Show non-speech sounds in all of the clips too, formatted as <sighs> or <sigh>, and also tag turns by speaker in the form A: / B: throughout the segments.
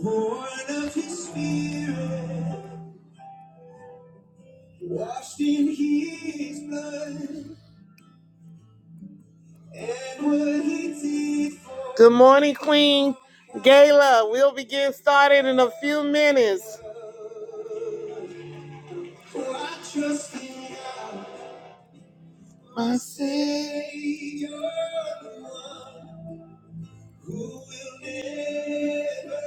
A: Born of his spirit, washed in his blood, and what he did for Good morning, Queen Gala. We'll be getting started in a few minutes. For I trust in God, my Savior, the one who will never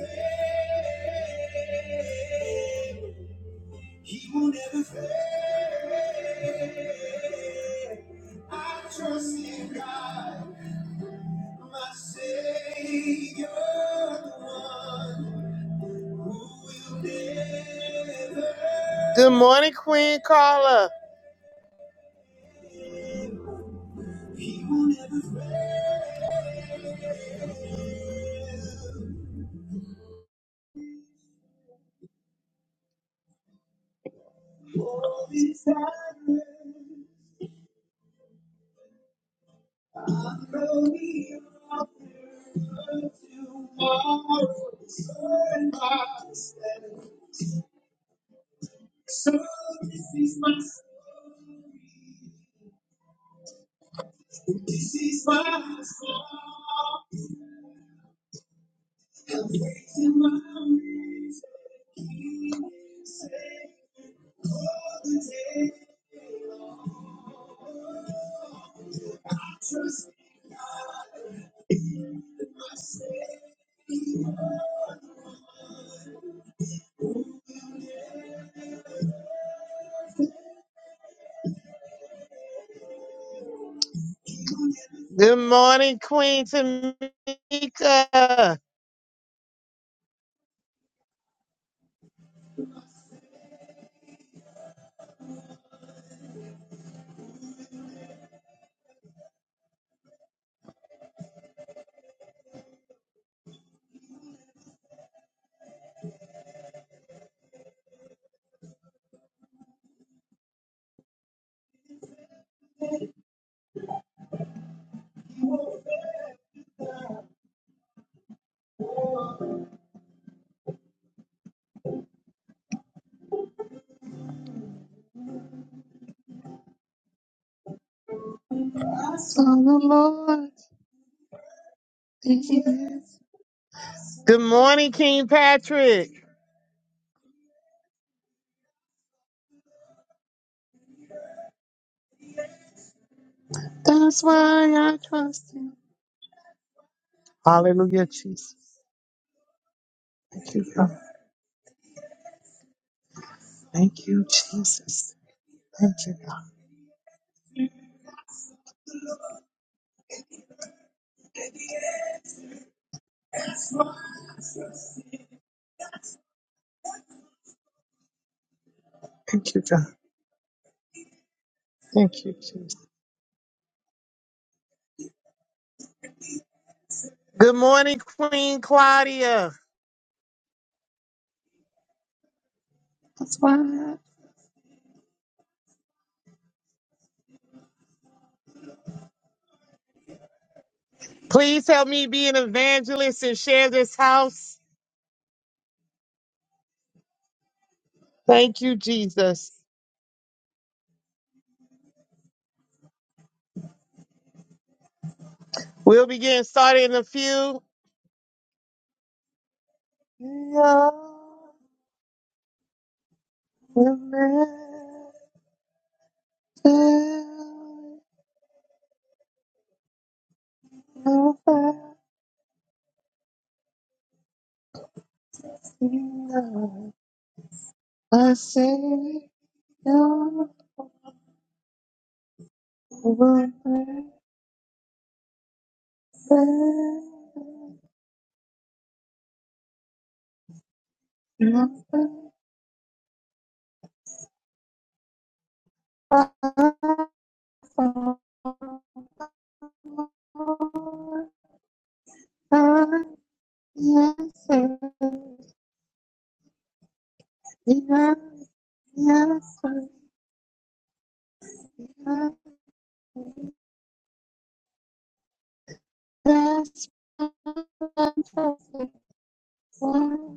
A: fail. He will never fail. I trust in God. My Savior, the one who will never. Good morning, Queen Carla. Good morning, Queen Tamika. So the Lord is- Good morning, King Patrick. That's why I trust him. Hallelujah, Jesus. Thank you, God. Thank you, Jesus. Thank you, God. Thank you, God. Thank you, Jesus. Good morning, Queen Claudia. That's why. Please help me be an evangelist and share this house. Thank you, Jesus. We'll be getting started in a few. <laughs>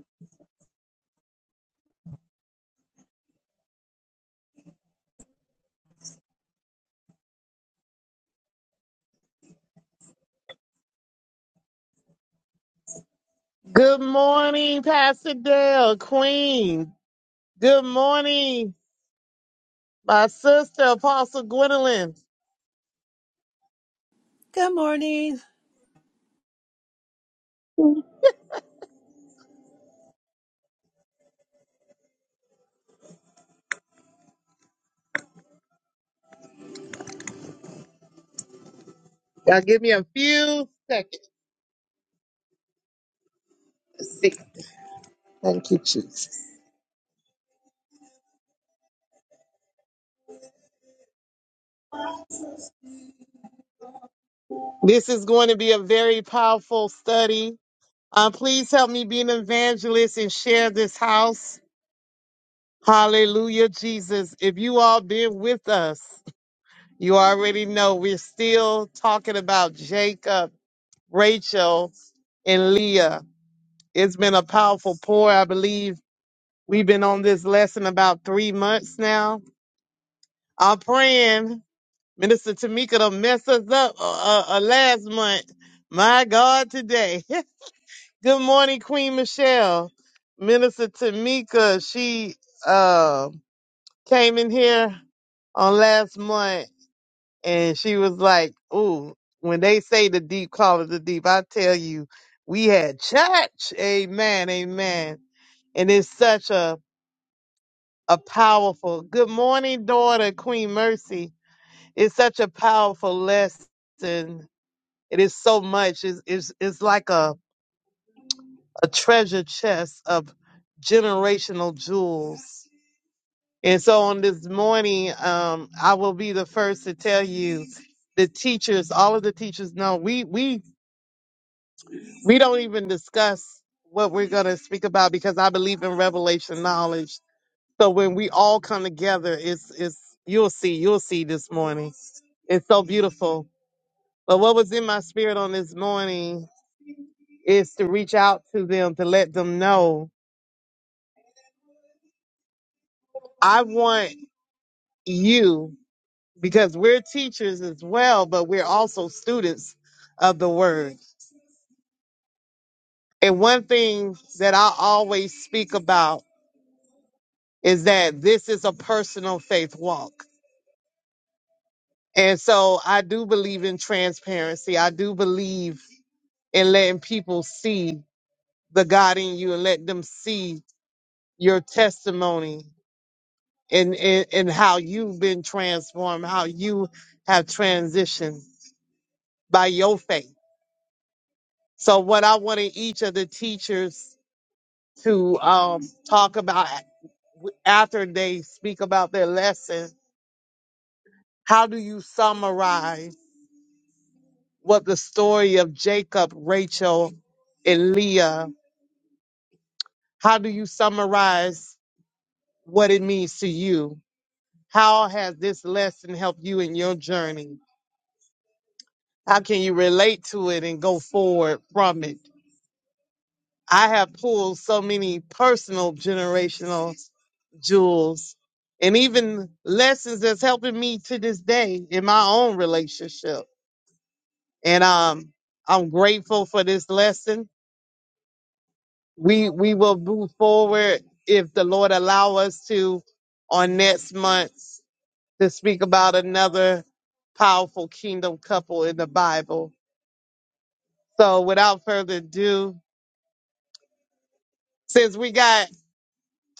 A: Good morning, Pastor Dale, Queen. Good morning, my sister, Apostle Gwendolyn.
B: Good morning.
A: Y'all give me a few seconds. This is going to be a very powerful study. Uh, please help me be an evangelist and share this house. Hallelujah, Jesus. If you all been with us, you already know we're still talking about Jacob, Rachel, and Leah. It's been a powerful pour, I believe We've been on this lesson about three months now. I'm praying Minister Tamika to mess us up uh, uh, uh, last month. My God, today. <laughs> Good morning, Queen Michelle. Minister Tamika, she uh, came in here on last month and she was like, Ooh, when they say the deep call it the deep, I tell you, we had church. Amen, amen. And it's such a a powerful good morning daughter queen mercy it's such a powerful lesson it is so much it's, it's, it's like a, a treasure chest of generational jewels and so on this morning um, i will be the first to tell you the teachers all of the teachers know we we we don't even discuss what we're going to speak about because i believe in revelation knowledge So when we all come together, it's it's you'll see, you'll see this morning. It's so beautiful. But what was in my spirit on this morning is to reach out to them to let them know I want you because we're teachers as well, but we're also students of the word. And one thing that I always speak about is that this is a personal faith walk. And so I do believe in transparency. I do believe and letting people see the God in you and let them see your testimony and, and, and how you've been transformed, how you have transitioned by your faith. So what I wanted each of the teachers to um, talk about after they speak about their lesson, how do you summarize what the story of Jacob, Rachel, and Leah, how do you summarize what it means to you? How has this lesson helped you in your journey? How can you relate to it and go forward from it? I have pulled so many personal generational jewels and even lessons that's helping me to this day in my own relationship. And um, I'm grateful for this lesson. We we will move forward if the Lord allow us to on next month to speak about another powerful kingdom couple in the Bible So without further ado, since we got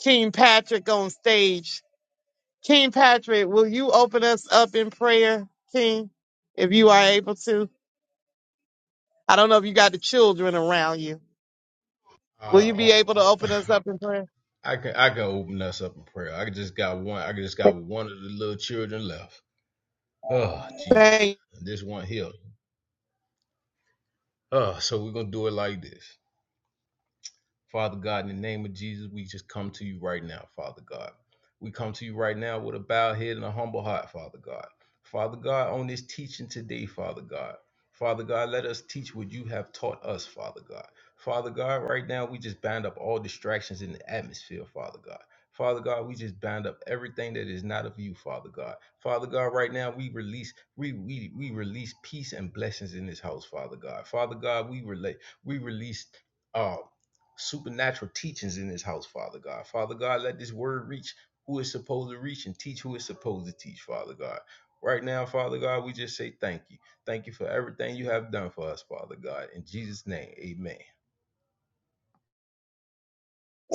A: King Patrick on stage, King Patrick, will you open us up in prayer, King, if you are able to? I don't know if you got the children around you.
C: Uh,
A: Will you
C: uh,
A: be able to open
C: uh,
A: us up in prayer?
C: I can I can open us up in prayer. I just got one. I just got one of the little children left. Oh Jesus, this one here. Oh, so we're gonna do it like this. Father God, in the name of Jesus, we just come to you right now, Father God. We come to you right now with a bowed head and a humble heart, Father God. Father God, on this teaching today, Father God. Father God, let us teach what you have taught us, Father God. Father God, right now we just bind up all distractions in the atmosphere, Father God. Father God, we just bind up everything that is not of you, Father God. Father God, right now we release, we we, we release peace and blessings in this house, Father God. Father God, we relate, we release uh supernatural teachings in this house, Father God. Father God, let this word reach who it's supposed to reach and teach who it's supposed to teach, Father God. Right now, Father God, we just say thank you. Thank you for everything you have done for us, Father God. In Jesus' name, amen.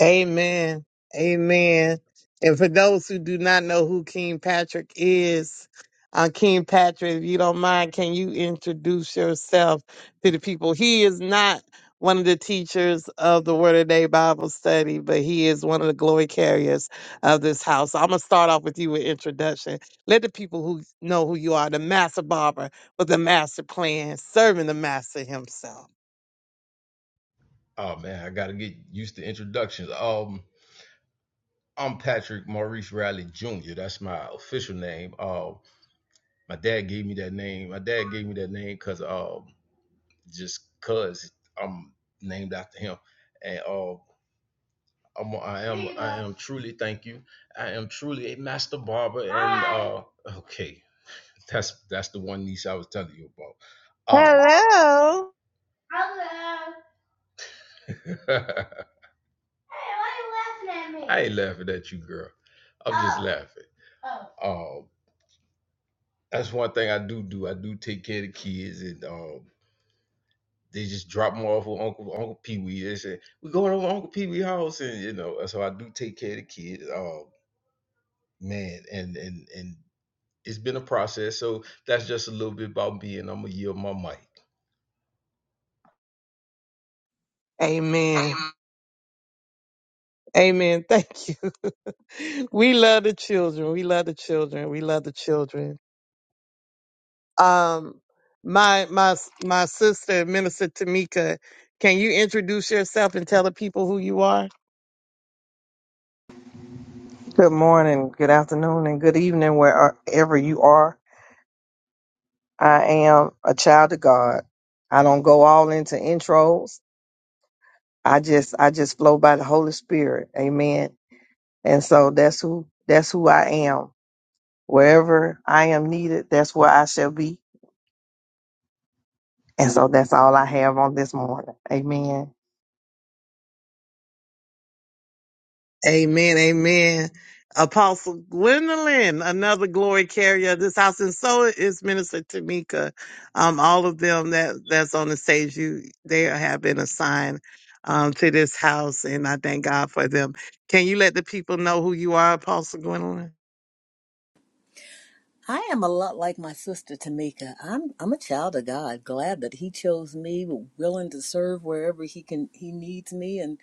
A: Amen. Amen. And for those who do not know who King Patrick is, uh, King Patrick, if you don't mind, can you introduce yourself to the people? He is not one of the teachers of the Word of Day Bible study, but he is one of the glory carriers of this house. So I'm going to start off with you with introduction. Let the people who know who you are, the master barber with the master plan, serving the master himself.
C: Oh man, I gotta get used to introductions. Um, I'm Patrick Maurice Riley Jr. That's my official name. Um, my dad gave me that name. My dad gave me that name because um, just cause I'm named after him, and um, I'm, I am Hey, I am truly thank you. I am truly a master barber and uh okay. That's that's the one niece I was telling you about. Um
A: Hello.
C: <laughs> I ain't laughing at you, girl. I'm just laughing. Um that's one thing I do do. I do take care of the kids and um they just drop them off with Uncle Uncle Pee Wee. They say, We're going over to Uncle Pee Wee house and you know, so I do take care of the kids. Um man, and and and It's been a process. So that's just a little bit about me, and I'm gonna yield my mic.
D: Amen.
A: Amen. Thank you. <laughs> we love the children. We love the children. We love the children. Um, my my my sister, Minister Tamika, can you introduce yourself and tell the people who you are?
E: Good morning, good afternoon, and good evening, wherever you are. I am a child of God. I don't go all into intros. I just, I just flow by the Holy Spirit. Amen. And so that's who, that's who I am. Wherever I am needed, that's where I shall be. And so that's all I have on this morning. Amen.
A: Amen. Amen. Apostle Gwendolyn, another glory carrier of this house, and so is Minister Tamika. Um, all of them that that's on the stage, you they have been assigned um to this house, and I thank God for them. Can you let the people know who you are, Apostle Gwendolyn?
B: I am a lot like my sister Tamika. I'm I'm a child of God, glad that He chose me, willing to serve wherever He can He needs me, and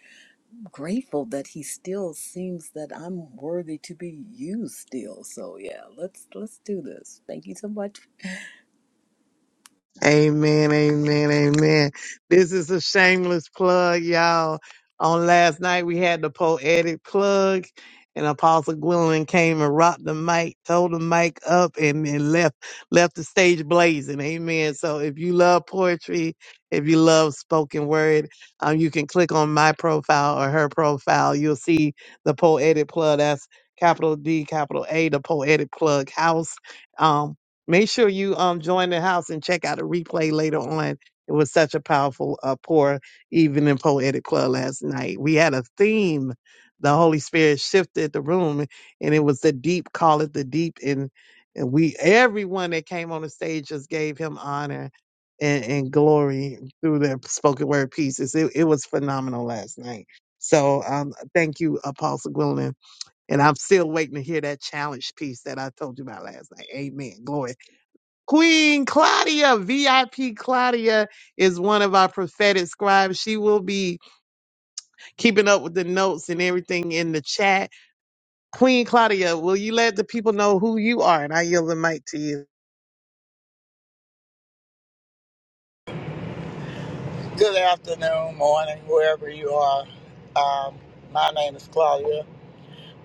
B: grateful that He still seems that I'm worthy to be used still. So yeah, let's let's do this. Thank you so much.
A: Amen, amen, amen. This is a shameless plug, y'all. On last night, we had the poetic plug, and Apostle Gwilyn came and rocked the mic, told the mic up, and then left left the stage blazing. Amen. So if you love poetry, if you love spoken word, um, you can click on my profile or her profile. You'll see the poetic plug. That's capital D, capital A, the poetic plug house Um, Make sure you um join the house and check out a replay later on. It was such a powerful uh, pour even in poetic club last night. We had a theme. The Holy Spirit shifted the room, and it was the deep. Call it the deep, and and we everyone that came on the stage just gave him honor and, and glory through their spoken word pieces. It, it was phenomenal last night. So um, thank you, Apostle Gwilyn. And I'm still waiting to hear that challenge piece that I told you about last night. Amen. Glory. Queen Claudia, VIP Claudia is one of our prophetic scribes. She will be keeping up with the notes and everything in the chat. Queen Claudia, will you let the people know who you are? And I yield the mic to you.
F: Good afternoon, morning, wherever you are. Um, my name is Claudia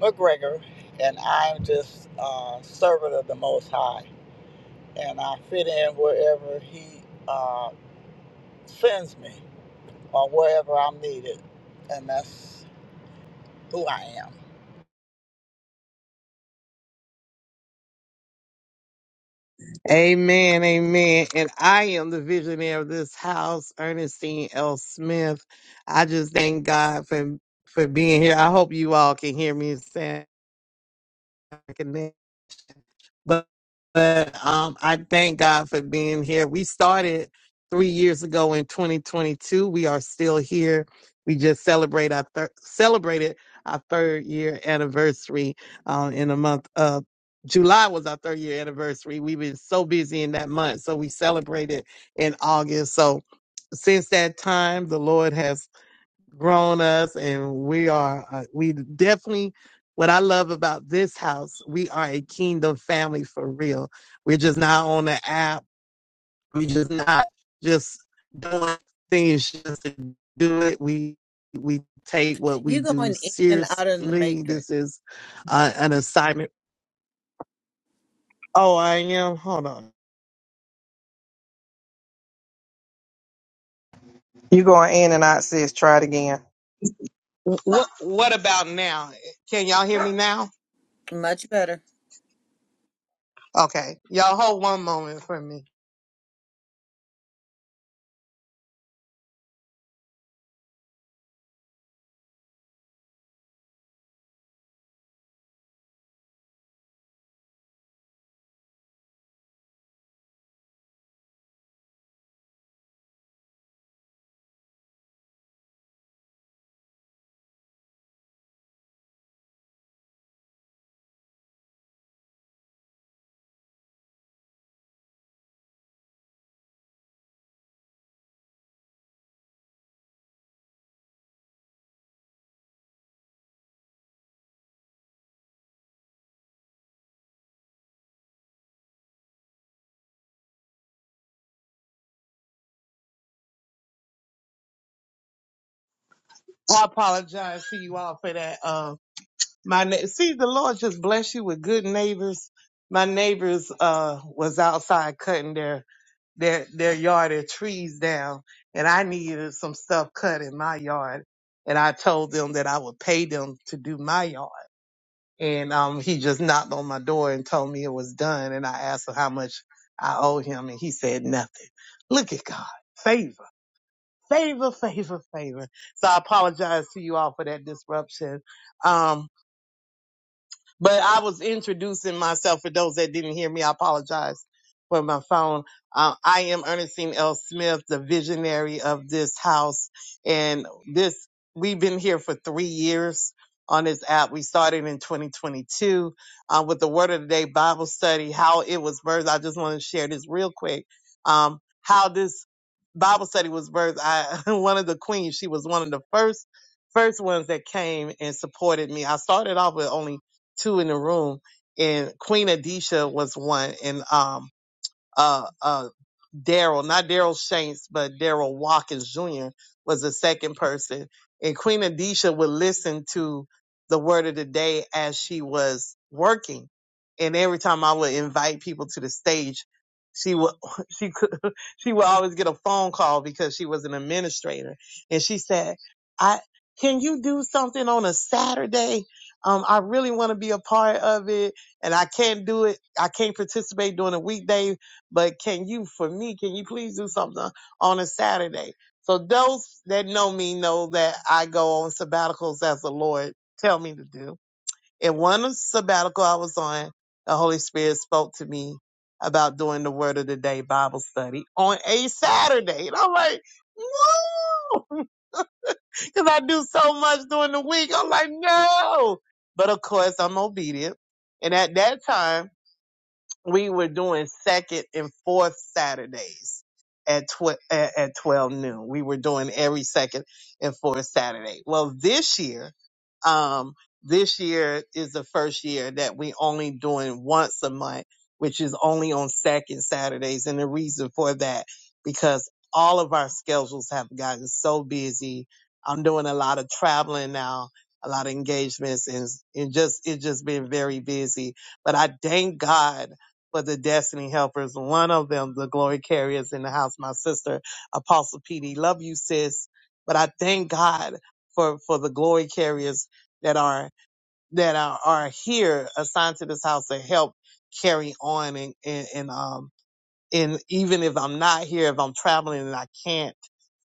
F: McGregor, and I'm just a uh, servant of the Most High. And I fit in wherever He uh, sends me or wherever I'm needed. And that's who I am.
A: Amen, amen. And I am the visionary of this house, Ernestine L. Smith. I just thank God for for being here. I hope you all can hear me. Sound But, but um, I thank God for being here. We started three years ago in 2022. We are still here. We just celebrate our thir- celebrated our third year anniversary um, in the month of July was our third year anniversary. We've been so busy in that month, so we celebrated in August. So since that time, the Lord has grown us and we are uh, we definitely what i love about this house we are a kingdom family for real we're just not on the app we just not just doing things just to do it we we take what we
B: You
A: do
B: going in and out of the
A: seriously
B: matrix.
A: this is uh, an assignment oh i am hold on
E: You going in and out, sis. Try it again.
D: What What about now? Can y'all hear me now?
B: Much better.
D: Okay, y'all hold one moment for me. I apologize to you all for that. Um, my na- see, the Lord just bless you with good neighbors. My neighbors uh was outside cutting their their their yard, their trees down, and I needed some stuff cut in my yard, and I told them that I would pay them to do my yard. and um, he just knocked on my door and told me it was done. And I asked him how much I owed him, and he said nothing. Look at God, favor, favor, favor, favor. So I apologize to you all for that disruption. Um, but I was introducing myself for those that didn't hear me. I apologize for my phone. Uh, I am Ernestine L. Smith, the visionary of this house. And this, we've been here for three years on this app. We started in 2022 uh, with the Word of the Day Bible study, how it was birthed. I just want to share this real quick. Um, how this Bible study was birthed. I, <laughs> one of the queens, she was one of the first, first ones that came and supported me. I started off with only two in the room, and Queen Adisha was one, and um uh, uh, Daryl, not Daryl Shanks, but Daryl Watkins Jr. was the second person. And Queen Adisha would listen to the word of the day as she was working. And every time I would invite people to the stage, she would, <laughs> she could, <laughs> she would always get a phone call because she was an administrator. And she said, I, can you do something on a Saturday? Um, I really want to be a part of it and I can't do it. I can't participate during a weekday, but can you, for me, can you please do something on a Saturday? So those that know me know that I go on sabbaticals as the Lord tell me to do. And one sabbatical I was on, the Holy Spirit spoke to me about doing the Word of the Day Bible study on a Saturday. And I'm like, no, <laughs> because I do so much during the week. I'm like, no. But of course, I'm obedient. And at that time, we were doing second and fourth Saturdays at, tw- at at 12 noon. We were doing every second and fourth Saturday. Well, this year, um, this year is the first year that we only doing once a month, which is only on second Saturdays. And the reason for that, because all of our schedules have gotten so busy. I'm doing a lot of traveling now, a lot of engagements and, and just, it's just been very busy. But I thank God for the destiny helpers. One of them, the glory carriers in the house, my sister, Apostle PD. Love you, sis. But I thank God for, for the glory carriers that are, that are, are here assigned to this house to help carry on and, and, and um, and even if I'm not here, if I'm traveling and I can't,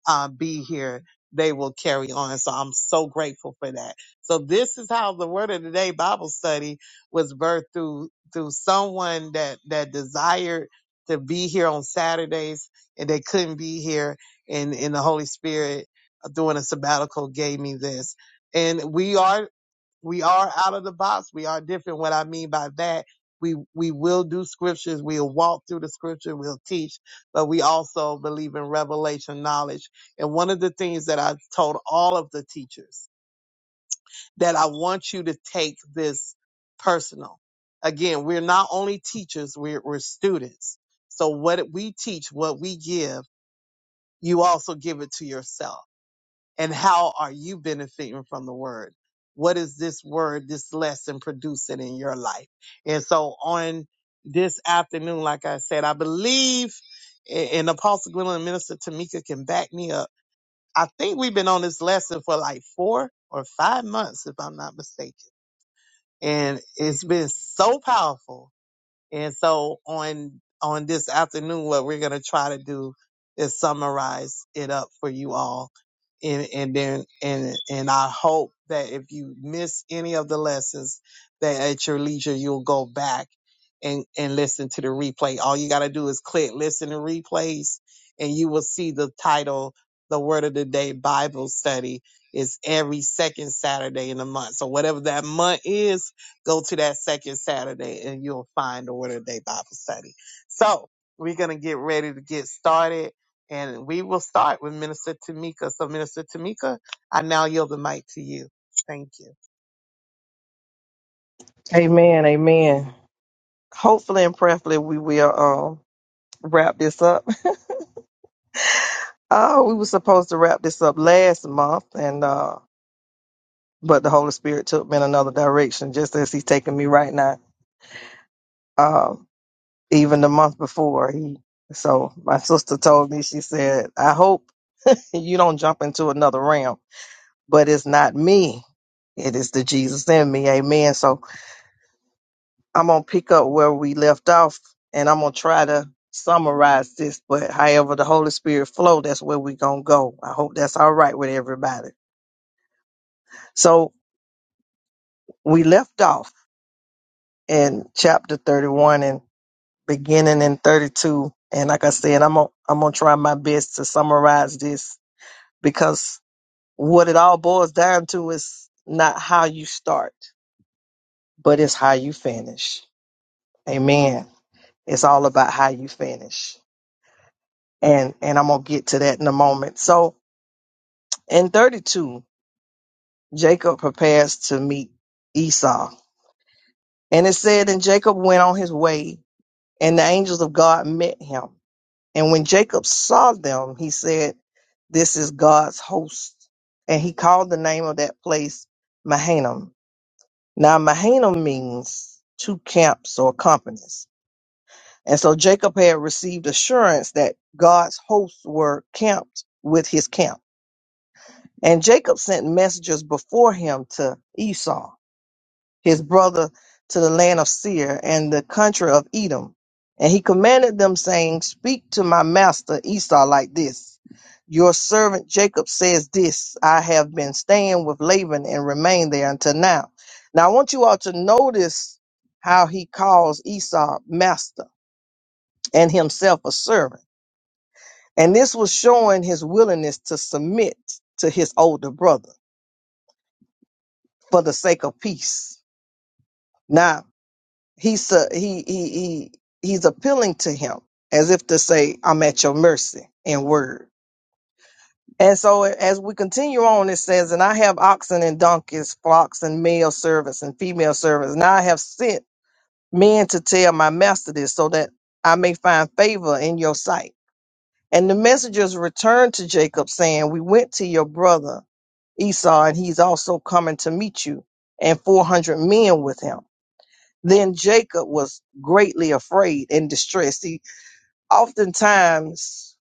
D: uh, be here, they will carry on. So I'm so grateful for that. So this is how the Word of the Day Bible study was birthed through through someone that that desired to be here on Saturdays and they couldn't be here, and in the Holy Spirit uh, during a sabbatical gave me this. And we are we are out of the box. We are different. What I mean by that, we we will do scriptures. We'll walk through the scripture. We'll teach, but we also believe in revelation knowledge. And one of the things that I told all of the teachers that I want you to take this personal. Again, we're not only teachers; we're we're students. So what we teach, what we give, you also give it to yourself and how are you benefiting from the word? What is this word, this lesson producing in your life? And so on this afternoon, like I said, I believe, and Apostle Gwendolyn and Minister Tamika can back me up. I think we've been on this lesson for like four or five months, if I'm not mistaken. And it's been so powerful and so on on this afternoon, what we're gonna try to do is summarize it up for you all. And and then and and I hope that if you miss any of the lessons, that at your leisure you'll go back and and listen to the replay. All you gotta do is click listen to replays, and you will see the title, the Word of the Day Bible Study, is every second Saturday in the month. So whatever that month is Go to that second Saturday and you'll find the Word of the Day Bible study. So we're going to get ready to get started and we will start with Minister Tamika. So Minister Tamika, I now yield the mic to you. Thank you.
E: Amen. Amen. Hopefully and prayerfully we will um wrap this up. <laughs> Oh, we were supposed to wrap this up last month and uh but the Holy Spirit took me in another direction, just as He's taking me right now. Um, even the month before, He. So my sister told me, she said, "I hope you don't jump into another realm, but it's not me; it is the Jesus in me." Amen. So I'm gonna pick up where we left off, and I'm gonna try to summarize this. But however the Holy Spirit flow, that's where we gonna go. I hope that's all right with everybody. So we left off in chapter 31, beginning in 32. And like I said, I'm gonna I'm gonna try my best to summarize this because what it all boils down to is not how you start, but it's how you finish. Amen. It's all about how you finish. And and I'm gonna get to that in a moment. So in 32, Jacob prepares to meet Esau. And it said, and Jacob went on his way, and the angels of God met him. And when Jacob saw them, he said, This is God's host. And he called the name of that place Mahanaim. Now, Mahanaim means two camps or companies. And so Jacob had received assurance that God's hosts were camped with his camp. And Jacob sent messengers before him to Esau his brother to the land of Seir and the country of Edom. And he commanded them, saying, Speak to my master Esau like this Your servant Jacob says this I have been staying with Laban and remained there until now. Now, I want you all to notice how he calls Esau master and himself a servant. And this was showing his willingness to submit to his older brother for the sake of peace. Now, He's a, he he he he's appealing to him as if to say, "I'm at your mercy" in word. And so as we continue on, it says, "And I have oxen and donkeys, flocks and male servants and female servants, and I have sent men to tell my master this, so that I may find favor in your sight." And the messengers returned to Jacob, saying, "We went to your brother Esau, and he's also coming to meet you, and four hundred men with him." Then Jacob was greatly afraid and distressed. See, oftentimes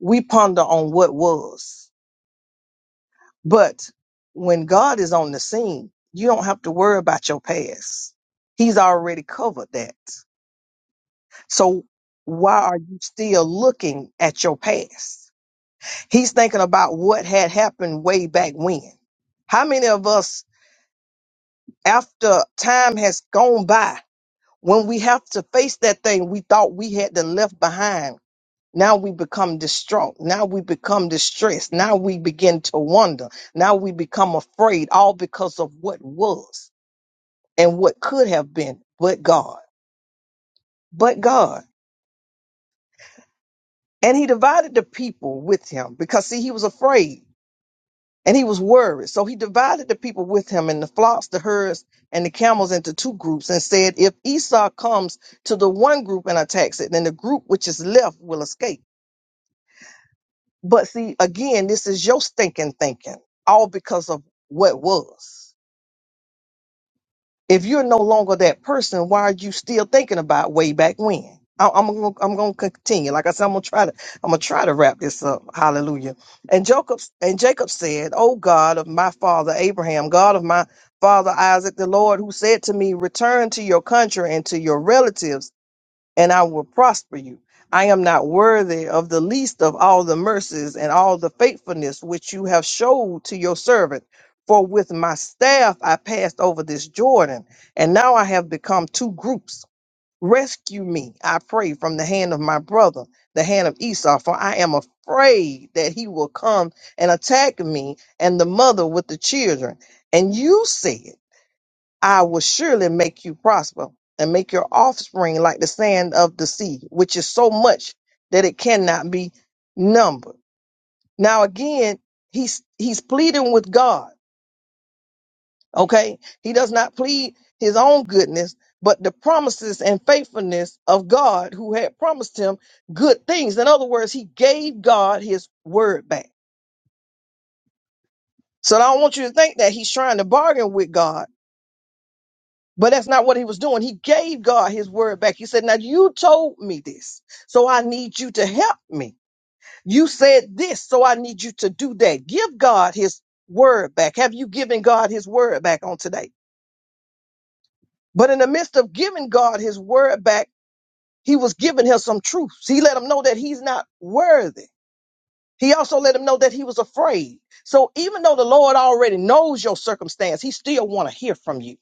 E: we ponder on what was, but when God is on the scene, you don't have to worry about your past. He's already covered that. So why are you still looking at your past? He's thinking about what had happened way back when. How many of us, after time has gone by, when we have to face that thing we thought we had to left behind? Now we become distraught. Now we become distressed. Now we begin to wonder. Now we become afraid, all because of what was and what could have been, but God. But God. And he divided the people with him because, see, he was afraid and he was worried. So he divided the people with him and the flocks, the herds, and the camels into two groups and said, If Esau comes to the one group and attacks it, then the group which is left will escape. But see, again, this is your stinking thinking, all because of what was. If you're no longer that person, why are you still thinking about way back when? I- I'm gonna, I'm gonna continue. Like I said, I'm gonna try to, I'm gonna try to wrap this up. Hallelujah. And Jacob, and Jacob said, "O God of my father Abraham, God of my father Isaac, the Lord who said to me, Return to your country and to your relatives." and I will prosper you. I am not worthy of the least of all the mercies and all the faithfulness which you have showed to your servant. For with my staff I passed over this Jordan, and now I have become two groups. Rescue me, I pray, from the hand of my brother, the hand of Esau, for I am afraid that he will come and attack me and the mother with the children. And you said, I will surely make you prosper and make your offspring like the sand of the sea, which is so much that it cannot be numbered. Now again, he's he's pleading with God. Okay? He does not plead his own goodness, but the promises and faithfulness of God who had promised him good things. In other words, he gave God his word back. So I don't want you to think that he's trying to bargain with God But that's not what he was doing. He gave God his word back. He said, Now you told me this, so I need you to help me. You said this, so I need you to do that. Give God his word back. Have you given God his word back on today? But in the midst of giving God his word back, he was giving him some truths. He let him know that he's not worthy. He also let him know that he was afraid. So even though the Lord already knows your circumstance, he still want to hear from you.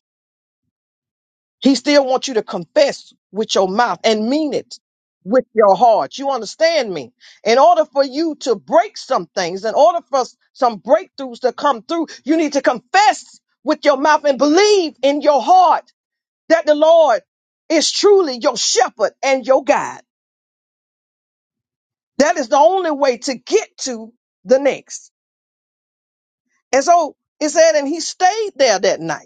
E: He still wants you to confess with your mouth and mean it with your heart. You understand me? In order for you to break some things, in order for s- some breakthroughs to come through, you need to confess with your mouth and believe in your heart that the Lord is truly your shepherd and your guide. That is the only way to get to the next. And so it said, and he stayed there that night.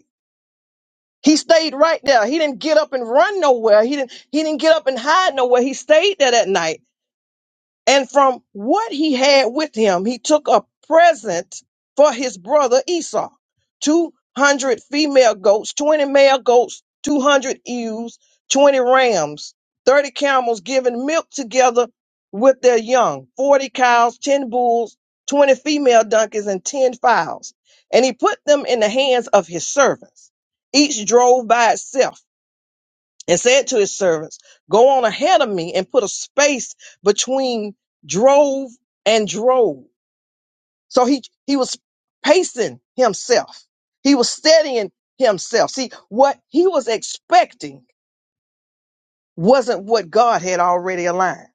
E: He stayed right there. He didn't get up and run nowhere. He didn't he didn't get up and hide nowhere. He stayed there that night. And from what he had with him, he took a present for his brother Esau 200 female goats, 20 male goats, 200 ewes, 20 rams, 30 camels giving milk together with their young, 40 cows, 10 bulls, 20 female donkeys, and 10 fowls. And he put them in the hands of his servants. Each drove by itself and said to his servants, Go on ahead of me and put a space between drove and drove. So he, he was pacing himself, he was steadying himself. See, what he was expecting wasn't what God had already aligned.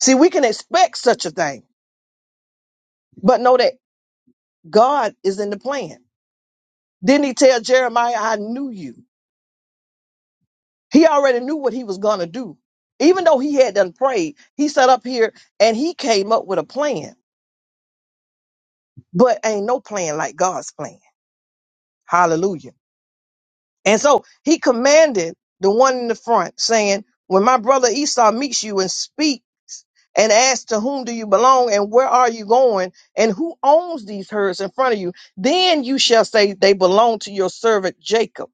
E: See, we can expect such a thing, but know that God is in the plan. Didn't he tell Jeremiah, I knew you? He already knew what he was going to do. Even though he had done prayed, he sat up here and he came up with a plan but ain't no plan like God's plan. Hallelujah. And so he commanded the one in the front, saying, When my brother Esau meets you and speaks and asks, To whom do you belong and where are you going and who owns these herds in front of you? Then you shall say, They belong to your servant Jacob.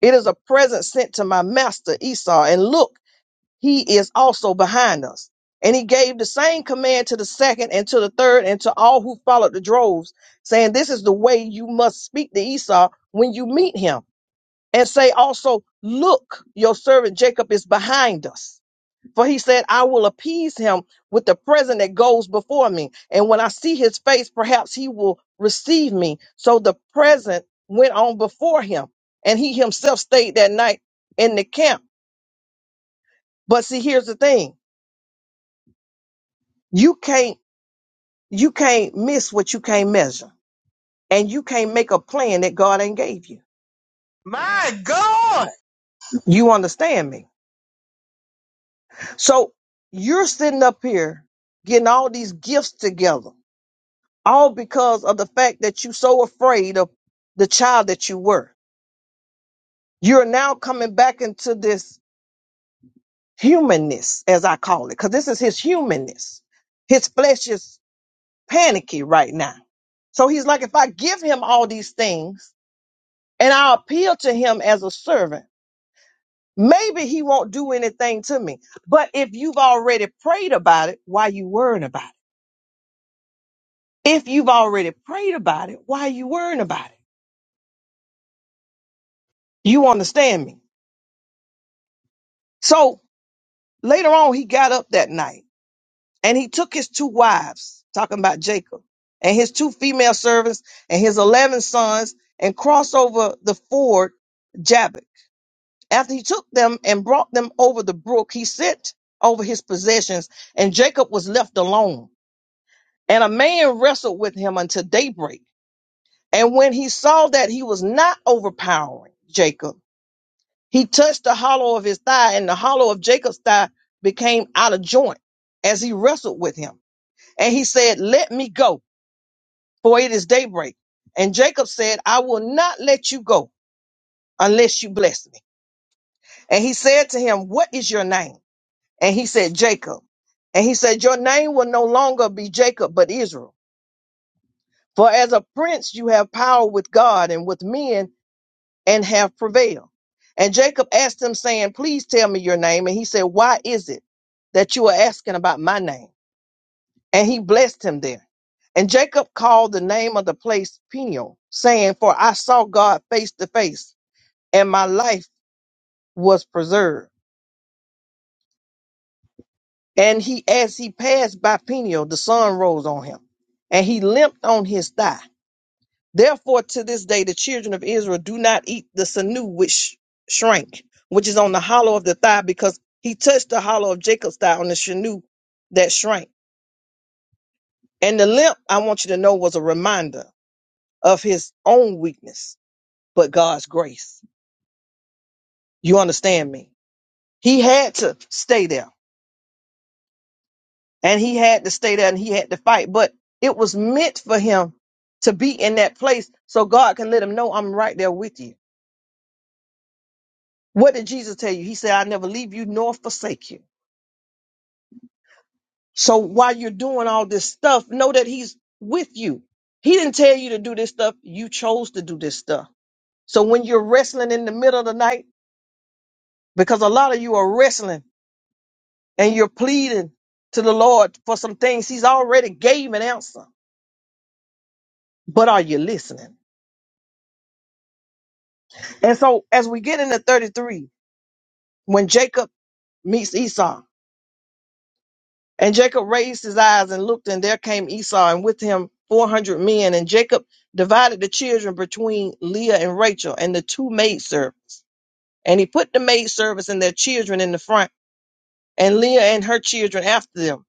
E: It is a present sent to my master Esau. And look, he is also behind us. And he gave the same command to the second and to the third and to all who followed the droves, saying, This is the way you must speak to Esau when you meet him. And say also, Look, your servant Jacob is behind us. For he said, I will appease him with the present that goes before me. And when I see his face, perhaps he will receive me. So the present went on before him. And he himself stayed that night in the camp. But see, here's the thing you can't You can't miss what you can't measure. And you can't make a plan that God ain't gave you.
D: My God!
E: You understand me? So you're sitting up here getting all these gifts together, all because of the fact that you're so afraid of the child that you were. You're now coming back into this humanness, as I call it, because this is his humanness. His flesh is panicky right now. So he's like, if I give him all these things and I appeal to him as a servant, Maybe he won't do anything to me. But if you've already prayed about it, why you worrying about it? If you've already prayed about it, why you worrying about it? You understand me? So later on, he got up that night and he took his two wives, talking about Jacob, and his two female servants and his 11 sons and crossed over the ford Jabbok. After he took them and brought them over the brook, he sent over his possessions and Jacob was left alone. And a man wrestled with him until daybreak. And when he saw that he was not overpowering Jacob, he touched the hollow of his thigh, and the hollow of Jacob's thigh became out of joint as he wrestled with him. And he said, Let me go, for it is daybreak. And Jacob said, I will not let you go unless you bless me. And he said to him, What is your name? And he said, Jacob. And he said, Your name will no longer be Jacob, but Israel For as a prince you have power with God and with men and have prevailed. And Jacob asked him, saying, Please tell me your name. And he said, Why is it that you are asking about my name? And he blessed him there. And Jacob called the name of the place Peniel, saying, For I saw God face to face, and my life was preserved. And he, as he passed by Peniel, the sun rose on him, and he limped on his thigh. Therefore, to this day, the children of Israel do not eat the sinew which shrank, which is on the hollow of the thigh, because he touched the hollow of Jacob's thigh on the sinew that shrank. And the limp, I want you to know, was a reminder of his own weakness, but God's grace. You understand me? He had to stay there, and he had to stay there, and he had to fight, but it was meant for him to be in that place so God can let him know I'm right there with you. What did Jesus tell you? He said, I never leave you nor forsake you. So while you're doing all this stuff, know that he's with you. He didn't tell you to do this stuff. You chose to do this stuff. So when you're wrestling in the middle of the night, because a lot of you are wrestling and you're pleading to the Lord for some things, he's already gave an answer. But are you listening? And so as we get into 33, when Jacob meets Esau, And Jacob raised his eyes and looked, and there came Esau, and with him 400 men. And Jacob divided the children between Leah and Rachel and the two maidservants. And he put the maidservants and their children in the front, and Leah and her children after them,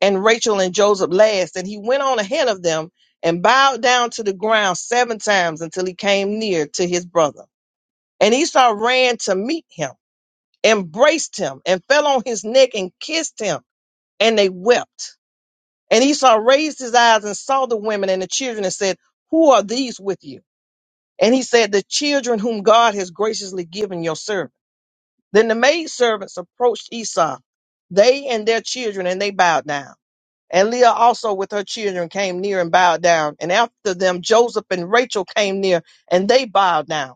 E: and Rachel and Joseph last. And he went on ahead of them and bowed down to the ground seven times until he came near to his brother. And Esau ran to meet him, embraced him, and fell on his neck and kissed him. And they wept. And Esau raised his eyes and saw the women and the children and said, Who are these with you? And he said, The children whom God has graciously given your servant. Then the maidservants approached Esau, they and their children, and they bowed down. And Leah also with her children came near and bowed down. And after them, Joseph and Rachel came near and they bowed down.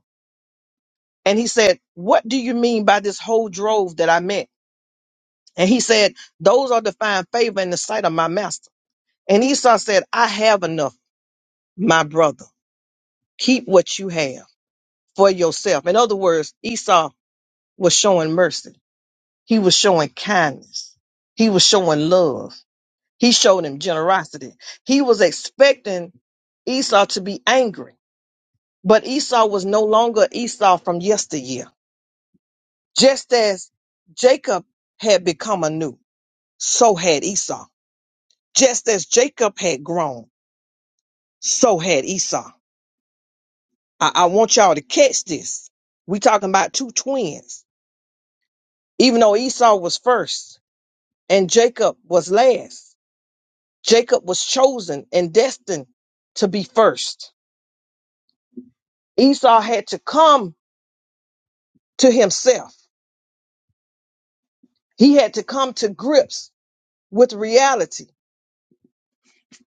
E: And he said, What do you mean by this whole drove that I met? And he said, Those are to find favor in the sight of my master. And Esau said, I have enough, my brother. keep what you have for yourself. In other words, Esau was showing mercy. He was showing kindness. He was showing love. He showed him generosity. He was expecting Esau to be angry, but Esau was no longer Esau from yesteryear. Just as Jacob had become anew, so had Esau. Just as Jacob had grown, so had Esau. I, I want y'all to catch this. We talking about two twins Even though Esau was first and Jacob was last, Jacob was chosen and destined to be first. Esau had to come to himself. He had to come to grips with reality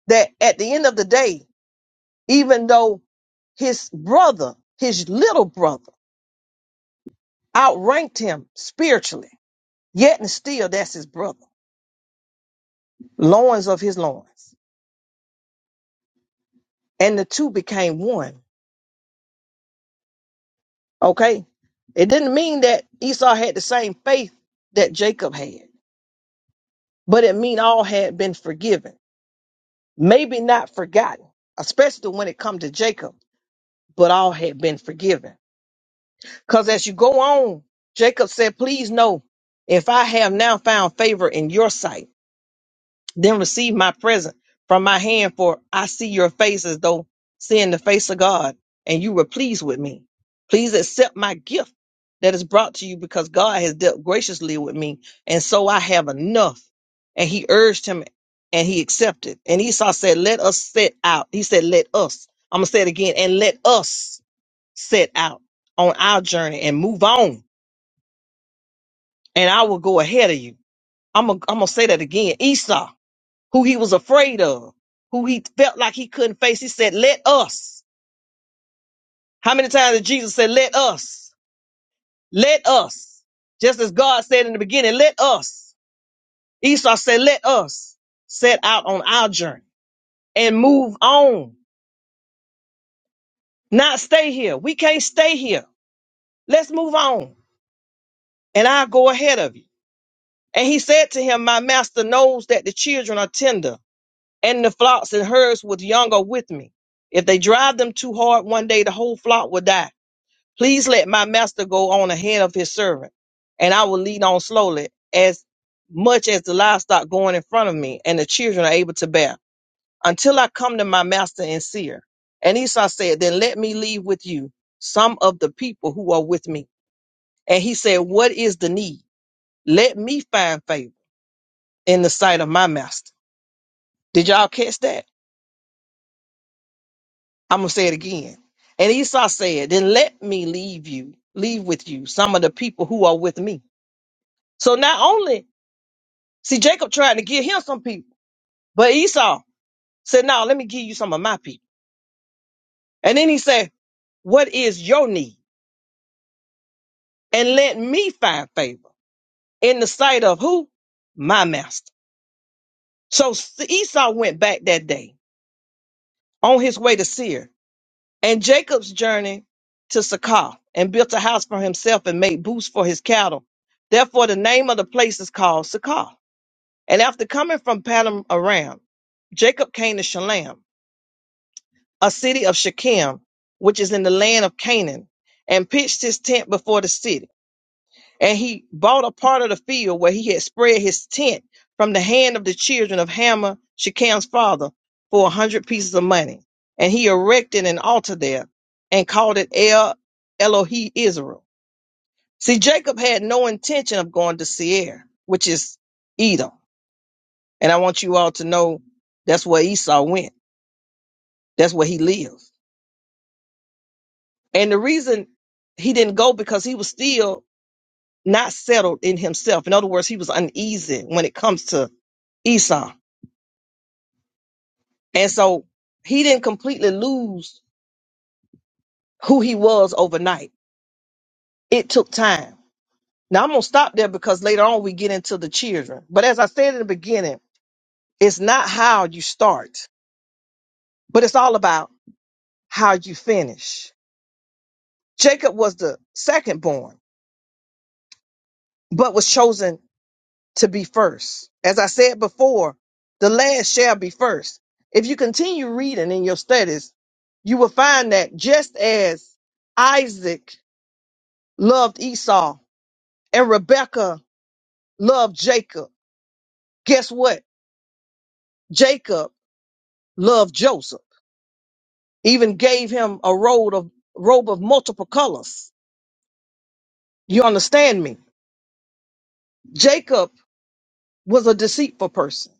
E: that at the end of the day, even though his brother, his little brother, outranked him spiritually. Yet and still, that's his brother, loins of his loins. And the two became one. Okay. It didn't mean that Esau had the same faith that Jacob had, but it mean all had been forgiven. Maybe not forgotten, especially when it come to Jacob, but all had been forgiven. Cause as you go on, Jacob said, please know if I have now found favor in your sight. Then receive my present from my hand, for I see your face as though seeing the face of God, and you were pleased with me. Please accept my gift that is brought to you because God has dealt graciously with me, and so I have enough. And he urged him, and he accepted. And Esau said, Let us set out. He said, Let us. I'm going to say it again, and let us set out on our journey and move on, and I will go ahead of you. I'm going to I'm going to say that again. Esau who he was afraid of, who he felt like he couldn't face. He said, Let us. How many times did Jesus say, Let us? Let us. Just as God said in the beginning, Let us. Esau said, Let us set out on our journey and move on, not stay here. We can't stay here. Let's move on, and I'll go ahead of you. And he said to him, My master knows that the children are tender, and the flocks and herds with young are with me. If they drive them too hard, one day the whole flock will die. Please let my master go on ahead of his servant, and I will lead on slowly, as much as the livestock going in front of me and the children are able to bear, until I come to my master and seer. And Esau said, Then let me leave with you some of the people who are with me. And he said, What is the need? Let me find favor in the sight of my master. Did y'all catch that? I'm gonna say it again. And Esau said, Then let me leave you, leave with you some of the people who are with me. So not only See, Jacob tried to give him some people, but Esau said, No, let me give you some of my people. And then he said, What is your need? And let me find favor in the sight of who? My master. So Esau went back that day on his way to Seir, and Jacob's journey to Sakar and built a house for himself and made booths for his cattle. Therefore, the name of the place is called Sakar. And after coming from Padam Aram, Jacob came to Shalem a city of Shechem, which is in the land of Canaan, and pitched his tent before the city. And he bought a part of the field where he had spread his tent from the hand of the children of Hamor, Shechem's father, for a hundred pieces of money. And he erected an altar there and called it El Elohi Israel. See, Jacob had no intention of going to Seir, which is Edom. And I want you all to know that's where Esau went. That's where he lives. And the reason he didn't go because he was still not settled in himself. In other words, he was uneasy when it comes to Esau. And so he didn't completely lose who he was overnight. It took time. Now I'm going to stop there because later on we get into the children. But as I said in the beginning, it's not how you start, but it's all about how you finish. Jacob was the second born, but was chosen to be first. As I said before, the last shall be first. If you continue reading in your studies, you will find that just as Isaac loved Esau and Rebekah loved Jacob, guess what? Jacob loved Joseph, even gave him a robe of, robe of multiple colors. You understand me? Jacob was a deceitful person.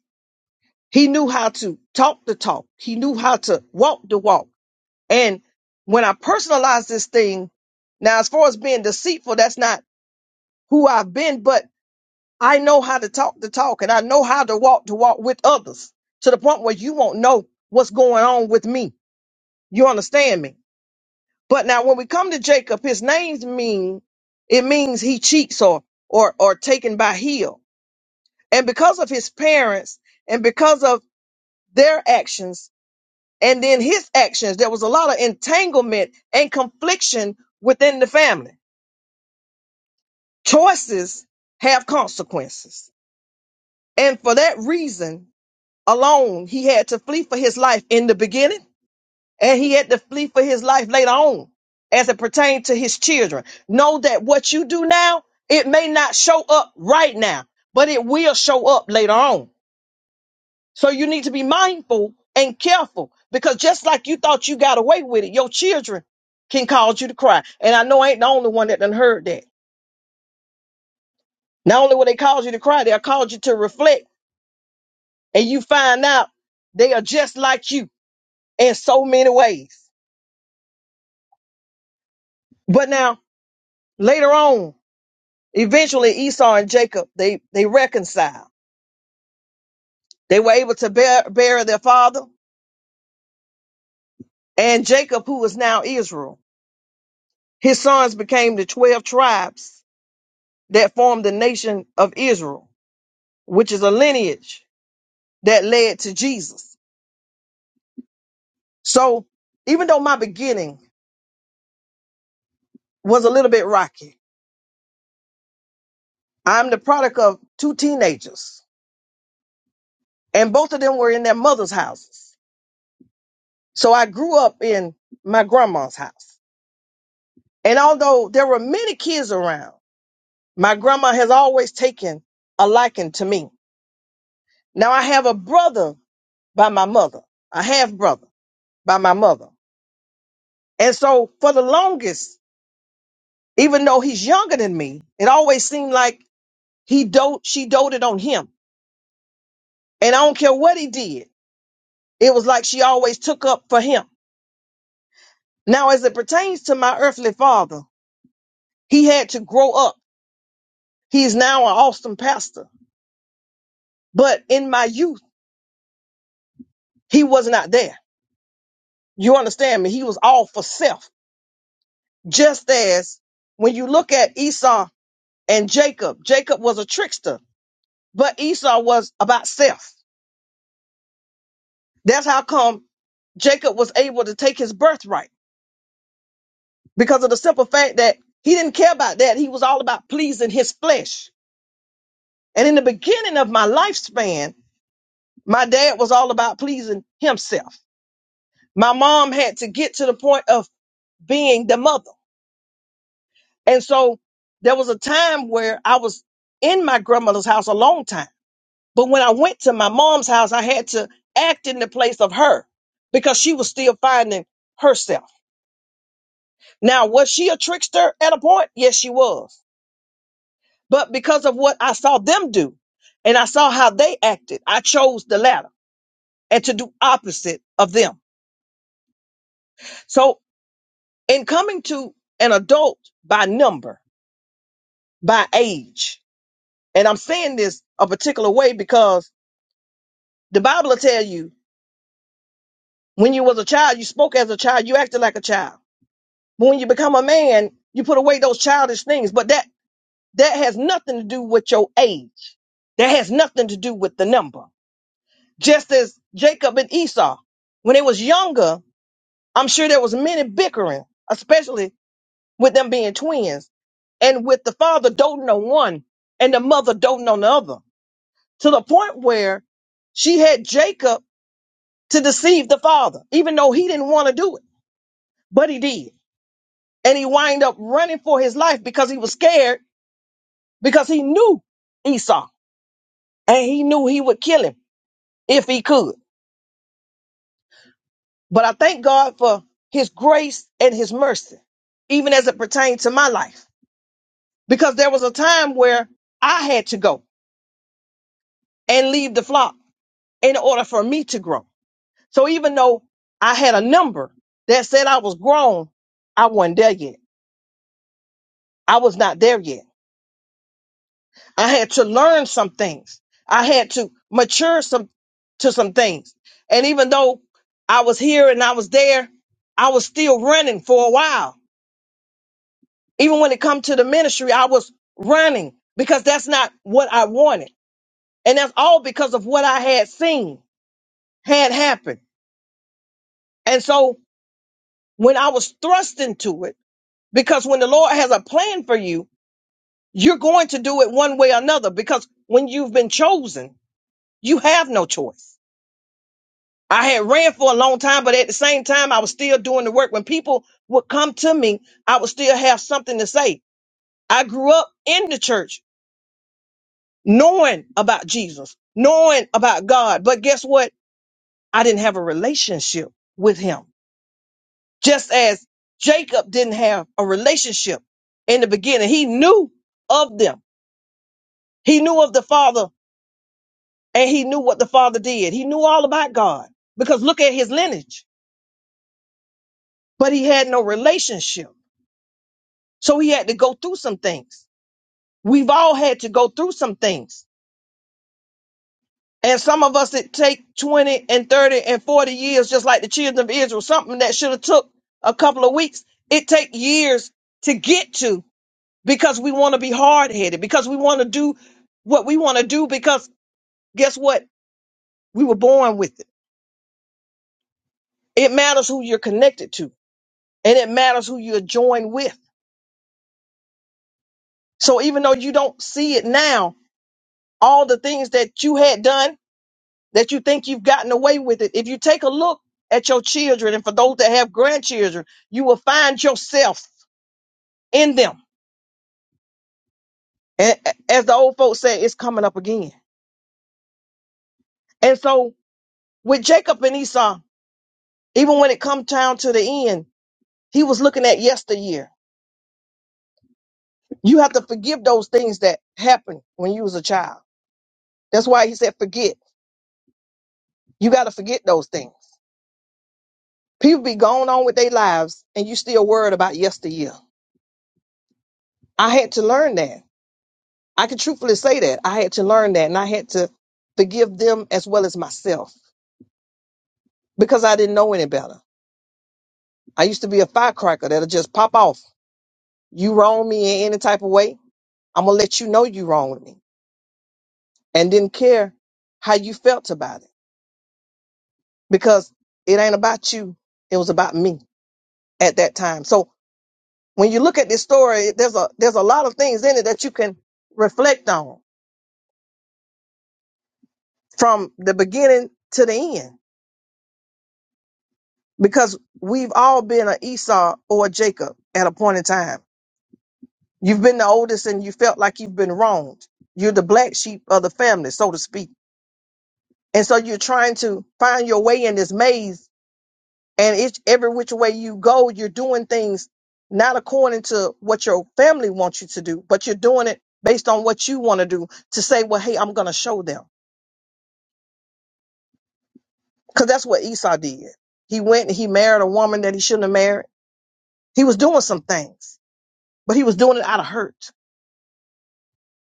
E: He knew how to talk the talk. He knew how to walk the walk And when I personalize this thing, now as far as being deceitful, that's not who I've been, but I know how to talk the talk and I know how to walk to walk with others to the point where you won't know what's going on with me. You understand me? But now when we come to Jacob, his names mean it means he cheats or or or taken by heel. And because of his parents and because of their actions and then his actions, there was a lot of entanglement and confliction within the family. Choices have consequences. And for that reason alone, he had to flee for his life in the beginning and he had to flee for his life later on as it pertained to his children. Know that what you do now, it may not show up right now, but it will show up later on. So you need to be mindful and careful because just like you thought you got away with it, your children can cause you to cry. And I know I ain't the only one that done heard that. Not only will they cause you to cry, they'll cause you to reflect and you find out they are just like you in so many ways. But now later on, eventually Esau and Jacob they they reconcile. They were able to bear, bury their father and Jacob, who is now Israel. His sons became the twelve tribes that formed the nation of Israel, which is a lineage that led to Jesus. So even though my beginning was a little bit rocky, I'm the product of two teenagers and both of them were in their mother's houses. So I grew up in my grandma's house. And although there were many kids around, my grandma has always taken a liking to me. Now I have a brother by my mother, a half brother by my mother. And so for the longest, even though he's younger than me, it always seemed like he dote, she doted on him. And I don't care what he did. It was like she always took up for him. Now, as it pertains to my earthly father, he had to grow up He is now an awesome pastor. But in my youth, he was not there. You understand me? He was all for self. Just as when you look at Esau and Jacob, Jacob was a trickster, but Esau was about self. That's how come Jacob was able to take his birthright because of the simple fact that he didn't care about that. He was all about pleasing his flesh. And in the beginning of my lifespan, my dad was all about pleasing himself. My mom had to get to the point of being the mother. And so there was a time where I was in my grandmother's house a long time. But when I went to my mom's house, I had to act in the place of her because she was still finding herself. Now, was she a trickster at a point? Yes, she was. But because of what I saw them do and I saw how they acted, I chose the latter and to do opposite of them. So in coming to an adult by number, by age, And I'm saying this a particular way because the Bible will tell you when you was a child, you spoke as a child, you acted like a child. But when you become a man, you put away those childish things. But that that has nothing to do with your age. That has nothing to do with the number. Just as Jacob and Esau, when they was younger, I'm sure there was many bickering, especially with them being twins, and with the father doting on one and the mother doting on the other, to the point where she had Jacob to deceive the father, even though he didn't want to do it, but he did. And he wind up running for his life because he was scared because he knew Esau and he knew he would kill him if he could. But I thank God for his grace and his mercy, even as it pertained to my life, because there was a time where I had to go and leave the flock in order for me to grow. So even though I had a number that said I was grown, I wasn't there yet. I was not there yet. I had to learn some things. I had to mature some to some things. And even though I was here and I was there, I was still running for a while. Even when it come to the ministry, I was running because that's not what I wanted. And that's all because of what I had seen had happened. And so when I was thrust into it, because when the Lord has a plan for you, you're going to do it one way or another because when you've been chosen, you have no choice. I had ran for a long time, but at the same time, I was still doing the work. When people would come to me, I would still have something to say. I grew up in the church knowing about Jesus, knowing about God. But guess what? I didn't have a relationship with him. Just as Jacob didn't have a relationship in the beginning, he knew of them. He knew of the father and he knew what the father did. He knew all about God because look at his lineage, but he had no relationship. So he had to go through some things. We've all had to go through some things. And some of us it take 20 and 30 and 40 years, just like the children of Israel, something that should have took a couple of weeks. It take years to get to because we want to be hard headed, because we want to do what we want to do, because guess what? We were born with it. It matters who you're connected to and it matters who you're joined with. So even though you don't see it now, all the things that you had done that you think you've gotten away with it. If you take a look at your children and for those that have grandchildren, you will find yourself in them. And as the old folks say, it's coming up again. And so with Jacob and Esau, even when it comes down to the end, he was looking at yesteryear. You have to forgive those things that happened when you was a child. That's why he said forget. You got to forget those things. People be going on with their lives and you still worried about yesteryear. I had to learn that. I can truthfully say that. I had to learn that and I had to forgive them as well as myself because I didn't know any better. I used to be a firecracker that'll just pop off. You wrong me in any type of way, I'm gonna let you know you wrong with me and didn't care how you felt about it because it ain't about you. It was about me at that time. So when you look at this story, it- there's a there's a lot of things in it that you can reflect on from the beginning to the end because we've all been an Esau or a Jacob at a point in time. You've been the oldest and you felt like you've been wronged. You're the black sheep of the family, so to speak. And so you're trying to find your way in this maze. And it's every which way you go, you're doing things not according to what your family wants you to do, but you're doing it based on what you want to do to say, well, hey, I'm going to show them. Because that's what Esau did. He went and he married a woman that he shouldn't have married. He was doing some things, but he was doing it out of hurt.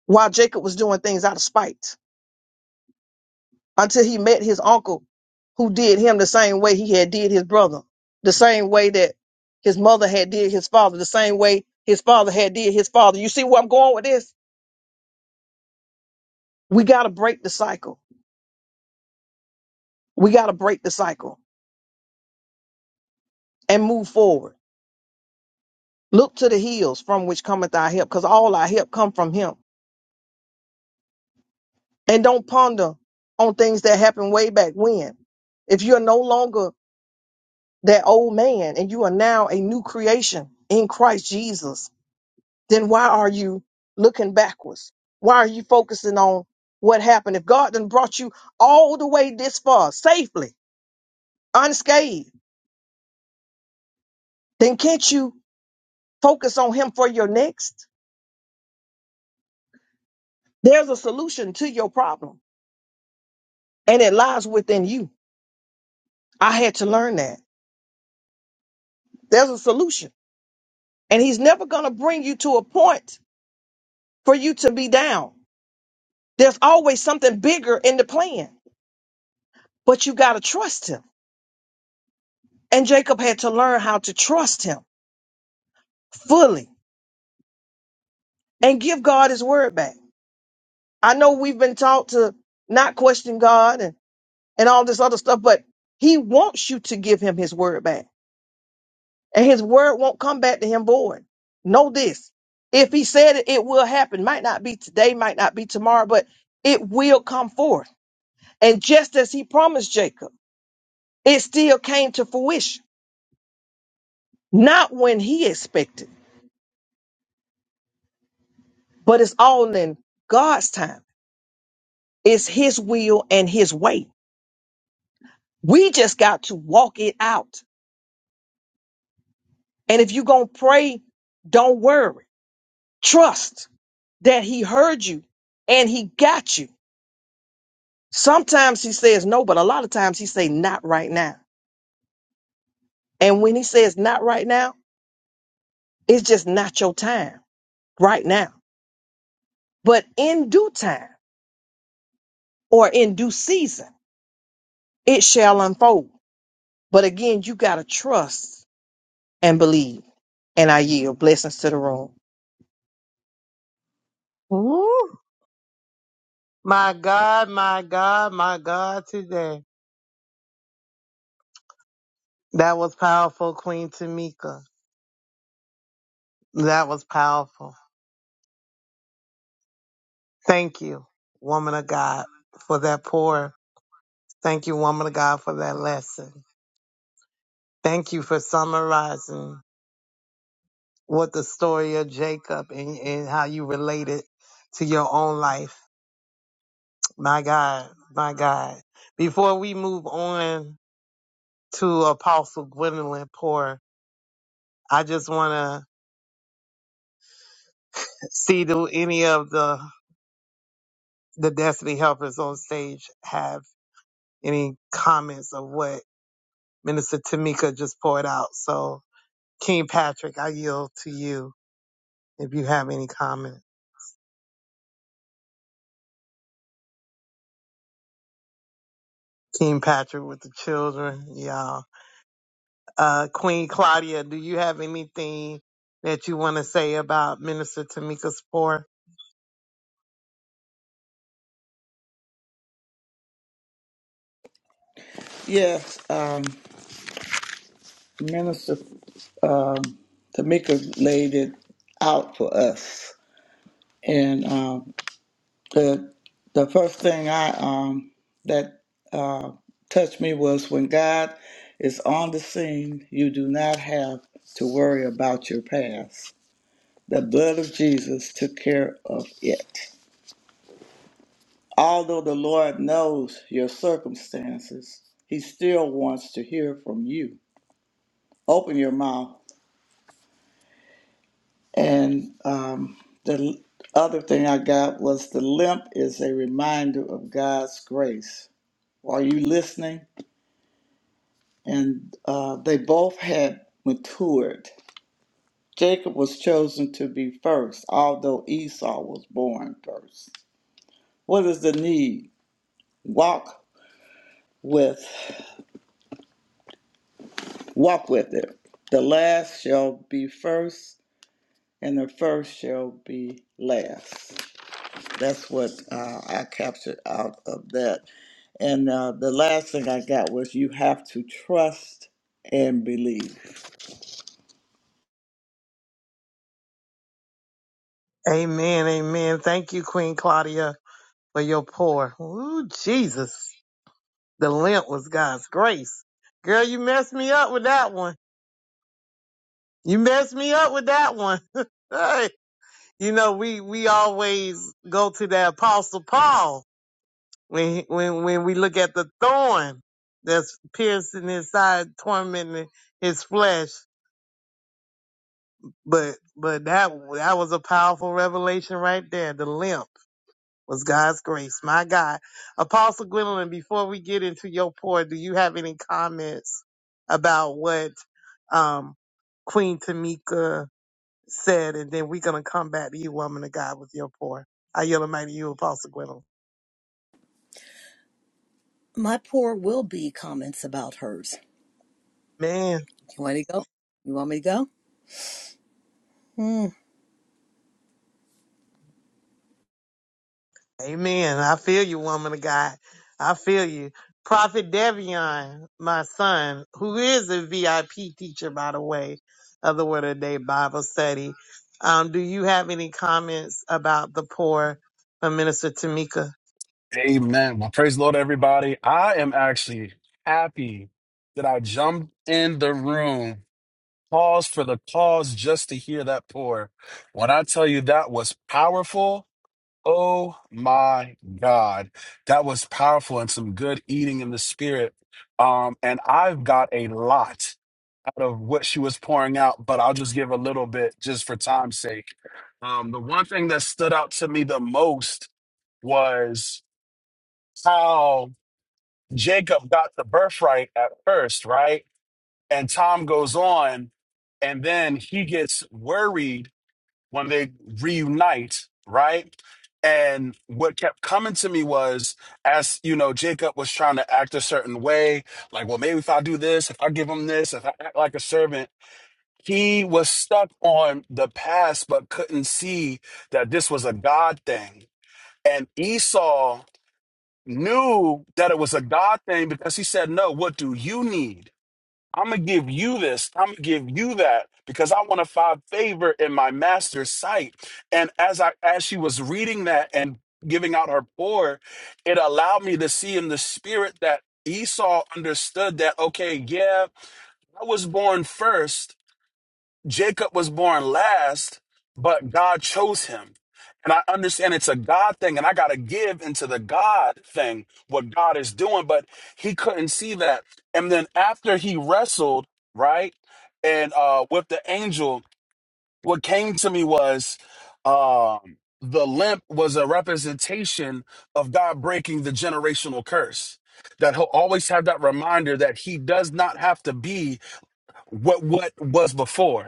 E: while Jacob was doing things out of spite until he met his uncle who did him the same way he had did his brother, the same way that his mother had did his father, the same way his father had did his father. You see where I'm going with this? We got to break the cycle. We got to break the cycle and move forward. Look to the hills from which cometh our help because all our help come from him. And don't ponder on things that happened way back when. If you're no longer that old man and you are now a new creation in Christ Jesus, then why are you looking backwards? Why are you focusing on what happened? If God done brought you all the way this far safely, unscathed, then can't you focus on him for your next? There's a solution to your problem and it lies within you. I had to learn that. There's a solution and he's never going to bring you to a point for you to be down. There's always something bigger in the plan. but you got to trust him. And Jacob had to learn how to trust him fully and give God his word back. I know we've been taught to not question God and, and all this other stuff, but he wants you to give him his word back and his word won't come back to him void. Know this. If he said it, it will happen. Might not be today, might not be tomorrow, but it will come forth. And just as he promised Jacob, it still came to fruition, not when he expected but it's all in God's time. It's His will and His way. We just got to walk it out. And if you're going to pray, don't worry. Trust that He heard you and He got you. Sometimes He says no, but a lot of times He say not right now. And when He says not right now, it's just not your time right now. But in due time or in due season, it shall unfold. But again, you got to trust and believe. And I yield blessings to the room.
D: Woo! My God, my God, my God today. That was powerful, Queen Tamika. That was powerful. Thank you, woman of God, for that pour. Thank you, woman of God, for that lesson. Thank you for summarizing what the story of Jacob and, and how you relate it to your own life. My God, my God. Before we move on to Apostle Gwendolyn Poor, I just want to see do any of the the Destiny Helpers on stage have any comments of what Minister Tamika just poured out. So, King Patrick, I yield to you if you have any comments. King Patrick with the children, y'all. Uh, Queen Claudia, do you have anything that you want to say about Minister Tamika's pour?
F: Yes, um, Minister um, Tamika laid it out for us. And um, the the first thing I um that uh, touched me was when God is on the scene, you do not have to worry about your past. The blood of Jesus took care of it. Although the Lord knows your circumstances, He still wants to hear from you. Open your mouth. And um, the l- other thing I got was the limp is a reminder of God's grace. Are you listening? and uh, they both had matured. Jacob was chosen to be first, although Esau was born first. What is the need? Walk with, walk with it. The last shall be first, and the first shall be last. That's what uh, I captured out of that. And uh, the last thing I got was you have to trust and believe.
D: Amen, amen. Thank you, Queen Claudia, for your pour. Ooh, Jesus. The limp was God's grace. Girl, you messed me up with that one. You messed me up with that one. <laughs> Hey, you know, we, we always go to the apostle Paul when, he- when, when we look at the thorn that's piercing his side, tormenting his flesh But but that that was a powerful revelation right there. The limp was God's grace. My God. Apostle Gwendolyn, before we get into your pour, do you have any comments about what um Queen Tamika said? And then we're gonna come back to you, woman of God, with your pour. I yell mighty you, Apostle Gwendolyn.
B: My poor will be comments about hers.
D: Man.
B: You want to go? You want me to go? Hmm.
D: Amen. I feel you, woman of God. I feel you. Prophet Devion, my son, who is a VIP teacher, by the way, of the Word of the Day Bible study. Um, do you have any comments about the poor from Minister Tamika?
G: Amen. Well, praise the Lord, everybody. I am actually happy that I jumped in the room, paused for the cause just to hear that pour. When I tell you that was powerful, oh my God, that was powerful and some good eating in the spirit. Um, and I've got a lot out of what she was pouring out, but I'll just give a little bit just for time's sake. Um, the one thing that stood out to me the most was how Jacob got the birthright at first, right? And Tom goes on, and then he gets worried when they reunite, right? And what kept coming to me was, as you know, Jacob was trying to act a certain way, like, well, maybe if I do this, if I give him this, if I act like a servant, he was stuck on the past, but couldn't see that this was a God thing. And Esau knew that it was a God thing because he said, No, what do you need? I'm going to give you this. I'm going to give you that because I want to find favor in my master's sight. And as I as she was reading that and giving out her pour, it allowed me to see in the spirit that Esau understood that okay, yeah, I was born first, Jacob was born last, but God chose him. And I understand it's a God thing, and I got to give into the God thing, what God is doing, but he couldn't see that. And then after he wrestled, right, and uh, with the angel, what came to me was um, the limp was a representation of God breaking the generational curse. That he'll always have that reminder that he does not have to be what what was before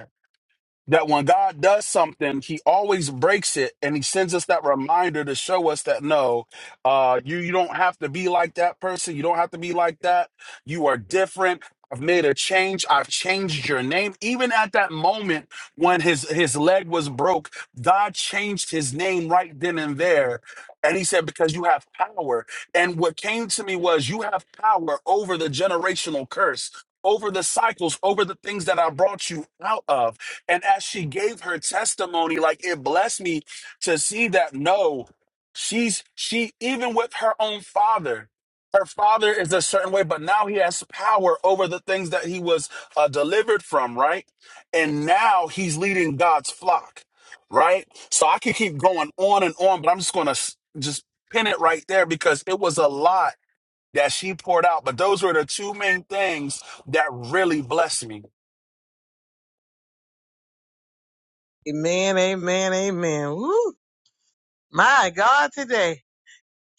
G: that when God does something, He always breaks it, and He sends us that reminder to show us that no, uh, you you don't have to be like that person. You don't have to be like that. You are different. I've made a change. I've changed your name. Even at that moment when his his leg was broke, God changed his name right then and there. And he said, because you have power. And what came to me was, you have power over the generational curse, over the cycles, over the things that I brought you out of and as she gave her testimony, like it blessed me to see that no, she's she even with her own father. Her father is a certain way, but now he has power over the things that he was uh, delivered from, right? And now he's leading God's flock, right? So I could keep going on and on, but I'm just going to just pin it right there because it was a lot that she poured out. But those were the two main things that really blessed me.
D: Amen, amen, amen. Woo! My God, today.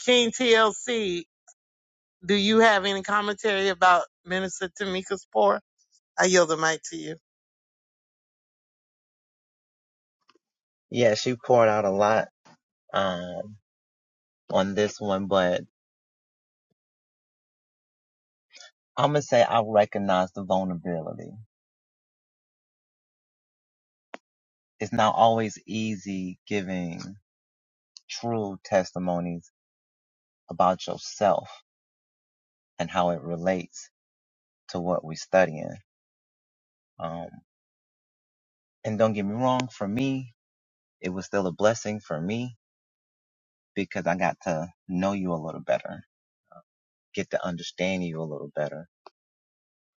D: King TLC, do you have any commentary about Minister Tamika's poor? I yield the mic to you.
H: Yeah, she poured out a lot um, on this one, but I'm gonna say I recognize the vulnerability. It's not always easy giving true testimonies about yourself and how it relates to what we're studying. Um, and don't get me wrong, for me, it was still a blessing for me because I got to know you a little better, get to understand you a little better,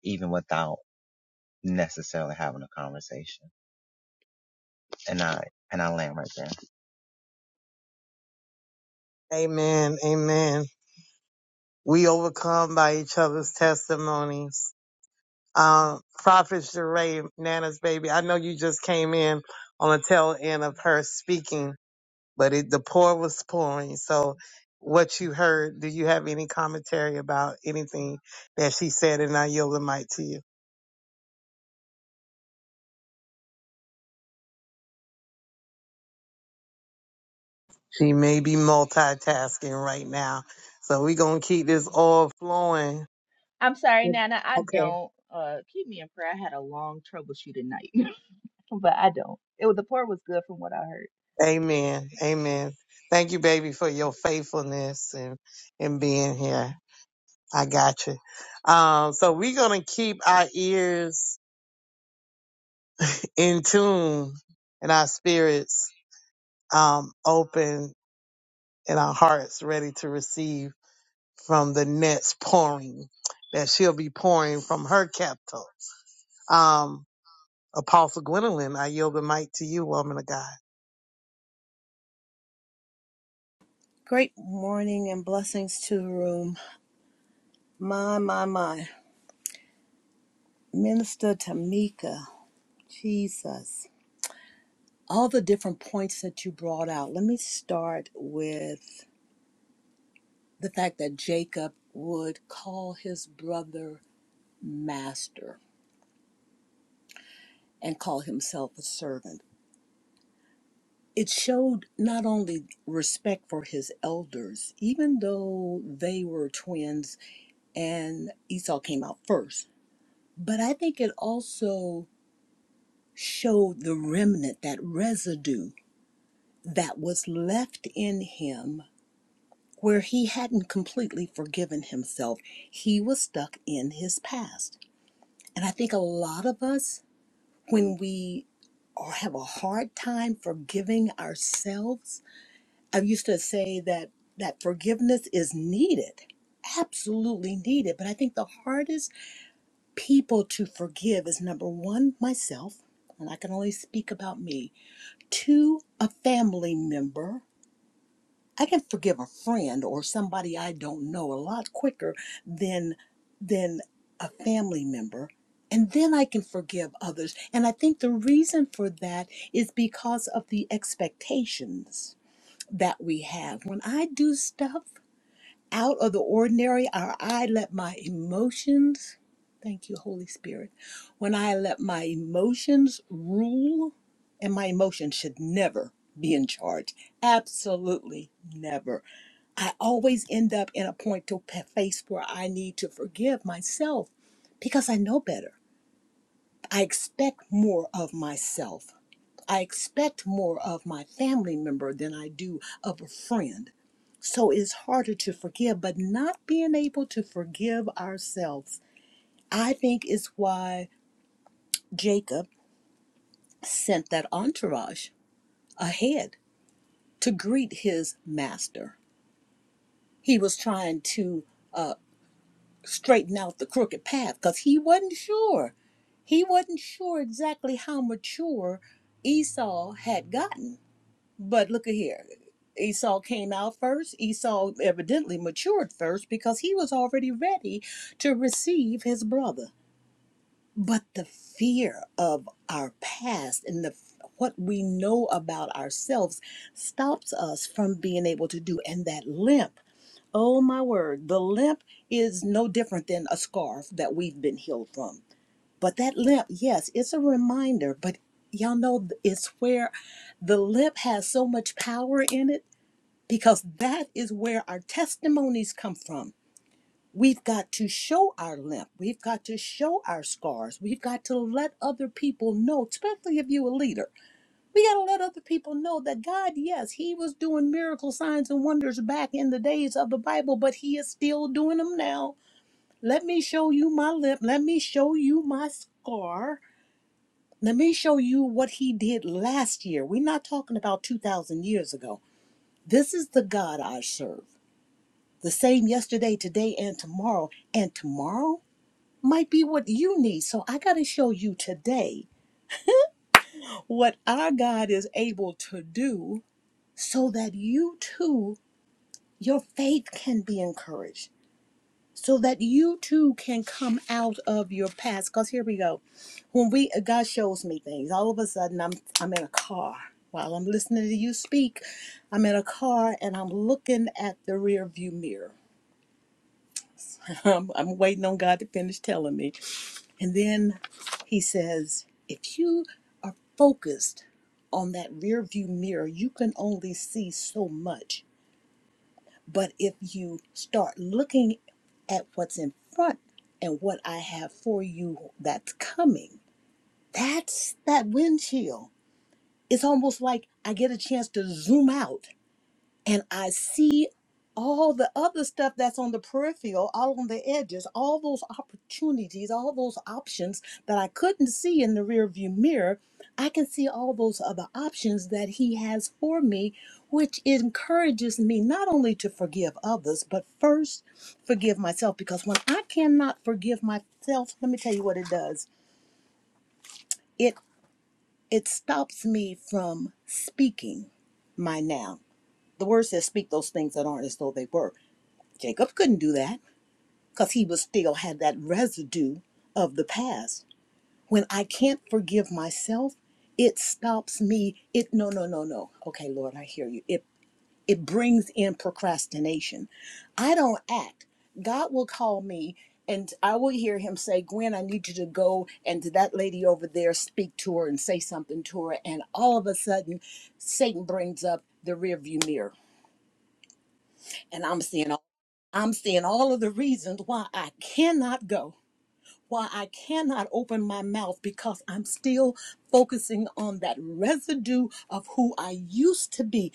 H: even without necessarily having a conversation. And I and I land right there.
D: Amen, amen. we overcome by each other's testimonies. Um, Prophet Sheree, Nana's baby, I know you just came in on the tail end of her speaking, but it, the pour was pouring. So what you heard, do you have any commentary about anything that she said? And I yield the mic to you. She may be multitasking right now. So we're going to keep this all flowing.
I: I'm sorry, Nana. I
D: Okay.
I: don't. Uh, keep me in prayer. I had a long troubleshooting night, <laughs> but I don't. It was, the part was good from what I heard.
D: Amen. Amen. Thank you, baby, for your faithfulness and, and being here. I got you. Um, so we're gonna keep our ears in tune and our spirits um, open and our hearts ready to receive from the next pouring that she'll be pouring from her capital. Um, Apostle Gwendolyn, I yield the mic to you, woman of God.
B: Great morning and blessings to the room. My, my, my. Minister Tamika, Jesus, all the different points that you brought out. Let me start with the fact that Jacob would call his brother master and call himself a servant. It showed not only respect for his elders, even though they were twins and Esau came out first, but I think it also showed the remnant, that residue that was left in him where he hadn't completely forgiven himself. He was stuck in his past. And I think a lot of us, when we or have a hard time forgiving ourselves, I used to say that that forgiveness is needed, absolutely needed. But I think the hardest people to forgive is number one, myself, and I can only speak about me, two, a family member, I can forgive a friend or somebody I don't know a lot quicker than than a family member. And then I can forgive others. And I think the reason for that is because of the expectations that we have. When I do stuff out of the ordinary, or I let my emotions, thank you, Holy Spirit, when I let my emotions rule, and my emotions should never be in charge. Absolutely never I always end up in a point to p- face where I need to forgive myself because I know better. I expect more of myself. I expect more of my family member than I do of a friend. So it's harder to forgive, but not being able to forgive ourselves, I think, is why Jacob sent that entourage ahead to greet his master. He was trying to. uh, straighten out the crooked path because he wasn't sure. He wasn't sure exactly how mature Esau had gotten. But look at here. Esau came out first. Esau evidently matured first because he was already ready to receive his brother. But the fear of our past and the what we know about ourselves stops us from being able to do and that limp Oh my word, the limp is no different than a scarf that we've been healed from. But that limp, yes, it's a reminder, but y'all know it's where the limp has so much power in it because that is where our testimonies come from. We've got to show our limp. We've got to show our scars. We've got to let other people know, especially if you're a leader. We got to let other people know that God, yes, He was doing miracle signs and wonders back in the days of the Bible, but He is still doing them now. Let me show you my lip. Let me show you my scar. Let me show you what He did last year. We're not talking about 2,000 years ago. This is the God I serve. The same yesterday, today, and tomorrow. And tomorrow might be what you need. So I got to show you today what our God is able to do so that you too your faith can be encouraged so that you too can come out of your past because here we go when we god shows me things all of a sudden i'm i'm in a car while i'm listening to you speak i'm in a car and i'm looking at the rear view mirror <laughs> I'm, I'm waiting on god to finish telling me and then he says if you are focused on that rear view mirror you can only see so much But if you start looking at what's in front and what I have for you that's coming, that's that windshield. It's almost like I get a chance to zoom out and I see all the other stuff that's on the peripheral, all on the edges, all those opportunities, all those options that I couldn't see in the rearview mirror, I can see all those other options that he has for me, which encourages me not only to forgive others, but first forgive myself because when I cannot forgive myself, let me tell you what it does. It it stops me from speaking my now. The word says speak those things that aren't as though they were. Jacob couldn't do that because he was still had that residue of the past. When I can't forgive myself, it stops me. It no no no no. Okay, Lord, I hear you. It it brings in procrastination. I don't act. God will call me and I will hear him say, Gwen, I need you to go and to that lady over there, speak to her and say something to her. And all of a sudden, Satan brings up the rearview mirror and I'm seeing all I'm seeing all of the reasons why I cannot go, why I cannot open my mouth because I'm still focusing on that residue of who I used to be.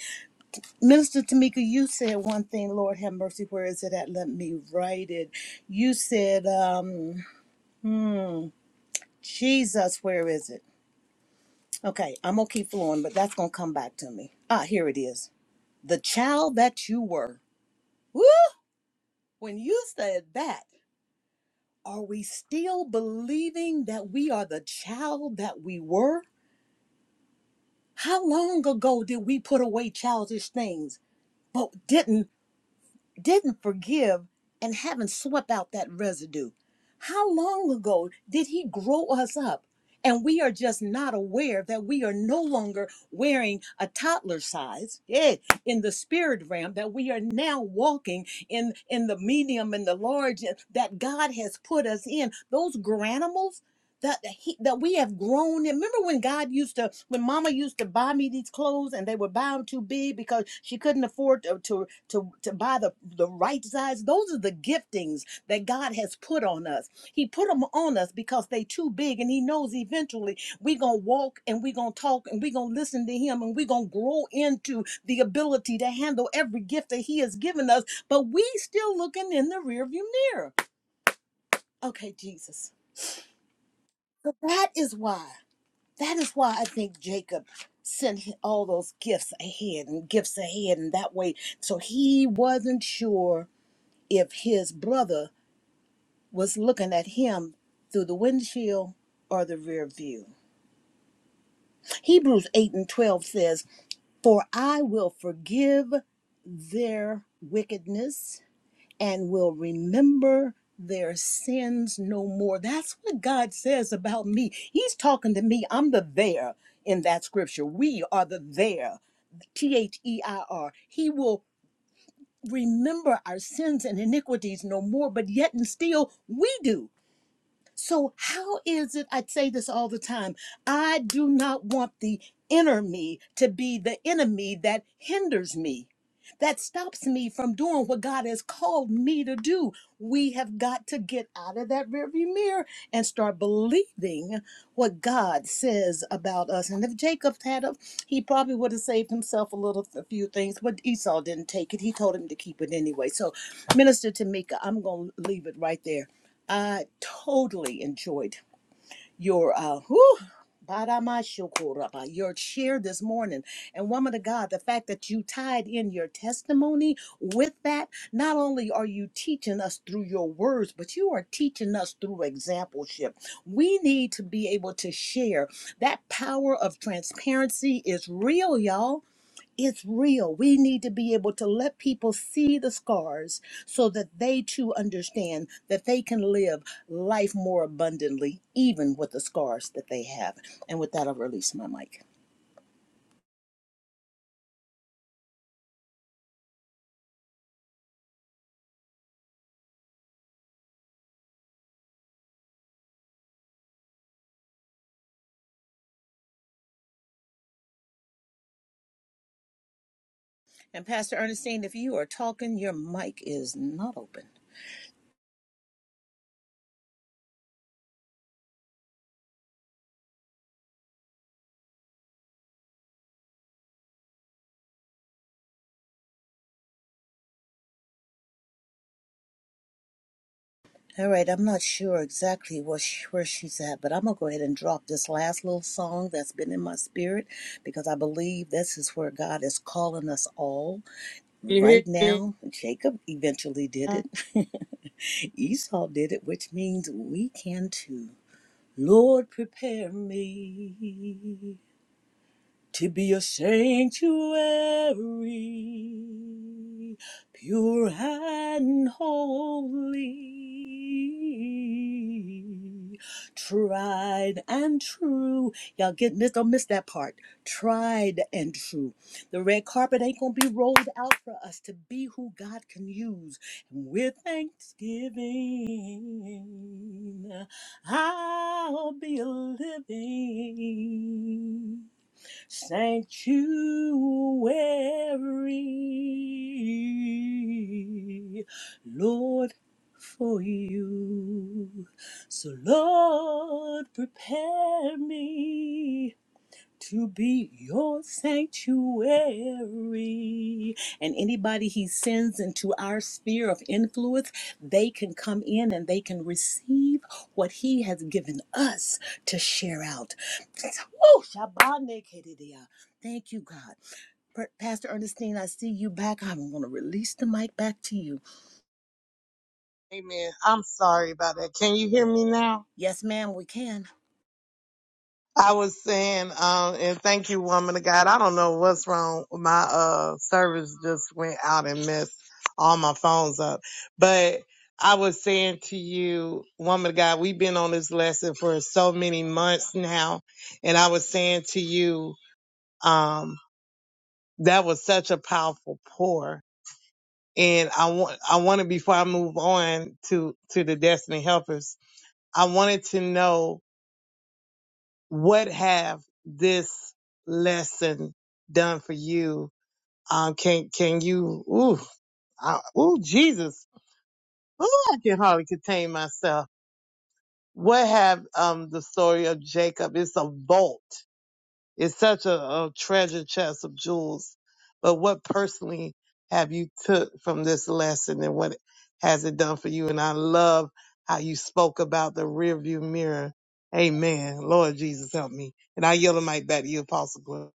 B: Minister Tamika, you said one thing, Lord have mercy, where is it at? Let me write it. You said, um, Jesus, where is it? Okay, I'm gonna keep flowing, but that's gonna come back to me. Ah, here it is. The child that you were. Woo! When you said that. Are we still believing that we are the child that we were? How long ago did we put away childish things, but didn't didn't forgive and haven't swept out that residue? How long ago did he grow us up and we are just not aware that we are no longer wearing a toddler size yeah, in the spirit realm, that we are now walking in, in the medium and the large that God has put us in? Those granimals that he, that we have grown in. Remember when God used to, when Mama used to buy me these clothes and they were bound too big because she couldn't afford to to to, to buy the the right size. Those are the giftings that God has put on us. He put them on us because they too big, and He knows eventually we are gonna walk and we are gonna talk and we are gonna listen to Him and we are gonna grow into the ability to handle every gift that He has given us. But we still looking in the rearview mirror. Okay, Jesus. So that is why. That is why I think Jacob sent all those gifts ahead and gifts ahead, and that way, so he wasn't sure if his brother was looking at him through the windshield or the rear view. Hebrews 8 and 12 says, For I will forgive their wickedness and will remember their sins no more. That's what God says about me. He's talking to me. I'm the there in that scripture. We are the there. T H E I R. He will remember our sins and iniquities no more, but yet and still we do. So, how is it? I say this all the time I do not want the inner me to be the enemy that hinders me, that stops me from doing what God has called me to do. We have got to get out of that rearview mirror and start believing what God says about us. And if Jacob had a, he probably would have saved himself a little, a few things, but Esau didn't take it. He told him to keep it anyway. So, Minister Tamika, I'm going to leave it right there I totally enjoyed your uh whew, Baramashokoraba, your cheer this morning. And woman of God, the fact that you tied in your testimony with that, not only are you teaching us through your words, but you are teaching us through exampleship. We need to be able to share. That power of transparency is real, y'all it's real. We need to be able to let people see the scars so that they too understand that they can live life more abundantly, even with the scars that they have. And with that, I'll release my mic. And Pastor Ernestine, if you are talking, your mic is not open. All right, I'm not sure exactly what she, where she's at, but I'm going to go ahead and drop this last little song that's been in my spirit because I believe this is where God is calling us all.
A: you
B: Right
A: hear
B: now, Jacob eventually
A: me
B: did it. <laughs> Esau did it, which means we can too. Lord, prepare me to be a sanctuary, pure and holy, tried and true. Y'all get miss don't miss that part. Tried and true. The red carpet ain't gonna be rolled out for us to be who God can use. And with thanksgiving, I'll be a living sanctuary, Lord, for you. So, Lord, prepare me to be your sanctuary. And anybody he sends into our sphere of influence, they can come in and they can receive what he has given us to share out. Woo! Shabanekedidia. Thank you, God. Per- Pastor Ernestine, I see you back. I'm going to release the mic back to you.
D: Amen. I'm sorry about that. Can you hear me now?
B: Yes, ma'am, we can.
D: I was saying, um, and thank you, woman of God. I don't know what's wrong. My uh service just went out and messed all my phones up. But I was saying to you, woman of God, we've been on this lesson for so many months now, and I was saying to you, um, that was such a powerful pour. And I want, I wanted before I move on to to the destiny helpers, I wanted to know what have this lesson done for you? Um, can can you? Ooh, I, ooh, Jesus! Ooh, I can hardly contain myself. What have um the story of Jacob? It's a vault. It's such a, a treasure chest of jewels. But what personally have you took from this lesson, and what has it done for you? And I love how you spoke about the rearview mirror. Amen. Lord Jesus, help me. And I yield the mic back to you, Apostle Glenn.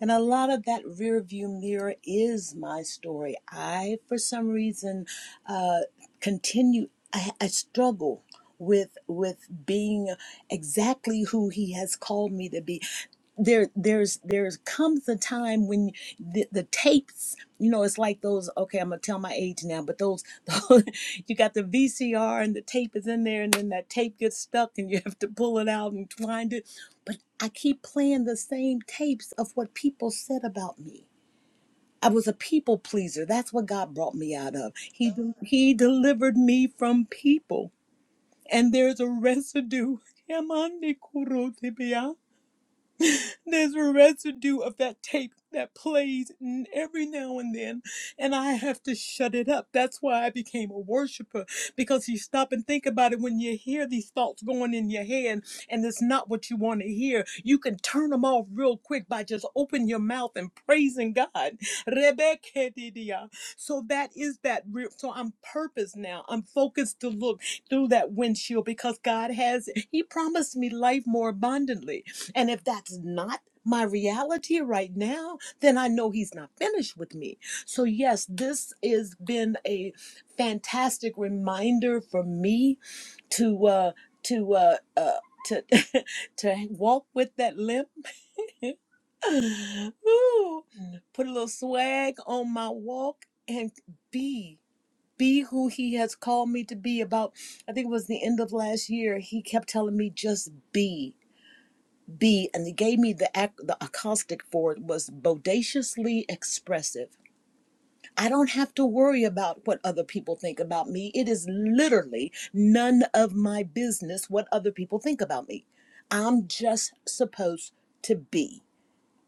B: And a lot of that rear view mirror is my story. I, for some reason, uh, continue, I, I struggle with with being exactly who he has called me to be there there's there's comes a time when the, the tapes you know it's like those okay i'm gonna tell my age now but those, <laughs> those you got the vcr and the tape is in there and then that tape gets stuck and you have to pull it out and wind it but i keep playing the same tapes of what people said about me i was a people pleaser that's what god brought me out of he de- he delivered me from people and there's a residue <laughs> There's a residue of that tape that plays n- every now and then, and I have to shut it up. That's why I became a worshiper because you stop and think about it when you hear these thoughts going in your head and it's not what you want to hear. You can turn them off real quick by just opening your mouth and praising God. Rebekadidia. So that is that real. So I'm purpose now. I'm focused to look through that windshield because God has, He promised me life more abundantly. And if that's not my reality right now, then I know he's not finished with me. So yes, this has been a fantastic reminder for me to uh to uh, uh to <laughs> to walk with that limp. <sighs> <laughs> Ooh, put a little swag on my walk and be be who he has called me to be about I think it was the end of last year he kept telling me just be B, and it gave me the ac- the acoustic for it was bodaciously expressive. I don't have to worry about what other people think about me. It is literally none of my business what other people think about me. I'm just supposed to be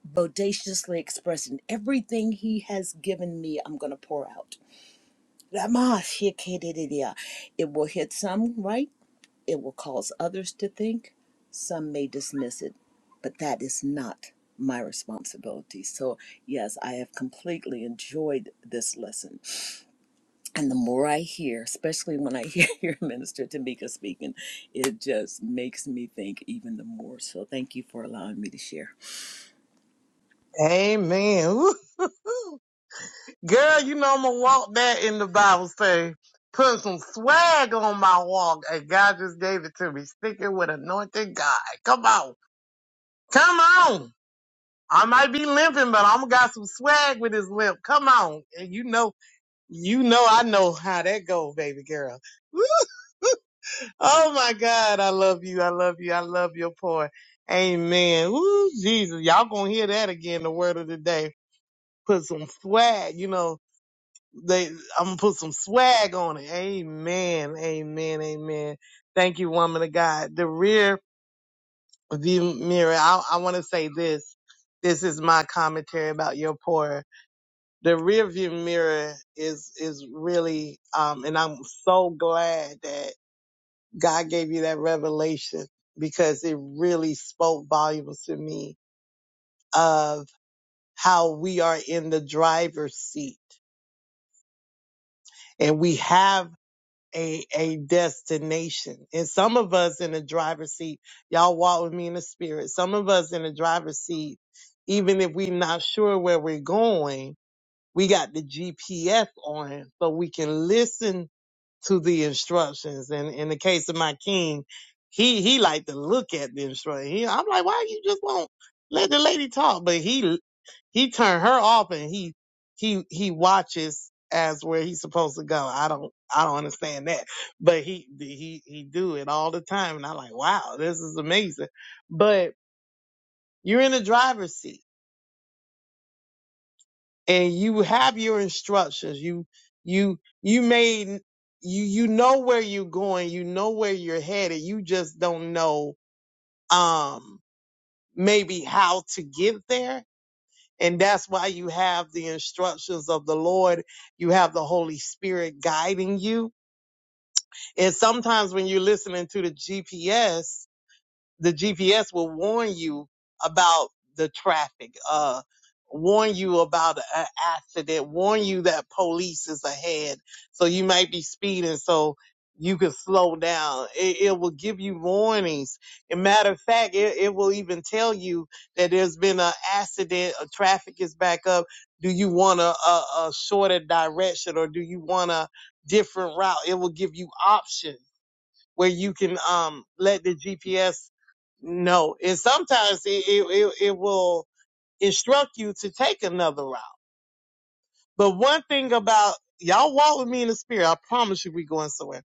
B: bodaciously expressing everything he has given me. I'm going to pour out. It will hit some, right? It will cause others to think. Some may dismiss it, but that is not my responsibility. So, yes, I have completely enjoyed this lesson. And the more I hear, especially when I <laughs> hear your minister Tamika speaking, it just makes me think even the more. So, thank you for allowing me to share.
D: Amen. Woo. Girl, you know I'm gonna walk that in the Bible say, put some swag on my walk, and God just gave it to me. Sticking with anointed God. Come on. Come on. I might be limping, but I'm got some swag with this limp. Come on. And you know, you know I know how that go, baby girl. Woo. Oh my God, I love you. I love you. I love your poor. Amen. Woo, Jesus. Y'all gonna hear that again, the word of the day. Put some swag, you know. They, I'm gonna put some swag on it. Amen. Amen. Amen. Thank you, woman of God. The rear view mirror. I, I want to say this. This is my commentary about your poor. The rear view mirror is, is really, um, and I'm so glad that God gave you that revelation because it really spoke volumes to me of how we are in the driver's seat and we have a a destination. And some of us in the driver's seat, y'all walk with me in the spirit. Some of us in the driver's seat, even if we're not sure where we're going, we got the GPS on so we can listen to the instructions. And in the case of my king, he he liked to look at the instructions. He, I'm like, why you just won't let the lady talk? But he he turned her off and he he he watches as where he's supposed to go. I don't I don't understand that, but he he he do it all the time, and I'm like, wow, this is amazing. But you're in the driver's seat and you have your instructions. You you you made you you know where you're going. You know where you're headed. You just don't know um maybe how to get there. And that's why you have the instructions of the Lord. You have the Holy Spirit guiding you. And sometimes when you're listening to the GPS, the GPS will warn you about the traffic, uh, warn you about an accident, warn you that police is ahead. So you might be speeding, so you can slow down. It, it will give you warnings. And matter of fact, it, it will even tell you that there's been an accident, a traffic is back up. Do you want a, a, a shorter direction or do you want a different route? It will give you options where you can um let the GPS know. And sometimes it it, it, it will instruct you to take another route. But one thing about y'all walk with me in the spirit, I promise you we going somewhere.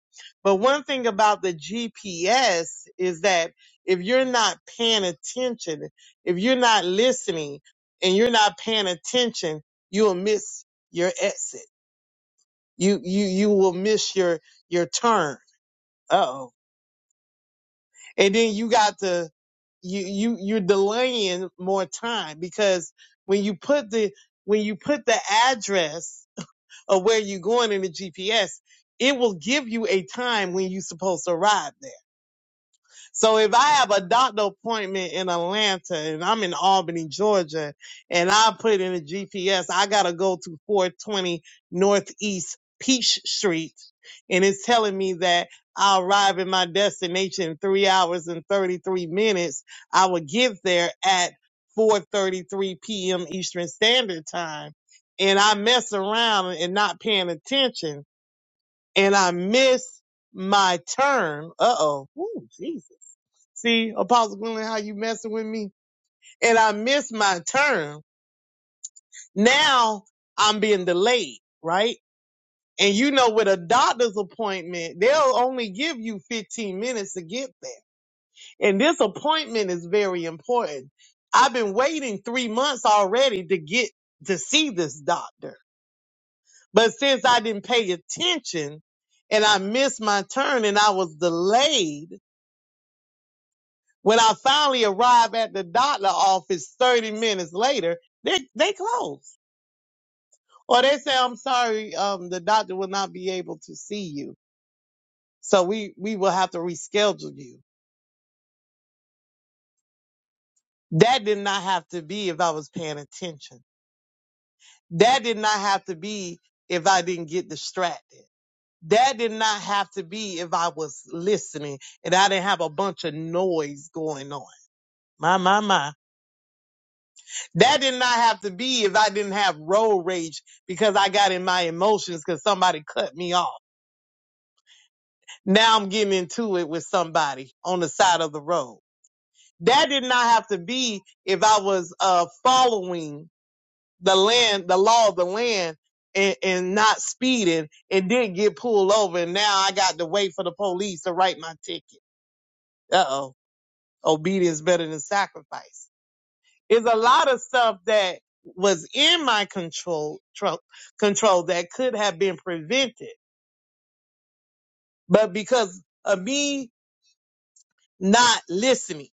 D: But one thing about the GPS is that if you're not paying attention, if you're not listening and you're not paying attention, you'll miss your exit. You you you will miss your your turn. Uh oh And then you got to you you you're delaying more time because when you put the when you put the address of where you're going in the GPS, it will give you a time when you're supposed to arrive there. So if I have a doctor appointment in Atlanta and I'm in Albany, Georgia, and I put in a GPS, I gotta go to 420 Northeast Peach Street, and it's telling me that I'll arrive at my destination in three hours and 33 minutes. I will get there at 4:33 p.m. Eastern Standard Time, and I mess around and not paying attention and I missed my turn. Uh oh. Ooh, Jesus. See, Apostle Gwendolyn, how you messing with me? And I missed my turn. Now I'm being delayed, right? And you know, with a doctor's appointment, they'll only give you 15 minutes to get there. And this appointment is very important. I've been waiting three months already to get to see this doctor. But since I didn't pay attention and I missed my turn and I was delayed, When I finally arrive at the doctor office 30 minutes later, they, they close. Or they say, I'm sorry, um, the doctor will not be able to see you. So we, we will have to reschedule you. That did not have to be if I was paying attention. That did not have to be if I didn't get distracted. That did not have to be if I was listening and I didn't have a bunch of noise going on. My, my, my. That did not have to be if I didn't have road rage because I got in my emotions because somebody cut me off. Now I'm getting into it with somebody on the side of the road. That did not have to be if I was uh, following the land, the law of the land and, and not speeding and did get pulled over. And now I got to wait for the police to write my ticket. Uh oh. Obedience better than sacrifice. It's a lot of stuff that was in my control, tro- control that could have been prevented. But because of me not listening,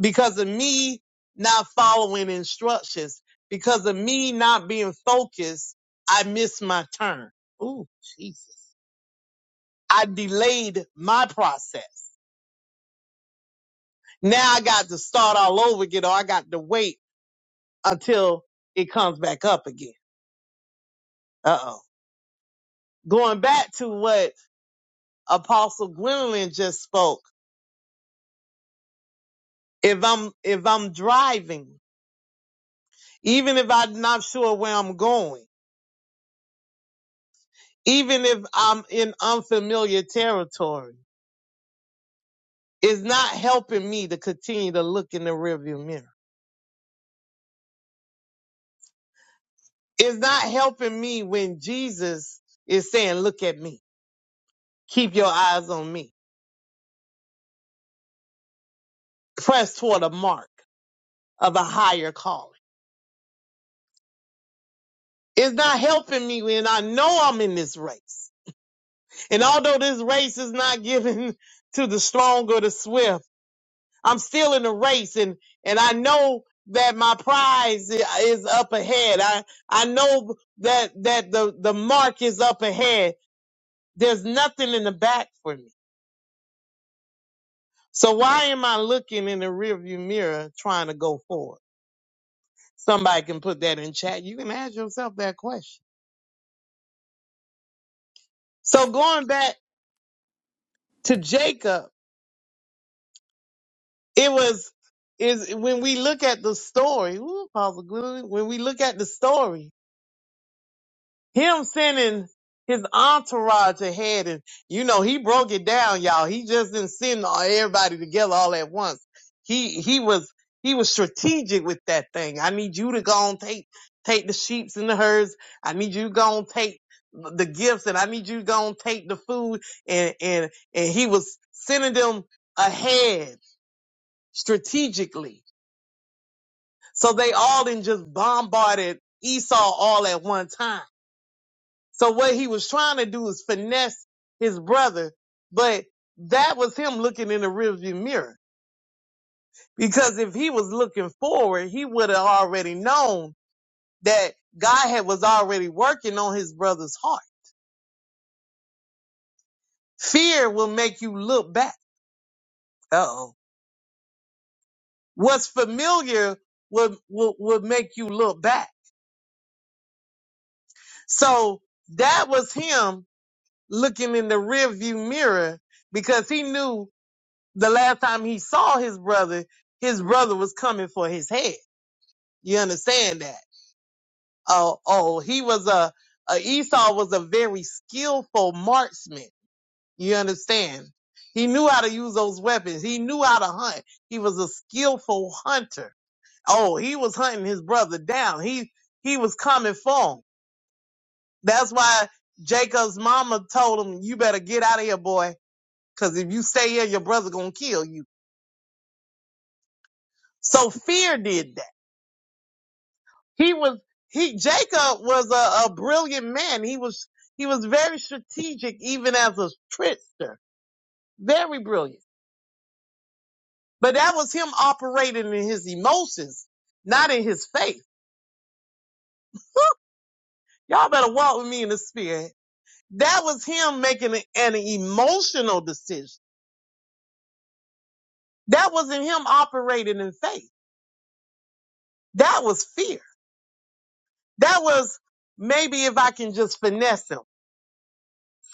D: because of me not following instructions, because of me not being focused, I missed my turn. Ooh, Jesus. I delayed my process. Now I got to start all over again or I got to wait until it comes back up again. Uh oh. Going back to what Apostle Gwendolyn just spoke. If I'm if I'm driving, even if I'm not sure where I'm going, even if I'm in unfamiliar territory, it's not helping me to continue to look in the rearview mirror. It's not helping me when Jesus is saying, "Look at me. Keep your eyes on me. Press toward a mark of a higher calling." It's not helping me when I know I'm in this race. And although this race is not given <laughs> to the strong or the swift, I'm still in the race and and I know that my prize i- is up ahead. I I know that that the the mark is up ahead. There's nothing in the back for me. So why am I looking in the rearview mirror trying to go forward? Somebody can put that in chat. You can ask yourself that question. So going back to Jacob, it was is when we look at the story, ooh, Apostle Gwendolyn, when we look at the story, him sending his entourage ahead and you know he broke it down y'all he just didn't send all- everybody together all at once he he was he was strategic with that thing i need you to go and take take the sheeps and the herds i need you to go and take the gifts and i need you to go and take the food and and and he was sending them ahead strategically so they all didn't just bombarded esau all at one time so what he was trying to do is finesse his brother, but that was him looking in the rearview mirror. Because if he was looking forward, he would have already known that God had was already working on his brother's heart. Fear will make you look back. Uh-oh. What's familiar will will would make you look back. So that was him looking in the rearview mirror because he knew the last time he saw his brother, his brother was coming for his head. You understand that? Oh, oh, he was a, a Esau was a very skillful marksman. You understand? He knew how to use those weapons. He knew how to hunt. He was a skillful hunter. Oh, he was hunting his brother down. He he was coming for him. That's why Jacob's mama told him, "You better get out of here, boy, because if you stay here, your brother gonna kill you." So fear did that. He was he Jacob was a, a brilliant man. He was he was very strategic even as a trickster. Very brilliant. But that was him operating in his emotions, not in his faith. Y'all better walk with me in the spirit. That was him making an, an emotional decision. That wasn't him operating in faith. That was fear. That was maybe if I can just finesse him.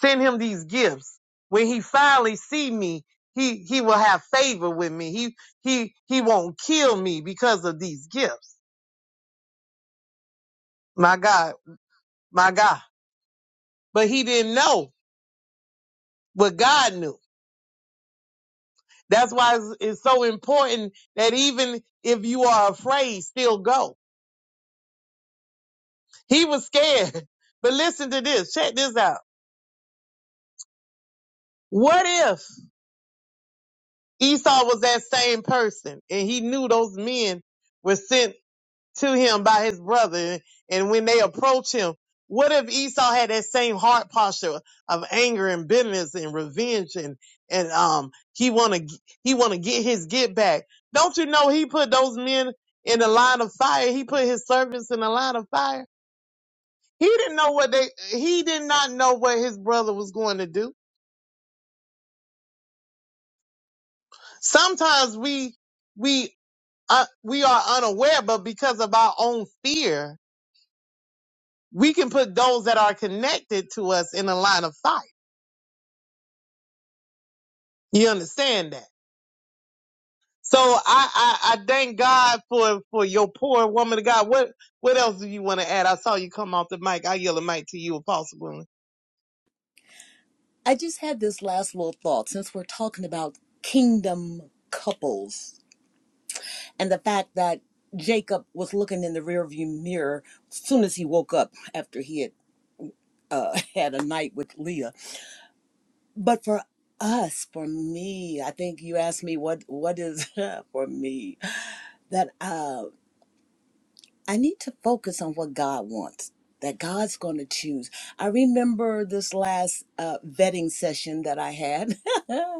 D: send him these gifts. When he finally see me, he he will have favor with me. He he he won't kill me because of these gifts. My God, my God. But he didn't know what God knew. That's why it's, it's so important that even if you are afraid, still go. He was scared. <laughs> But listen to this. Check this out. What if Esau was that same person and he knew those men were sent? to him by his brother. And when they approach him, what if Esau had that same heart posture of anger and bitterness and revenge and, and, um, he want to, he want to get his get back. Don't you know he put those men in the line of fire? He put his servants in the line of fire. He didn't know what they, he did not know what his brother was going to do. Sometimes we, we, uh, we are unaware, but because of our own fear, we can put those that are connected to us in the line of fire. You understand that? So I, I, I thank God for, for your poor woman of God. What, what else do you want to add? I saw you come off the mic. I yell the mic to you, Apostle Gwendolyn.
B: I just had this last little thought since we're talking about kingdom couples and the fact that Jacob was looking in the rearview mirror as soon as he woke up after he had uh, <laughs> had a night with Leah. But for us, for me, I think you asked me what what is <laughs> for me that uh, I need to focus on what God wants. That God's going to choose. I remember this last uh, vetting session that I had. <laughs>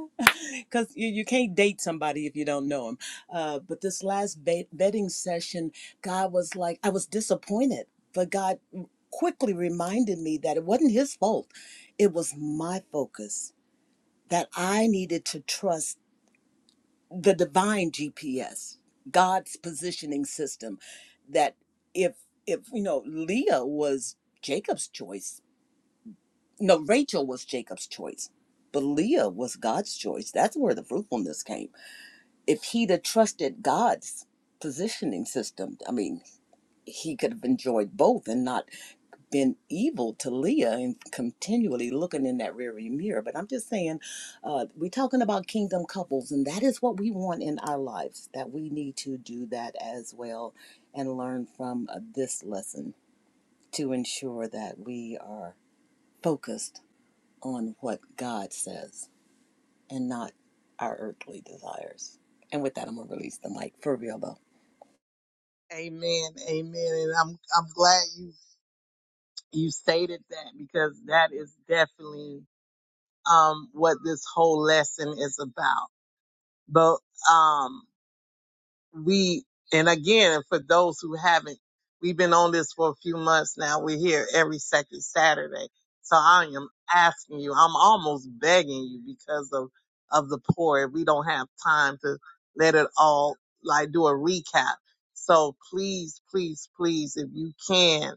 B: because you, you can't date somebody if you don't know him. Uh, but this last bet- betting session, God was like, I was disappointed, but God quickly reminded me that it wasn't his fault. It was my focus that I needed to trust the divine GPS, God's positioning system. That if if you know Leah was Jacob's choice, no Rachel was Jacob's choice, but Leah was God's choice. That's where the fruitfulness came if he'd have trusted God's positioning system, I mean, he could have enjoyed both and not been evil to Leah and continually looking in that rearview mirror. But I'm just saying, uh, we're talking about kingdom couples, and that is what we want in our lives, that we need to do that as well and learn from uh, this lesson to ensure that we are focused on what God says and not our earthly desires. And with that, I'm going to release the mic for real, though.
D: Amen. Amen. And I'm, I'm glad you, you stated that because that is definitely, um, what this whole lesson is about. But, um, we, and again, for those who haven't, we've been on this for a few months now. We're here every second Saturday. So I am asking you, I'm almost begging you because of, of the poor. We don't have time to let it all, like do a recap. So please, please, please, if you can,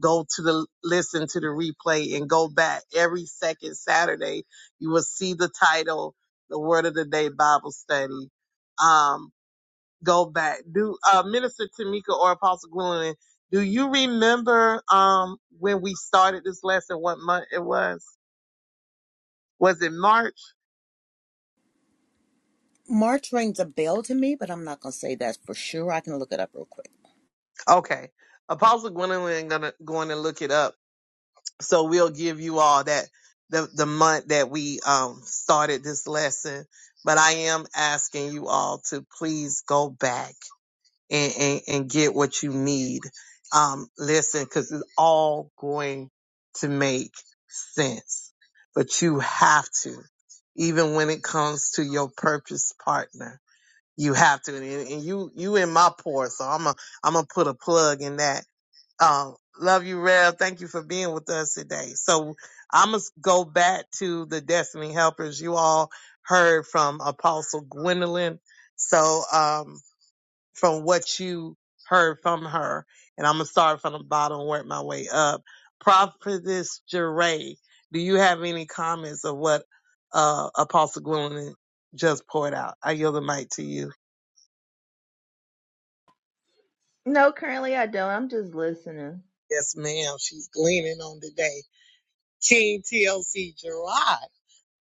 D: go to the, listen to the replay and go back every second Saturday. You will see the title, the word of the day Bible study. Um, go back. Do uh, Minister Tamika or Apostle Gwendolyn, do you remember um when we started this lesson? What month it was? Was it March?
B: March rings a bell to me, but I'm not going to say that for sure. I can look it up real quick.
D: Okay, Apostle Gwendolyn gonna going to look it up. So we'll give you all that the the month that we um started this lesson. But I am asking you all to please go back and, and, and get what you need. Um, listen, cause it's all going to make sense, but you have to, even when it comes to your purchase partner, you have to. And, and you, you in my pour, so I'm a, I'm gonna put a plug in that. Um, love you, Rev. Thank you for being with us today. So I'm gonna go back to the Destiny Helpers. You all heard from Apostle Gwendolyn. So, um, from what you heard from her, and I'm gonna start from the bottom and work my way up. Prophetess Jeray, do you have any comments of what uh, Apostle Gwendolyn just poured out? I yield the mic to you.
I: No, currently I don't. I'm just listening.
D: Yes, ma'am. She's gleaning on today. King TLC Gerard,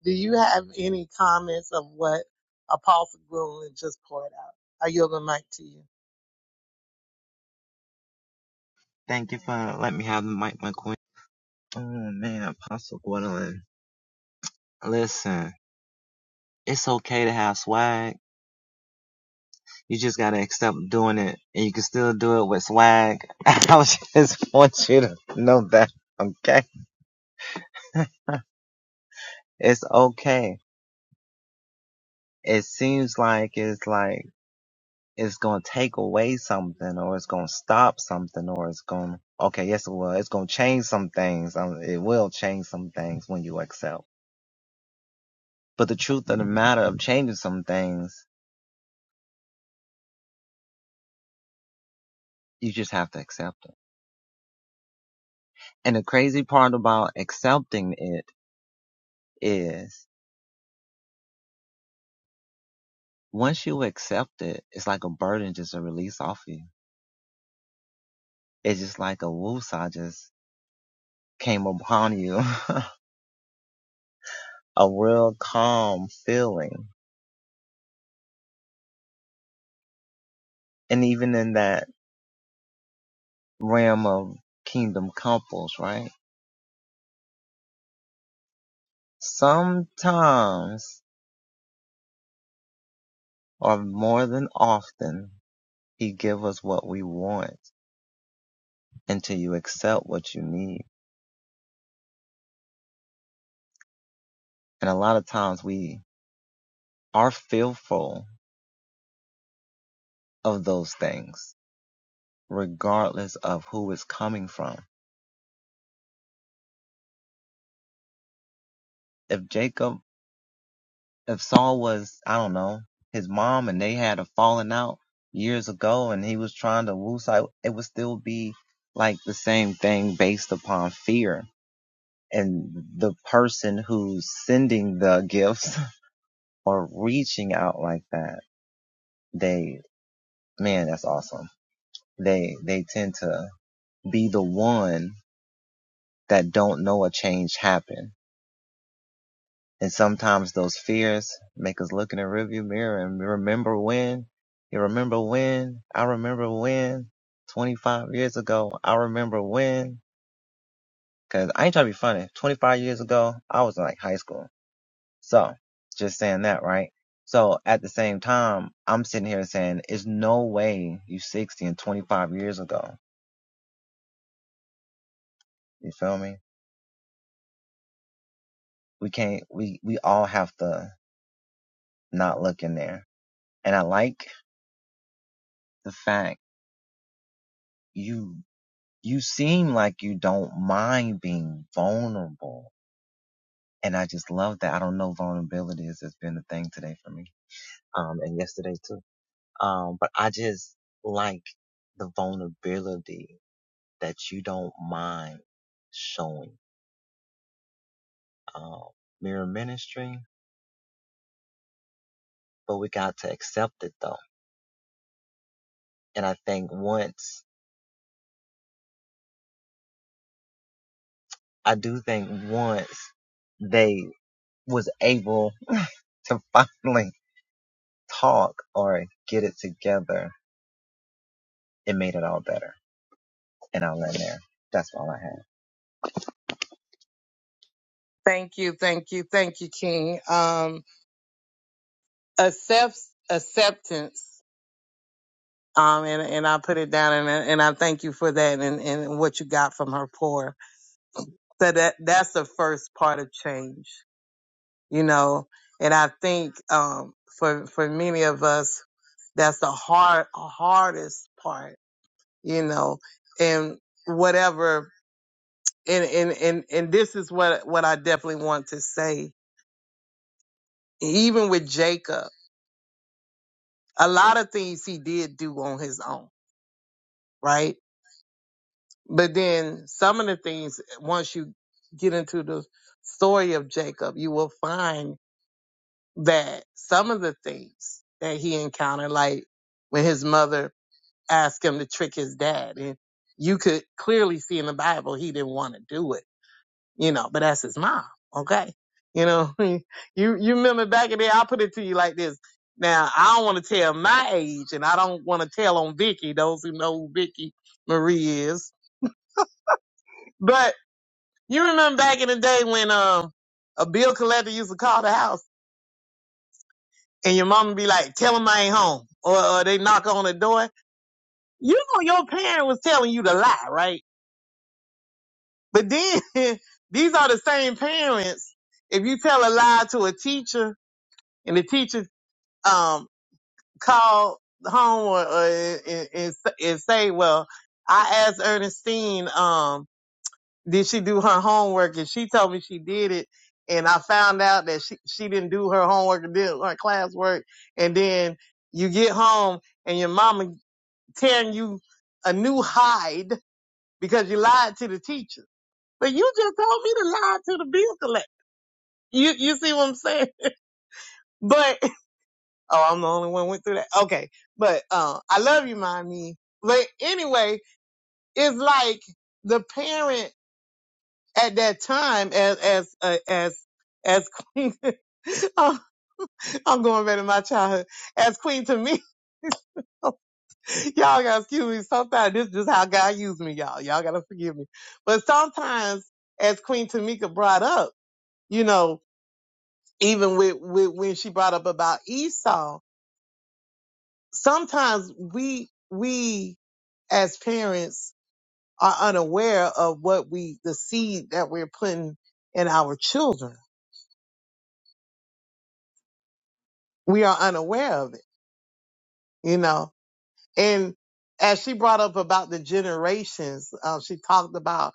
D: do you have any comments of what Apostle Gwendolyn just poured out? I yield the mic to you.
H: Thank you for letting me have the mic, my queen. Oh man, Apostle Gwendolyn. Listen, it's okay to have swag. You just gotta accept doing it, and you can still do it with swag. <laughs> I just want you to know that, okay? <laughs> It's okay. It seems like it's like it's gonna take away something, or it's gonna stop something, or it's gonna okay, yes, it will. It's gonna change some things. Um, it will change some things when you accept. But the truth of the matter of changing some things You just have to accept it. And the crazy part about accepting it is once you accept it, it's like a burden just a release off you. It's just like a woosah just came upon you, <laughs> a real calm feeling. And even in that realm of kingdom couples, right? Sometimes or more than often, he give us what we want until you accept what you need. And a lot of times we are fearful of those things, regardless of who it's coming from. If Jacob, if Saul was, I don't know, his mom and they had a falling out years ago and he was trying to woo side, it would still be like the same thing based upon fear. And the person who's sending the gifts <laughs> or reaching out like that, they, man, that's awesome. They, they tend to be the one that don't know a change happen And sometimes those fears make us look in the rearview mirror and remember when. You remember when? I remember when. 25 years ago, I remember when. Cause I ain't trying to be funny. 25 years ago, I was in like high school. So, just saying that, right? So at the same time, I'm sitting here saying, it's no way you 60 and 25 years ago. You feel me? We can't, we, we all have to not look in there. And I like the fact you you seem like you don't mind being vulnerable. And I just love that. I don't know vulnerability has has been a thing today for me. Um, and yesterday too. Um, but I just like the vulnerability that you don't mind showing. Um, mirror ministry, but we got to accept it though. And I think once, I do think once they was able <laughs> to finally talk or get it together, it made it all better. And I'll end there. That's all I have.
D: Thank you, thank you, thank you, King. Um, accepts acceptance um, and and I put it down, and I- and I thank you for that, and and what you got from her pour. So that that's the first part of change, you know. And I think um, for for many of us, that's the hard hardest part, you know. And whatever, and and and and this is what what I definitely want to say. Even with Jacob, a lot of things he did do on his own, right? But then some of the things, once you get into the story of Jacob, you will find that some of the things that he encountered, like when his mother asked him to trick his dad, and you could clearly see in the Bible he didn't want to do it, you know, but that's his mom, okay? You know, <laughs> you you remember back in there, I'll put it to you like this. Now, I don't want to tell my age, and I don't want to tell on Vicky, those who know who Vicky Marie is. You remember back in the day when um a bill collector used to call the house and your mama be like, tell them I ain't home. Or, or they knock on the door. You know your parent was telling you to lie, right? But then <laughs> these are the same parents. If you tell a lie to a teacher and the teacher um call home or, or and, and, and say, well, I asked Ernestine, um, did she do her homework? And she told me she did it. And I found out that she, she didn't do her homework and did her classwork. And then you get home and your mama tearing you a new hide because you lied to the teacher. But you just told me to lie to the bill collector. You, you see what I'm saying? <laughs> But, oh, I'm the only one went through that. Okay. But, uh, I love you, mommy. But anyway, it's like the parent at that time as as uh, as as queen. <laughs> Oh, I'm going back to my childhood as queen to me. <laughs> Y'all gotta excuse me. Sometimes this is just how God used me, y'all. Y'all gotta forgive me. But sometimes, as Queen Tamika brought up, you know, even with, with when she brought up about Esau, sometimes we we as parents are unaware of what we the seed that we're putting in our children. We are unaware of it, you know And as she brought up about the generations, uh, she talked about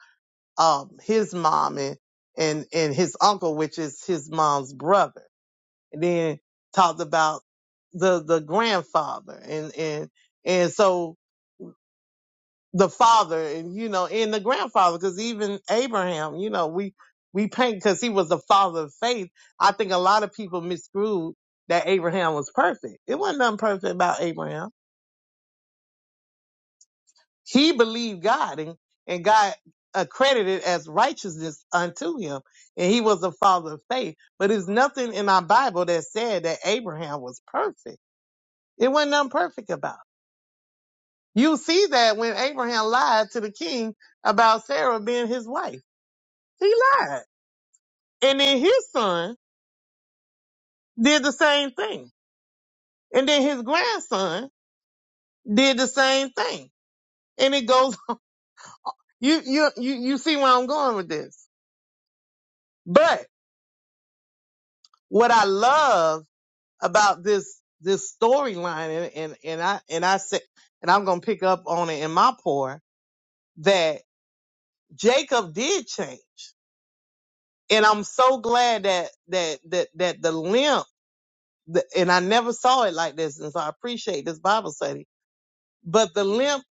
D: um, his mom and, and and his uncle, which is his mom's brother, and then talked about the the grandfather and and and so the father and you know and the grandfather because even Abraham, you know, we we paint because he was the father of faith. I think a lot of people misconstrued that Abraham was perfect. It wasn't nothing perfect about Abraham He believed God and, and God accredited as righteousness unto him. And he was a father of faith. But there's nothing in our Bible that said that Abraham was perfect. It wasn't nothing perfect about. it. You see that when Abraham lied to the king about Sarah being his wife. He lied. And then his son did the same thing. And then his grandson did the same thing. And it goes <laughs> you you you you see where I'm going with this. But what I love about this this storyline and, and and I and I said and I'm gonna pick up on it in my pour that Jacob did change. And I'm so glad that that that that the limp the, and I never saw it like this and so I appreciate this Bible study. But the limp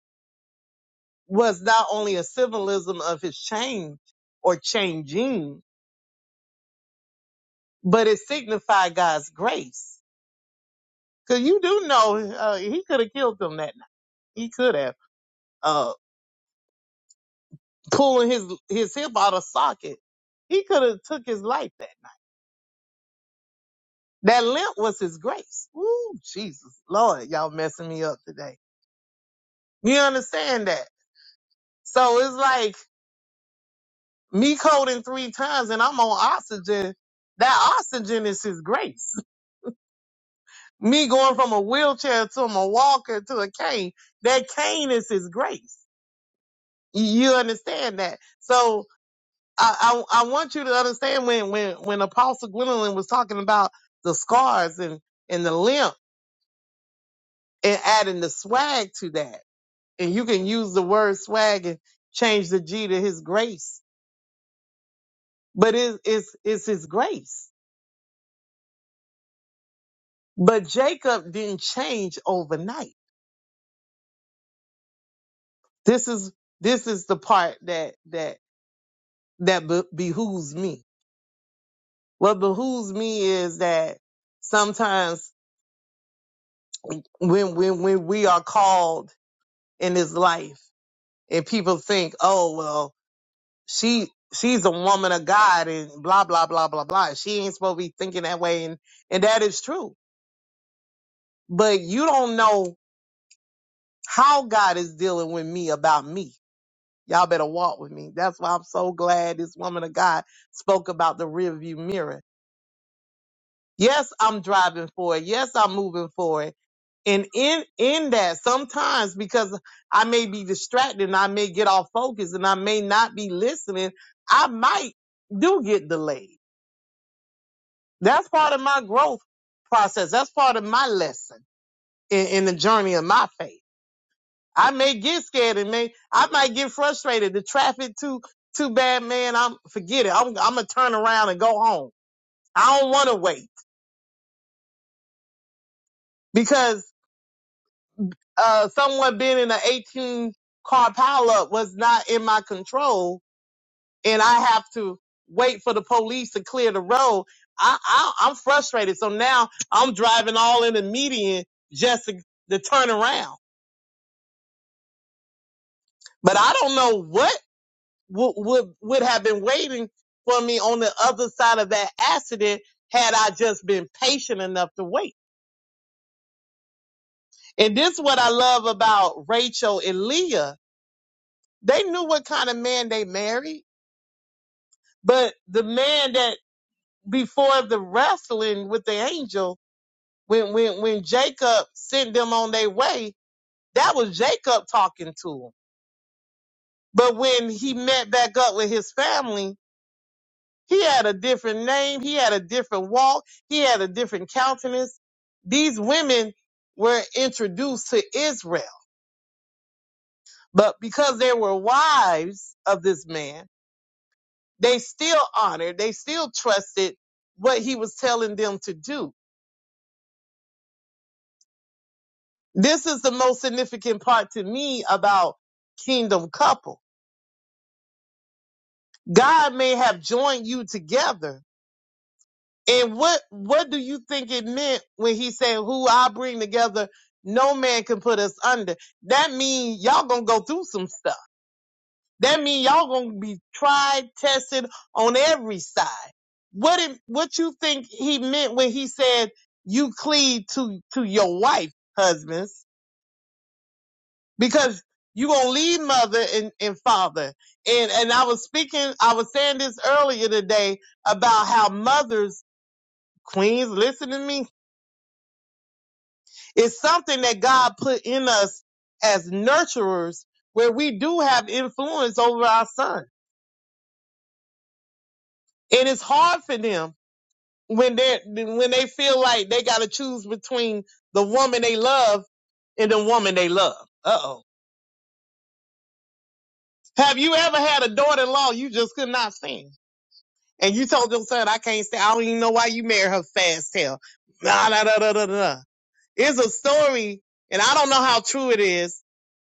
D: was not only a symbolism of his change or changing, but it signified God's grace. Cause you do know uh, he could have killed them that night. He could have. Uh, pulling his his hip out of socket. He could have took his life that. That limp was his grace. Ooh, Jesus, Lord, y'all messing me up today. You understand that? So it's like me coding three times and I'm on oxygen. That oxygen is his grace. <laughs> Me going from a wheelchair to a walker to a cane, that cane is his grace. You you understand that? So I, I I want you to understand when when when Apostle Gwendolyn was talking about the scars and and the limp and adding the swag to that, and you can use the word swag and change the G to His grace, but it, it's it's His grace. But Jacob didn't change overnight. This is this is the part that that that be- behooves me. What behooves me is that sometimes when when when we are called in this life and people think, oh well, she she's a woman of God and blah blah blah blah blah. She ain't supposed to be thinking that way, and and that is true. But you don't know how God is dealing with me about me. Y'all better walk with me. That's why I'm so glad this woman of God spoke about the rearview mirror. Yes, I'm driving forward. Yes, I'm moving forward. And in in that, sometimes because I may be distracted and I may get off focus and I may not be listening, I might do get delayed. That's part of my growth process. That's part of my lesson in, in the journey of my faith. I may get scared and may I might get frustrated. The traffic too too bad, man. I'm forget it. I'm I'm gonna turn around and go home. I don't want to wait because uh, someone being in an 18 car pileup was not in my control and I have to wait for the police to clear the road, I, I I'm frustrated. So now I'm driving all in the median just to, to turn around. But I don't know what would, would would have been waiting for me on the other side of that accident had I just been patient enough to wait. And this is what I love about Rachel and Leah. They knew what kind of man they married, but the man that before the wrestling with the angel when when when Jacob sent them on their way, that was Jacob talking to them. But when he met back up with his family, he had a different name, he had a different walk, he had a different countenance. These women were introduced to Israel, but because they were wives of this man, they still honored, they still trusted what he was telling them to do. This is the most significant part to me about kingdom couples God may have joined you together. And what what do you think it meant when he said, "Who I bring together, no man can put us under"? That means y'all gonna go through some stuff. That means y'all gonna be tried, tested on every side. What it, what you think he meant when he said you cleave to to your wife, husbands? because you gonna leave mother and, and father. And and I was speaking, I was saying this earlier today about how mothers, queens, listen to me, it's something that God put in us as nurturers where we do have influence over our son. And it's hard for them when they when they feel like they gotta choose between the woman they love and the woman they love. Uh oh. Have you ever had a daughter in law you just could not stand? And you told your son, I can't stay. I don't even know why you married her fast tail. Nah, nah, nah, nah, nah, nah. It's a story, and I don't know how true it is,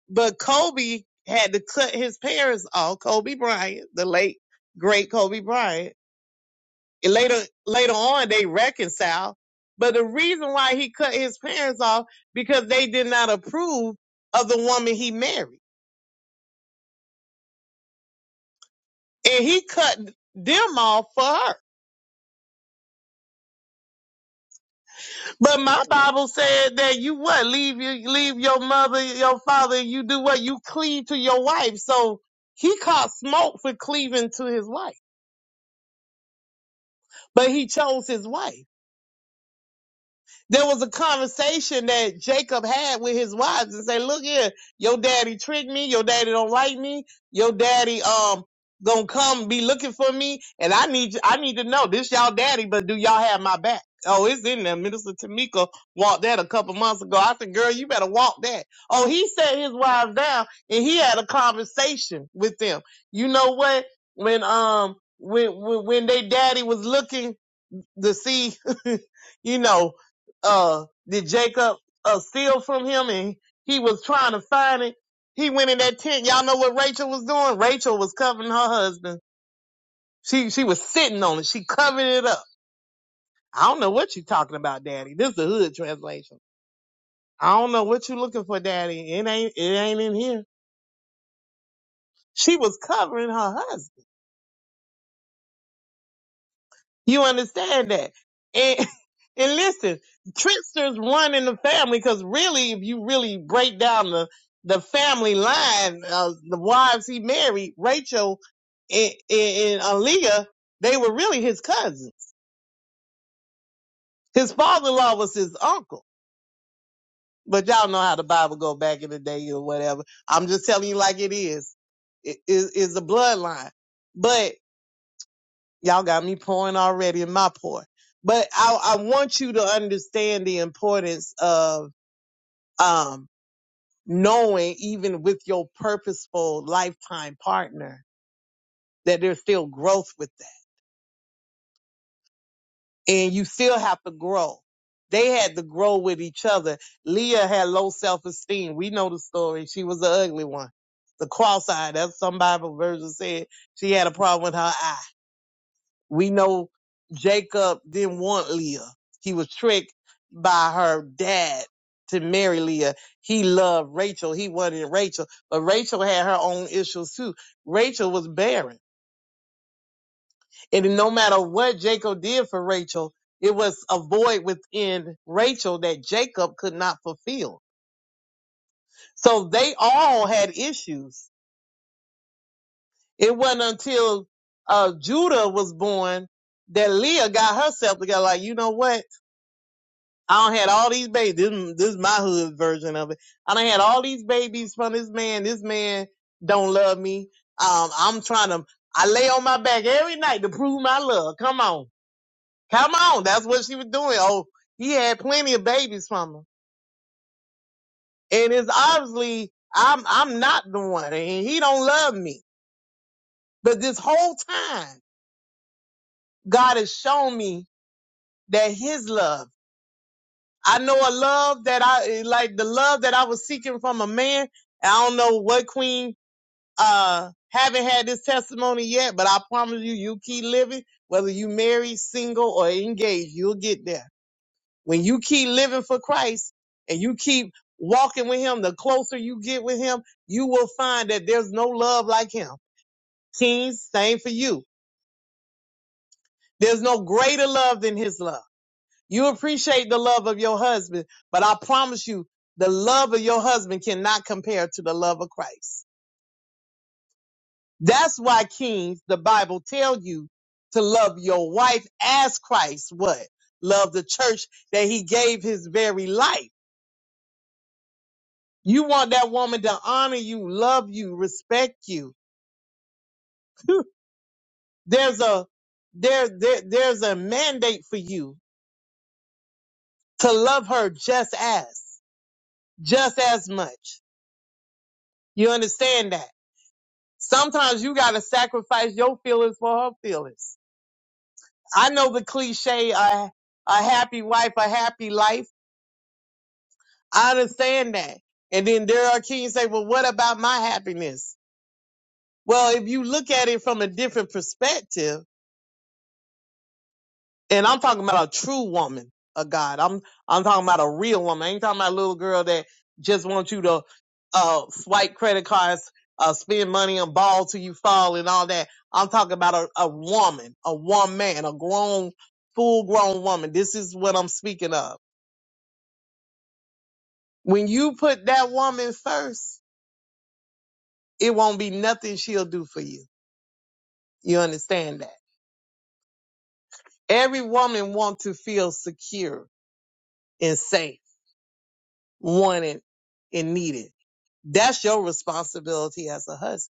D: but Kobe had to cut his parents off. Kobe Bryant, the late, great Kobe Bryant. And later, later on, they reconciled. But the reason why he cut his parents off, because they did not approve of the woman he married. And he cut them off for her. But my Bible said that you what leave you leave your mother, your father, and you do what you cleave to your wife. So he caught smoke for cleaving to his wife, but he chose his wife. there was a conversation that Jacob had with his wives and say, look here, your daddy tricked me. Your daddy don't like me. Your daddy, um, gonna come be looking for me. And I need, I need to know this y'all daddy, but do y'all have my back? Oh, it's in there. Minister Tamika walked that a couple months ago. I said, girl, you better walk that. Oh, he sat his wives down and he had a conversation with them. You know what? When, um, when, when, when they daddy was looking to see, <laughs> you know, uh, did Jacob uh, steal from him and he was trying to find it. He went in that tent. Y'all know what Rachel was doing? Rachel was covering her husband. She, she was sitting on it. She covered it up. I don't know what you are talking about, daddy. This is the hood translation. I don't know what you are looking for, daddy. It ain't, it ain't in here. She was covering her husband. You understand that? And <laughs> and listen, tricksters run in the family because really, if you really break down the the family line, uh, the wives he married, Rachel and, and, and Aaliyah, they were really his cousins. His father-in-law was his uncle. But y'all know how the Bible go back in the day or whatever. I'm just telling you like it is. It is is a bloodline. but. Y'all got me pouring already in my pour. But I, I want you to understand the importance of um, knowing, even with your purposeful lifetime partner, that there's still growth with that. And you still have to grow. They had to grow with each other. Leah had low self esteem. We know the story. She was the ugly one. The cross eyed, that's some Bible version said she had a problem with her eye. We know Jacob didn't want Leah. He was tricked by her dad to marry Leah. He loved Rachel. He wanted Rachel, but Rachel had her own issues too. Rachel was barren. And no matter what Jacob did for Rachel, it was a void within Rachel that Jacob could not fulfill. So they all had issues. It wasn't until uh, Judah was born that Leah got herself together. Like, you know what? I don't had all these babies. This, this is my hood version of it. I done had all these babies from this man. This man don't love me. Um, I'm trying to, I lay on my back every night to prove my love. Come on. Come on. That's what she was doing. Oh, he had plenty of babies from her. And it's obviously, I'm, I'm not the one and he don't love me. But this whole time, God has shown me that his love I know a love that I like the love that I was seeking from a man. I don't know what queen uh haven't had this testimony yet, but I promise you you keep living, whether you married, single, or engaged, you'll get there. When you keep living for Christ and you keep walking with him, the closer you get with him, you will find that there's no love like him. Kings, same for you. There's no greater love than his love. You appreciate the love of your husband, but I promise you, the love of your husband cannot compare to the love of Christ. That's why kings, the Bible tell you to love your wife as Christ what? Love the church that he gave his very life. You want that woman to honor you, love you, respect you. There's a there, there there's a mandate for you to love her just as, just as much. You understand that? Sometimes you gotta sacrifice your feelings for her feelings. I know the cliche, a, a happy wife, a happy life. I understand that. And then Daryl King say, well, what about my happiness? Well, if you look at it from a different perspective, And I'm talking about a true woman of God. I'm I'm talking about a real woman. I ain't talking about a little girl that just wants you to uh swipe credit cards, uh spend money on ball till you fall and all that. I'm talking about a, a woman, a woman, a grown, full grown woman. This is what I'm speaking of. When you put that woman first, it won't be nothing she'll do for you. You understand that? Every woman wants to feel secure and safe. wanted and needed. That's your responsibility as a husband.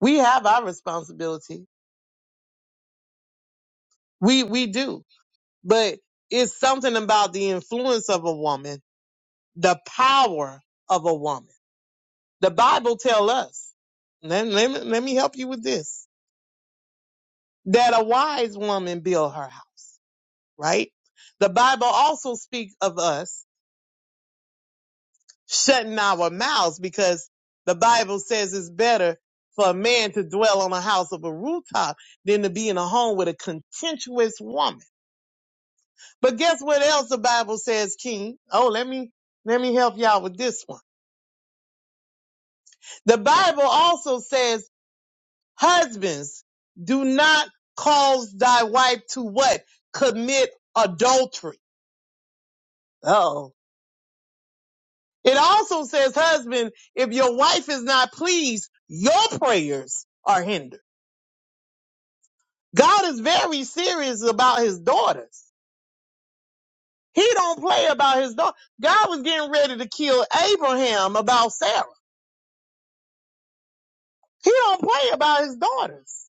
D: We have our responsibility. We we do. But it's something about the influence of a woman, the power of a woman. The Bible tell us, let, let, me, let me help you with this, that a wise woman build her house, right? The Bible also speaks of us shutting our mouths because the Bible says it's better for a man to dwell on a house of a rooftop than to be in a home with a contentious woman. But guess what else the Bible says, King? Oh, let me, let me help y'all with this one. The Bible also says, husbands, do not cause thy wife to what? Commit adultery. Oh. It also says, husband, if your wife is not pleased, your prayers are hindered. God is very serious about his daughters. He don't play about his daughter. God was getting ready to kill Abraham about Sarah. He don't play about his daughters.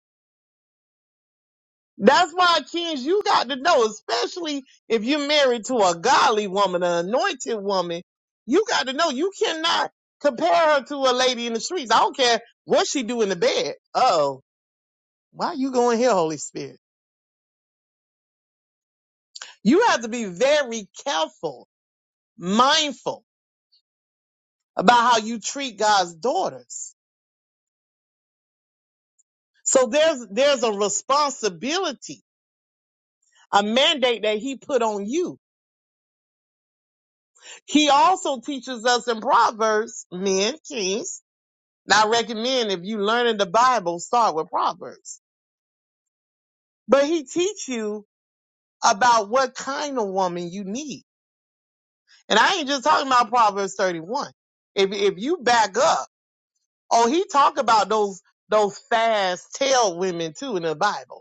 D: That's why, kids, you got to know, especially if you're married to a godly woman, an anointed woman, you got to know you cannot compare her to a lady in the streets. I don't care what she do in the bed. Oh, why you going here, Holy Spirit? You have to be very careful, mindful about how you treat God's daughters. So there's there's a responsibility, a mandate that he put on you. He also teaches us in Proverbs, men, kings. Now I recommend if you learn in the Bible, start with Proverbs. But he teach you about what kind of woman you need. And I ain't just talking about Proverbs 31. If if you back up, oh he talk about those those fast tail women too in the Bible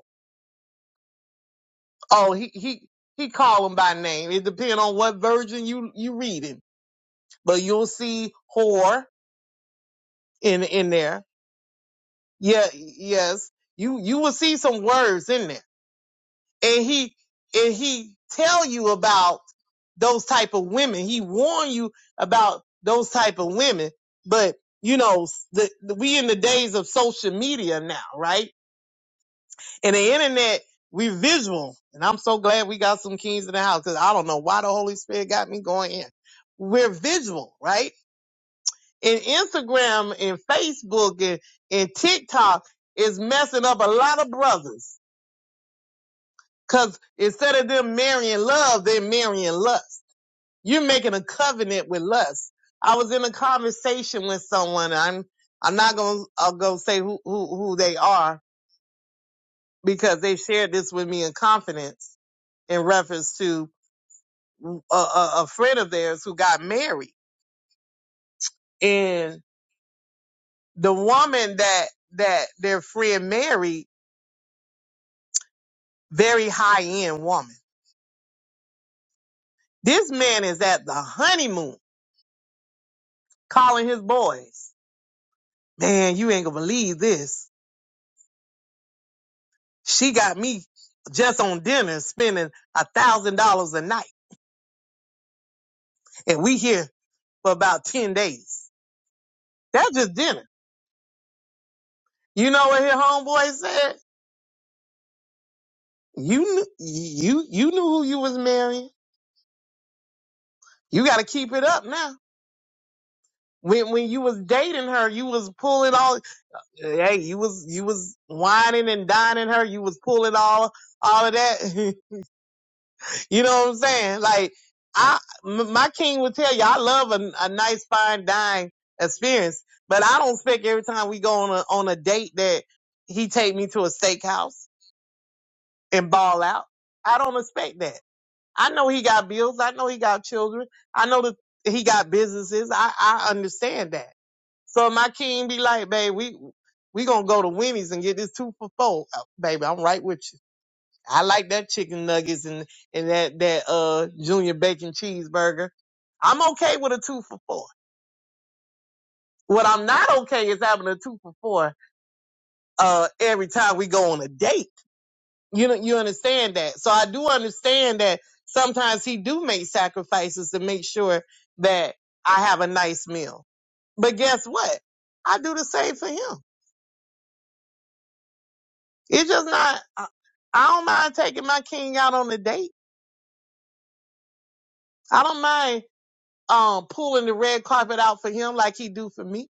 D: Oh, he he he call them by name. It depends on what version you you reading, but you'll see whore in in there. Yeah, yes, you you will see some words in there, and he and he tell you about those type of women. He warn you about those type of women, but you know the, the- we in the days of social media now, right? and the internet, we visual. And I'm so glad we got some kings in the house because I don't know why the Holy Spirit got me going in. We're visual, right? And Instagram and Facebook and, and TikTok is messing up a lot of brothers because instead of them marrying love, they're marrying lust. You're making a covenant with lust. I was in a conversation with someone. I'm I'm not gonna I'll go say who, who who they are because they shared this with me in confidence in reference to a, a, a friend of theirs who got married, and the woman that that their friend married, very high end woman. This man is at the honeymoon, calling his boys. Man, you ain't gonna believe this. She got me just on dinner, spending a thousand dollars a night, and we here for about ten days. That's just dinner. You know what his homeboy said? You kn- you you knew who you was marrying. You got to keep it up now. When when you was dating her, you was pulling all hey, you was you was whining and dining her, you was pulling all all of that. <laughs> you know what I'm saying? Like I m- my king would tell you I love a, a nice fine dine experience, but I don't expect every time we go on a on a date that he take me to a steakhouse and ball out. I don't expect that. I know he got bills, I know he got children, I know that he got businesses. I I understand that. So my king be like, babe, we we gonna go to Wendy's and get this two for four, Uh, baby. I'm right with you. I like that chicken nuggets and and that that uh junior bacon cheeseburger. I'm okay with a two for four. What I'm not okay is having a two for four uh every time we go on a date. You know, you understand that. So I do understand that sometimes he do make sacrifices to make sure that I have a nice meal. But guess what? I do the same for him. It's just not. I I don't mind taking my king out on a date. I don't mind um pulling the red carpet out for him like he do for me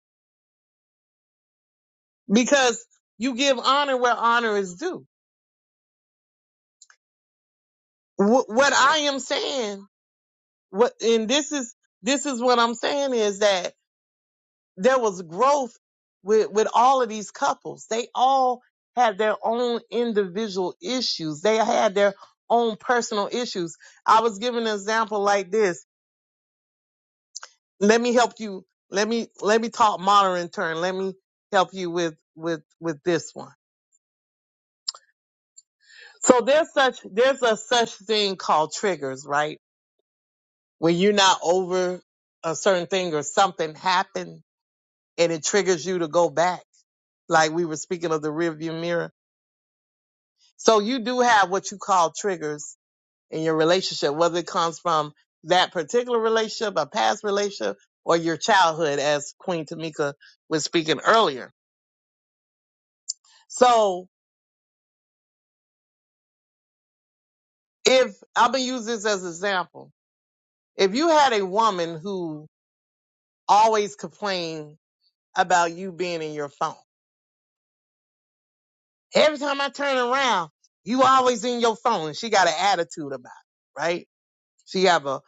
D: because you give honor where honor is due. Wh- what I am saying, what and this is this is what I'm saying is that there was growth with with all of these couples. They all had their own individual issues. They had their own personal issues. I was giving an example like this let me help you. Let me let me talk modern turn. Let me help you with with with this one. So there's such there's a such thing called triggers, right? When you're not over a certain thing or something happened and it triggers you to go back, like we were speaking of the rearview mirror. So you do have what you call triggers in your relationship, whether it comes from that particular relationship, a past relationship, or your childhood, as Queen Tamika was speaking earlier. So if I'm gonna use this as an example, if you had a woman who always complained about you being in your phone, every time I turn around, you always in your phone. and She got an attitude about it, right? She have a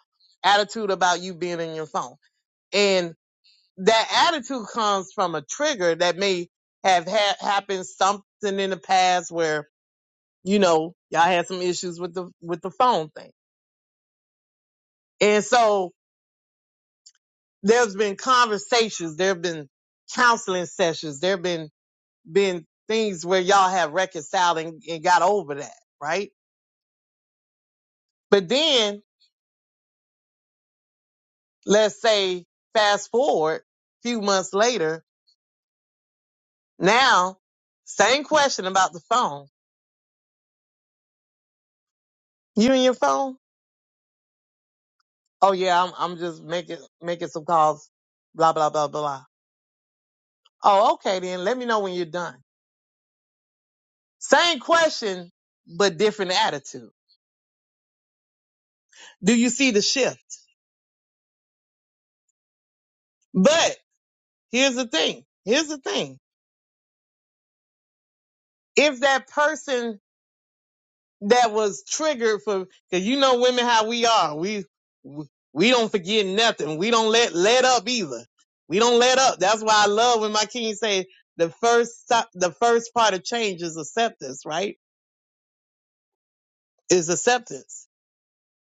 D: attitude about you being in your phone, and that attitude comes from a trigger that may have ha- happened something in the past where you know y'all had some issues with the with the phone thing, and so there's been conversations, there have been counseling sessions, there have been been things where y'all have reconciled and, and got over that, right? But then let's say fast forward a few months later, now same question about the phone. You and your phone? Oh yeah, I'm I'm just making making some calls, blah blah blah blah. Oh, okay then. Let me know when you're done. Same question, but different attitude. Do you see the shift? But here's the thing. Here's the thing. If that person that was triggered for, cause you know women how we are. We, we don't forget nothing. We don't let, let up either. We don't let up. That's why I love when my king say the first stop, the first part of change is acceptance, right? Is acceptance.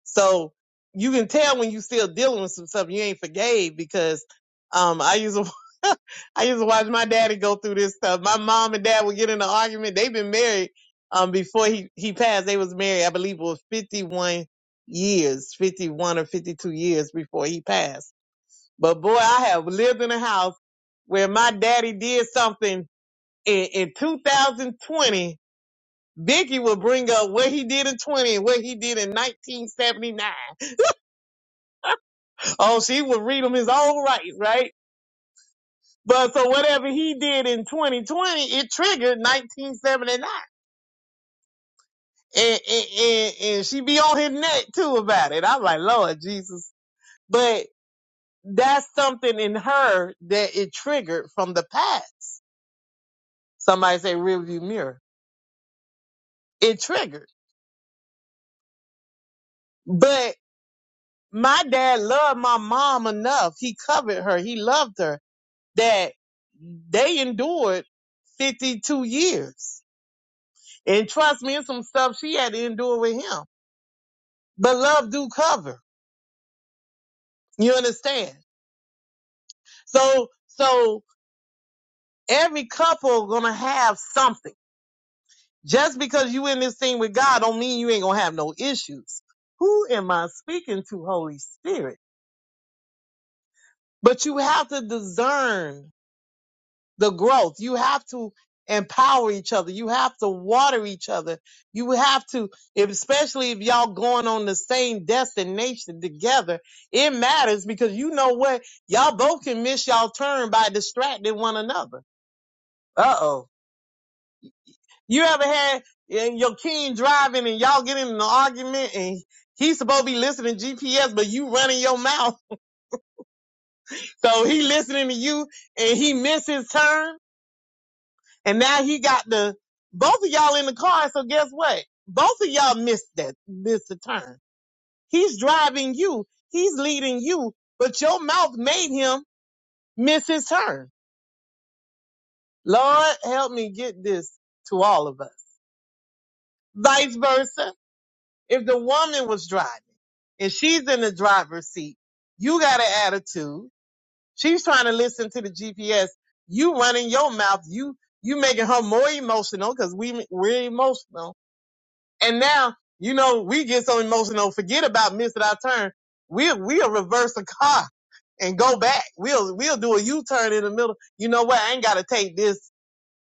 D: So you can tell when you still dealing with some stuff you ain't forgave because um I used to <laughs> I used to watch my daddy go through this stuff. My mom and dad would get in an argument. They've been married um before he he passed. They was married, I believe it was 51 years, 51 or 52 years before he passed. But boy, I have lived in a house where my daddy did something in, in 2020. Vicky would bring up what he did in 20 and what he did in 1979 Oh, she would read them his own right, right? But so whatever he did in 2020, it triggered 1979. And, and, and, and she be on his neck too about it. I'm like, Lord Jesus. But that's something in her that it triggered from the past. Somebody say rearview mirror. It triggered. But my dad loved my mom enough. He covered her. He loved her that they endured 52 years And trust me, it's some stuff she had to endure with him. But love do cover. You understand? So, so every couple gonna have something. Just because you in this thing with God don't mean you ain't gonna have no issues. Who am I speaking to, Holy Spirit? But you have to discern the growth. You have to empower each other. You have to water each other. You have to, if- especially if y'all going on the same destination together, it matters because you know what? Y'all both can miss y'all turn by distracting one another. Uh oh. You ever had eh, your king driving and y'all getting in an argument and he's supposed to be listening to GPS, but you running your mouth. So he listening to you and he missed his turn. And now he got the both of y'all in the car. So guess what? Both of y'all missed that, missed the turn. He's driving you. He's leading you, but your mouth made him miss his turn. Lord, help me get this to all of us. Vice versa. If the woman was driving and she's in the driver's seat, you got an attitude. She's trying to listen to the GPS. You running your mouth. You, you making her more emotional because we, we're emotional And now, you know, we get so emotional, forget about missing our turn. We'll, we'll reverse the car and go back. We'll, we'll do a U-turn in the middle. You know what? I ain't got to take this.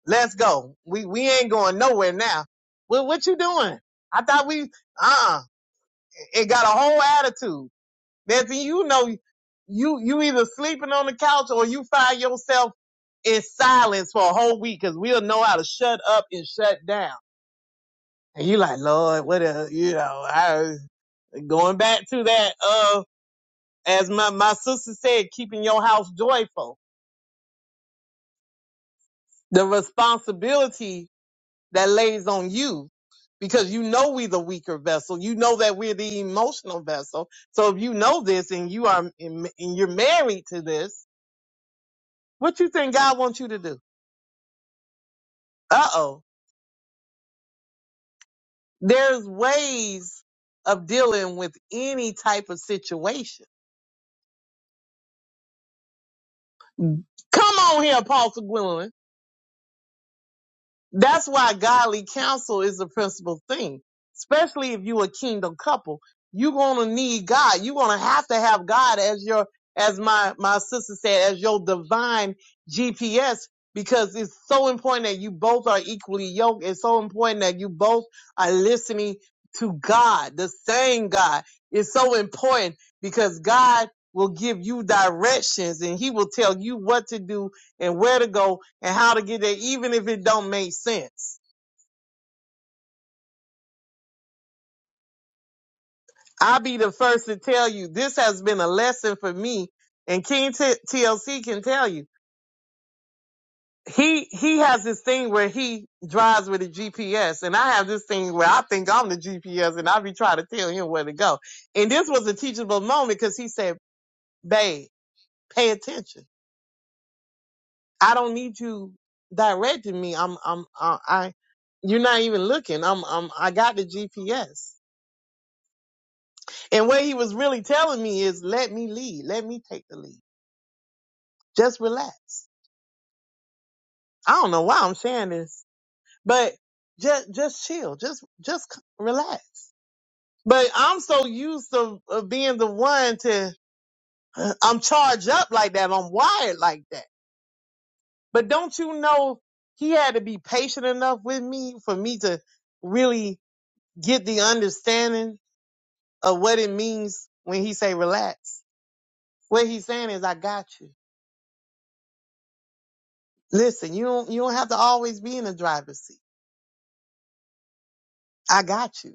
D: Let's go. We, we ain't going nowhere now. Well, what you doing? I thought we, uh-uh. It got a whole attitude. Next thing you know, you, you either sleeping on the couch or you find yourself in silence for a whole week because we'll know how to shut up and shut down. And you like, Lord, what a, you know, I. Going back to that, uh, as my, my sister said, keeping your house joyful. The responsibility that lays on you because you know we are the weaker vessel. You know that we're the emotional vessel. So if you know this and you are and you're married to this, what you think God wants you to do? Uh oh. There's ways of dealing with any type of situation. Come on here, Apostle Gwendolyn. That's why godly counsel is the principal thing. Especially if you a kingdom couple, you're gonna need God. You're gonna have to have God as your, as my my sister said, as your divine GPS because it's so important that you both are equally yoked. It's so important that you both are listening to God, the same God. It's so important because God will give you directions and He will tell you what to do and where to go and how to get there, even if it don't make sense. I'll be the first to tell you this has been a lesson for me, and King T- TLC can tell you. He he has this thing where he drives with a GPS, and I have this thing where I think I'm the GPS, and I be trying to tell him where to go. And this was a teachable moment because he said, "Babe, pay attention. I don't need you directing me. I'm I'm uh, I you're not even looking. I'm I'm I got the GPS." And what he was really telling me is, let me lead. Let me take the lead. Just relax. I don't know why I'm sharing this, but just, just chill. Just, just relax. But I'm so used to uh, being the one to, I'm charged up like that. I'm wired like that. But don't you know he had to be patient enough with me for me to really get the understanding of what it means when he say relax. What he's saying is, I got you. Listen, you don't you don't have to always be in the driver's seat. I got you.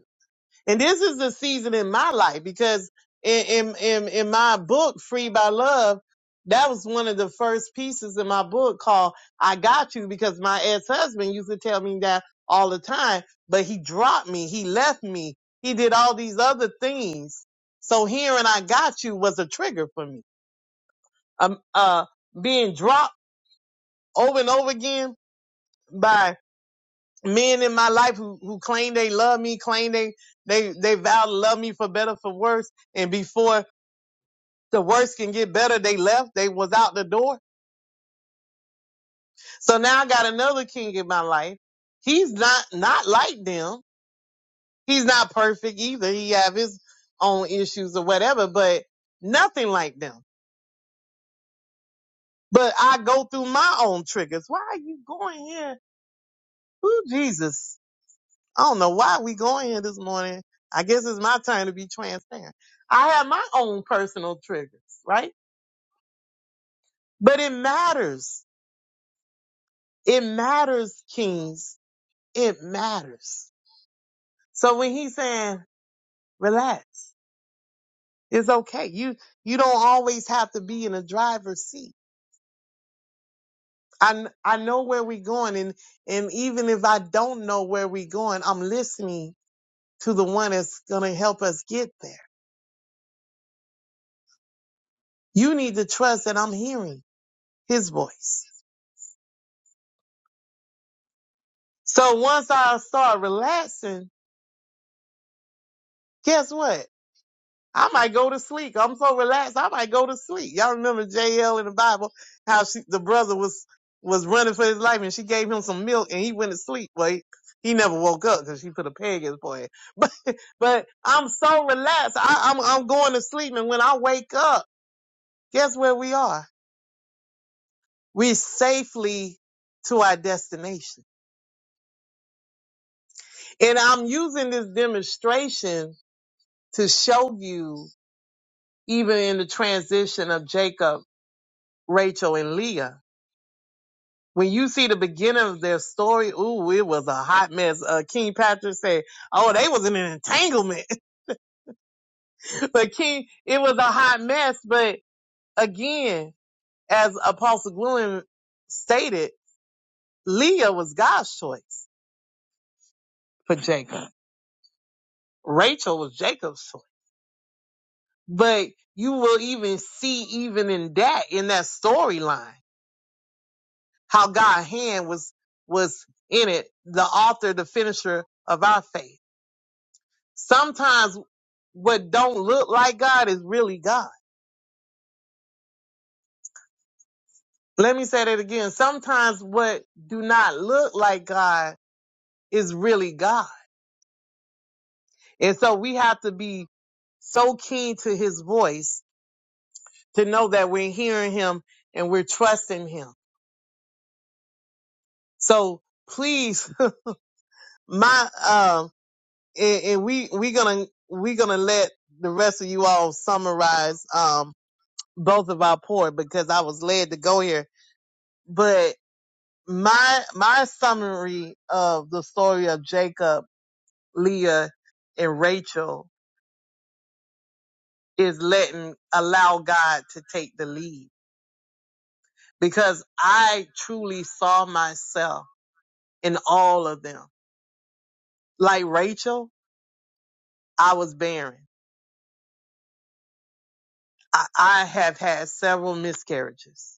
D: And this is the season in my life because in in in, in my book, Free by Love, that was one of the first pieces in my book called I Got You because my ex-husband used to tell me that all the time, but he dropped me, he left me, he did all these other things. So hearing I got you was a trigger for me. Um uh being dropped over and over again by men in my life who, who claim they love me, claim they, they, they vow to love me for better, for worse. And before the worst can get better, they left, they was out the door. So now I got another king in my life. He's not, not like them. He's not perfect either. He have his own issues or whatever, but nothing like them. But I go through my own triggers. Why are you going here? Ooh, Jesus I don't know why we going here this morning. I guess it's my turn to be transparent. I have my own personal triggers, right? But it matters. It matters, kings. It matters. So when he's saying, relax, it's okay. You, you don't always have to be in a driver's seat. I, kn- I know where we're going. And, and even if I don't know where we're going, I'm listening to the one that's going to help us get there. You need to trust that I'm hearing his voice. So once I start relaxing, guess what? I might go to sleep. I'm so relaxed, I might go to sleep. Y'all remember JL in the Bible, how she, the brother was, was running for his life and she gave him some milk and he went to sleep. Well, he, he never woke up because she put a peg in his forehead. <laughs> But, but I'm so relaxed. I, I'm, I'm going to sleep. And when I wake up, guess where we are? We're safely to our destination. And I'm using this demonstration to show you even in the transition of Jacob, Rachel, and Leah. When you see the beginning of their story, ooh, it was a hot mess. Uh, King Patrick said, oh, they was in an entanglement. <laughs> but King, it was a hot mess. But again, as Apostle Gwilym stated, Leah was God's choice for Jacob. Rachel was Jacob's choice. But you will even see even in that, in that storyline. how God's hand was was in it, the author, the finisher of our faith. Sometimes what don't look like God is really God. Let me say that again. Sometimes what do not look like God is really God. And so we have to be so keen to his voice to know that we're hearing him and we're trusting him. So please, <laughs> my, um, and, and we, we gonna, we gonna let the rest of you all summarize, um, both of our port because I was led to go here. But my my summary of the story of Jacob, Leah, and Rachel is letting allow God to take the lead because I truly saw myself in all of them. Like Rachel, I was barren. I, I have had several miscarriages,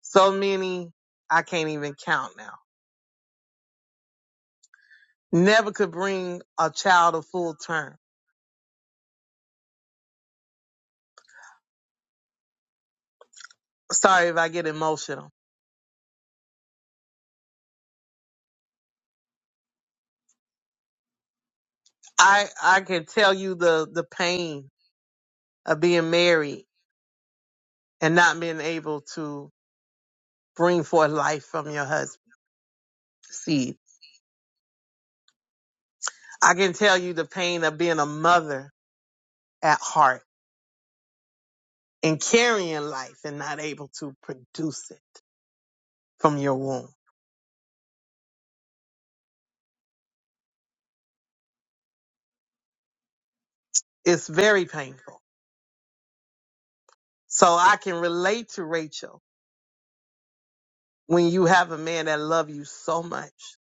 D: so many I can't even count now. Never could bring a child a full term sorry if I get emotional. I I can tell you the the pain of being married and not being able to bring forth life from your husband's seed. I can tell you the pain of being a mother at heart and carrying life and not able to produce it from your womb. It's very painful. So I can relate to Rachel when you have a man that love you so much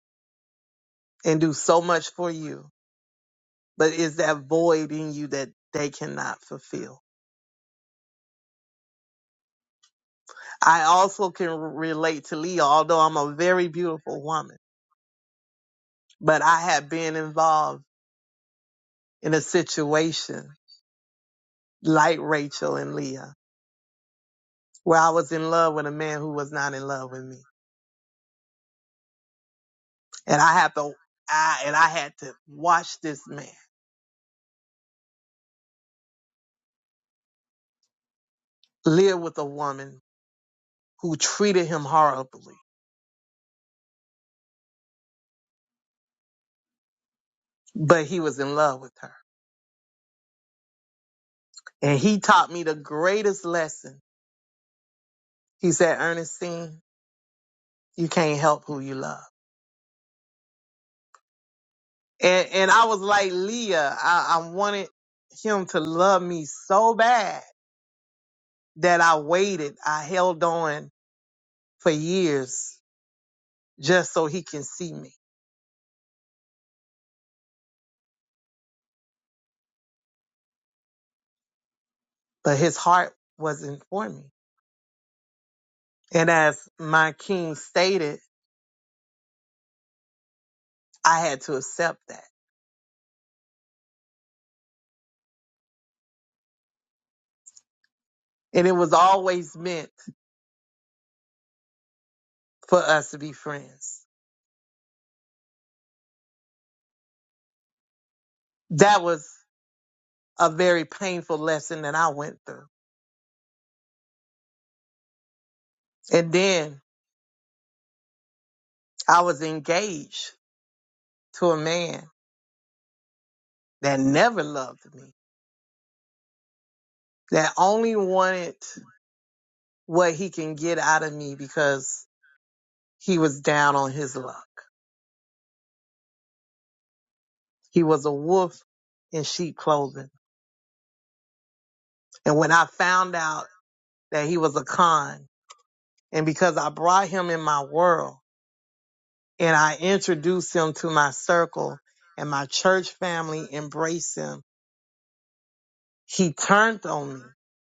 D: and do so much for you but is that void in you that they cannot fulfill? I also can r- relate to Leah, although I'm a very beautiful woman, but I have been involved in a situation like Rachel and Leah, where I was in love with a man who was not in love with me. And I have to, I, and I had to watch this man live with a woman who treated him horribly, but he was in love with her. And he taught me the greatest lesson. He said, Ernestine, you can't help who you love And and I was like, Leah, I, I wanted him to love me so bad that I waited. I held on for years just so he can see me. But his heart wasn't for me. And as my king stated, I had to accept that. And it was always meant for us to be friends. That was a very painful lesson that I went through. And then I was engaged to a man that never loved me that only wanted what he can get out of me because he was down on his luck. He was a wolf in sheep clothing. And when I found out that he was a con and because I brought him in my world and I introduced him to my circle and my church family embraced him, he turned on me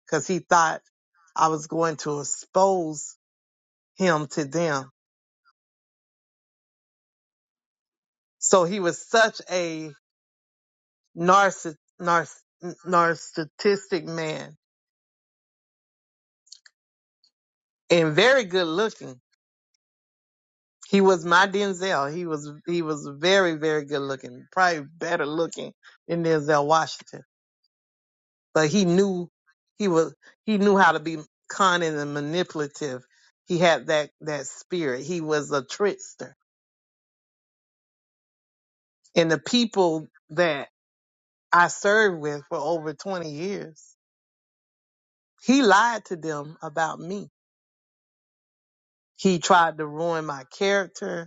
D: because he thought I was going to expose him to them. So he was such a narciss- narciss- narcissistic man and very good looking. He was my Denzel. He was he was very very good looking, probably better looking than Denzel Washington. But he knew he was he knew how to be cunning and manipulative. He had that that spirit. He was a trickster. And the people that I served with for over 20 years, he lied to them about me. He tried to ruin my character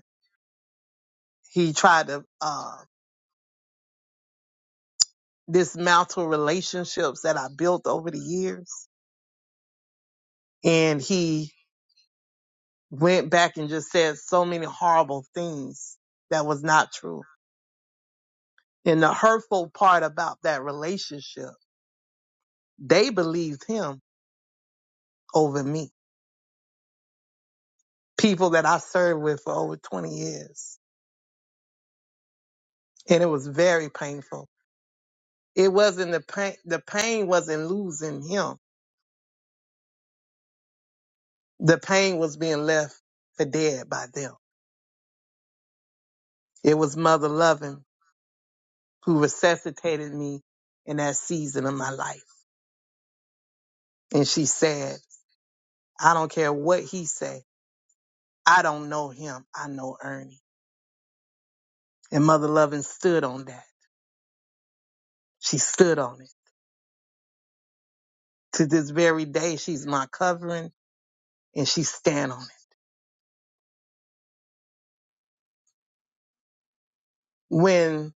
D: He tried to uh, dismantle relationships that I built over the years. And he went back and just said so many horrible things that was not true. And the hurtful part about that relationship, they believed him over me. People that I served with for over 20 years. And it was very painful. It wasn't the pain, the pain wasn't losing him. The pain was being left for dead by them. It was mother loving who resuscitated me in that season of my life. And she said, I don't care what he say. I don't know him. I know Ernie. And Mother Lovin stood on that. She stood on it. To this very day, she's my covering and she stand on it. When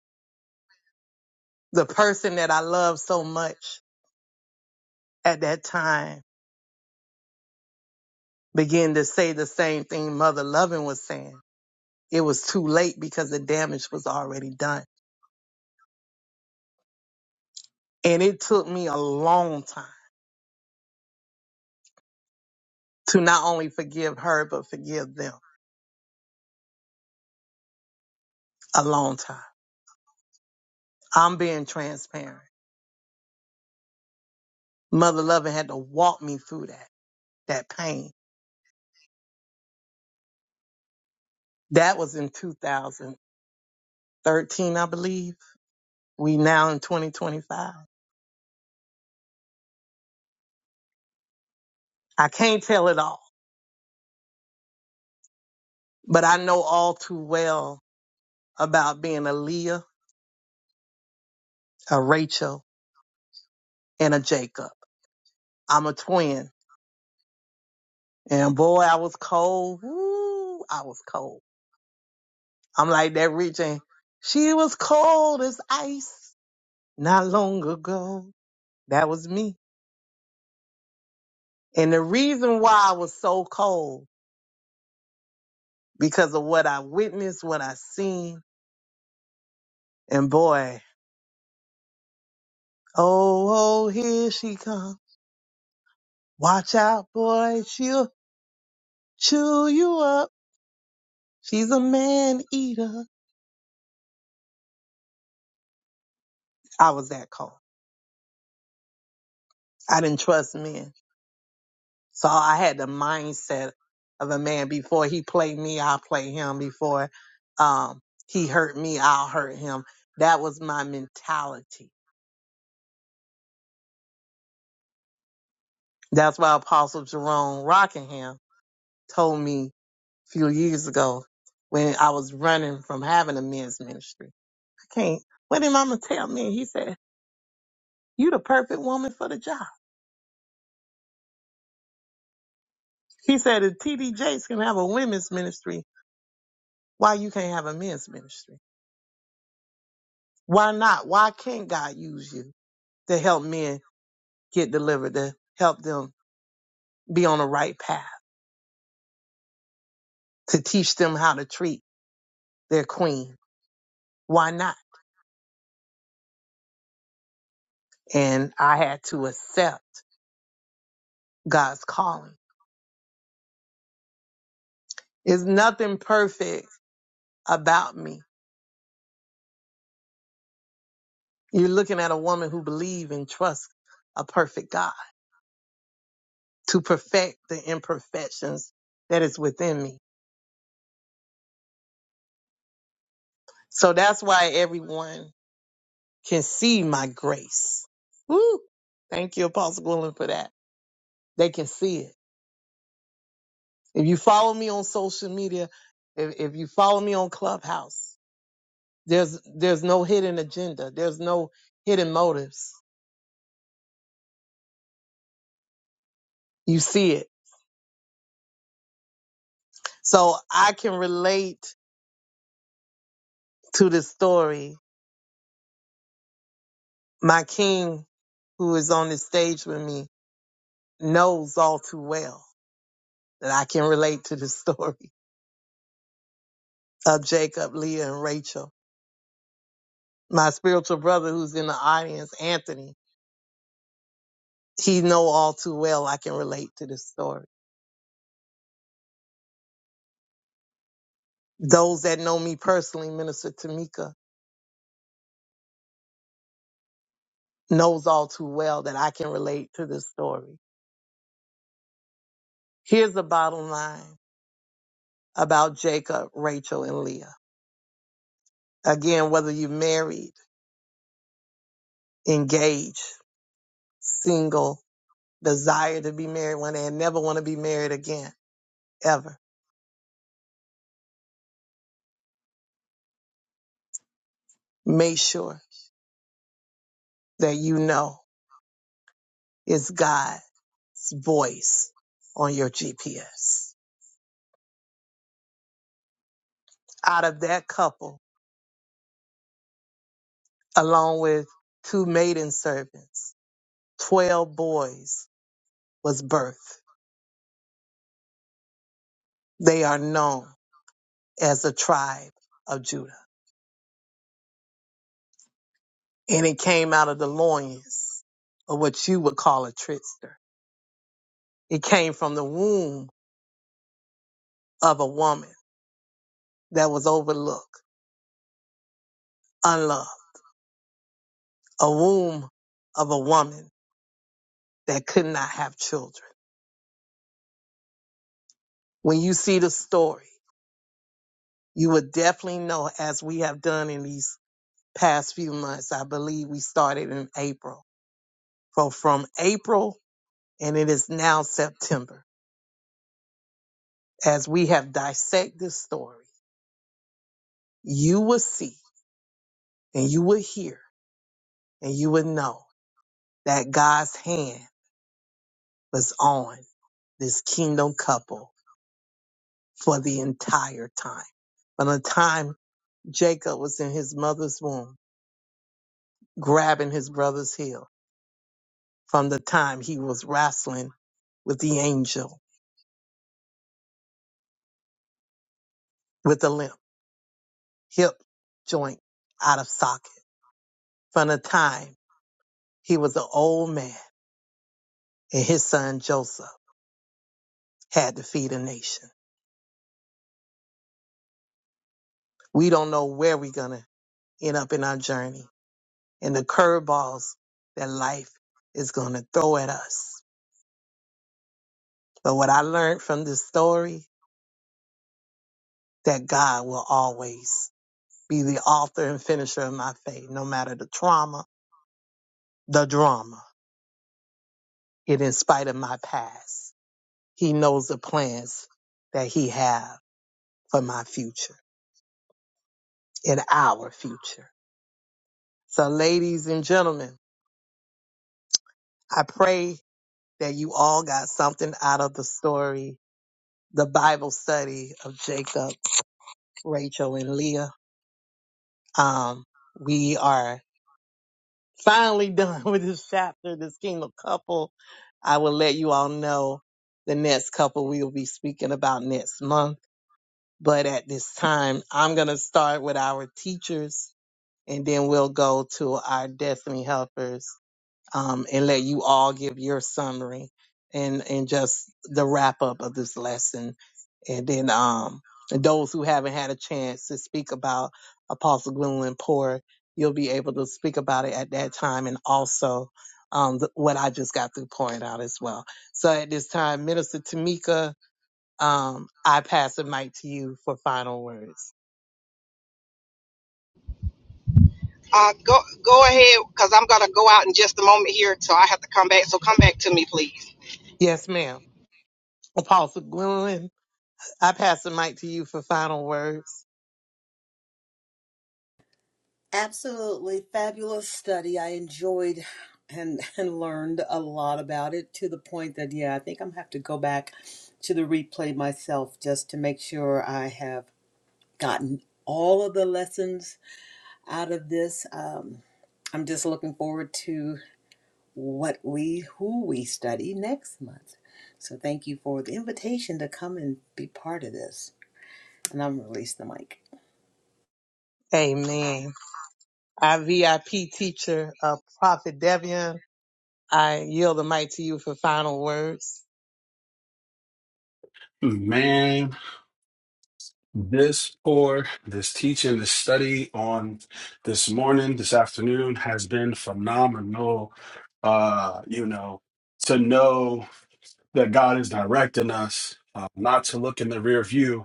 D: the person that I love so much at that time began to say the same thing Mother Lovin was saying, it was too late because the damage was already done. And it took me a long time to not only forgive her, but forgive them a long time. I'm being transparent. Mother Loving had to walk me through that, that pain. That was in 2013, I believe. We now in 2025. I can't tell it all, but I know all too well about being a Leah, a Rachel, and a Jacob. I'm a twin. And boy, I was cold. Woo, I was cold. I'm like that rich she was cold as ice not long ago. That was me. And the reason why I was so cold because of what I witnessed, what I seen, and boy, oh, oh, here she comes. Watch out, boy, she'll chew you up. She's a man eater. I was that cold. I didn't trust men. So I had the mindset of a man before he played me, I'll play him. Before um, he hurt me, I'll hurt him. That was my mentality That's why Apostle Jerome Rockingham told me a few years ago when I was running from having a men's ministry. I can't, what did mama tell me? He said, you the perfect woman for the job. He said, if TD Jakes can have a women's ministry, why you can't have a men's ministry? Why not? Why can't God use you to help men get delivered, to help them be on the right path, to teach them how to treat their queen? Why not? And I had to accept God's calling There's nothing perfect about me. You're looking at a woman who believes and trusts a perfect God to perfect the imperfections that is within me. So that's why everyone can see my grace. Woo! Thank you, Apostle Gwilyn, for that. They can see it. If you follow me on social media, if, if you follow me on Clubhouse, there's there's no hidden agenda. There's no hidden motives. You see it. So I can relate to this story, my king who is on the stage with me knows all too well that I can relate to the story <laughs> of Jacob, Leah, and Rachel. My spiritual brother who's in the audience, Anthony, he know all too well I can relate to this story. Those that know me personally, Minister Tamika, knows all too well that I can relate to this story. Here's the bottom line about Jacob, Rachel, and Leah. Again, whether you're married, engaged, single, desire to be married one day and never want to be married again, ever, make sure that you know it's God's voice on your GPS. Out of that couple, along with two maiden servants, 12 boys was birthed. They are known as the tribe of Judah. And it came out of the loins of what you would call a trickster. It came from the womb of a woman that was overlooked, unloved a womb of a woman that could not have children. When you see the story, you would definitely know, as we have done in these past few months. I believe we started in April. So from April, and it is now September, as we have dissected this story, you will see and you will hear and you will know that God's hand was on this kingdom couple for the entire time. From the time Jacob was in his mother's womb, grabbing his brother's heel from the time he was wrestling with the angel with a limp, hip joint out of socket. From the time he was an old man and his son Joseph had to feed a nation. We don't know where we're going to end up in our journey and the curveballs that life is going to throw at us. But what I learned from this story, that God will always be the author and finisher of my faith, no matter the trauma, the drama, it in spite of my past. He knows the plans that he have for my future, in our future. So ladies and gentlemen, I pray that you all got something out of the story, the Bible study of Jacob, Rachel, and Leah. Um, we are finally done <laughs> with this chapter, this kingdom couple. I will let you all know the next couple we will be speaking about next month. But at this time, I'm going to start with our teachers and then we'll go to our destiny helpers um, and let you all give your summary and and just the wrap up of this lesson, and then um, those who haven't had a chance to speak about Apostle Gwendolyn Poor, you'll be able to speak about it at that time, and also um, the, what I just got through pouring out as well. So at this time, Minister Tamika, um, I pass the mic to you for final words.
E: Uh, go go ahead, because I'm gonna go out in just a moment here, so I have to come back. So come back to me, please.
D: Yes, ma'am. Apostle Gwendolyn, I pass the mic to you for final words.
B: Absolutely fabulous study. I enjoyed and and learned a lot about it to the point that yeah, I think I'm gonna have to go back to the replay myself just to make sure I have gotten all of the lessons out of this. Um, I'm just looking forward to what we who we study next month. So thank you for the invitation to come and be part of this. And I'm gonna release the mic.
D: Amen. Our VIP teacher, uh, Prophet Devian, I yield the mic to you for final words.
G: Man. This or this teaching, this study on this morning, this afternoon has been phenomenal. Uh, you know, to know that God is directing us, uh, not to look in the rear view,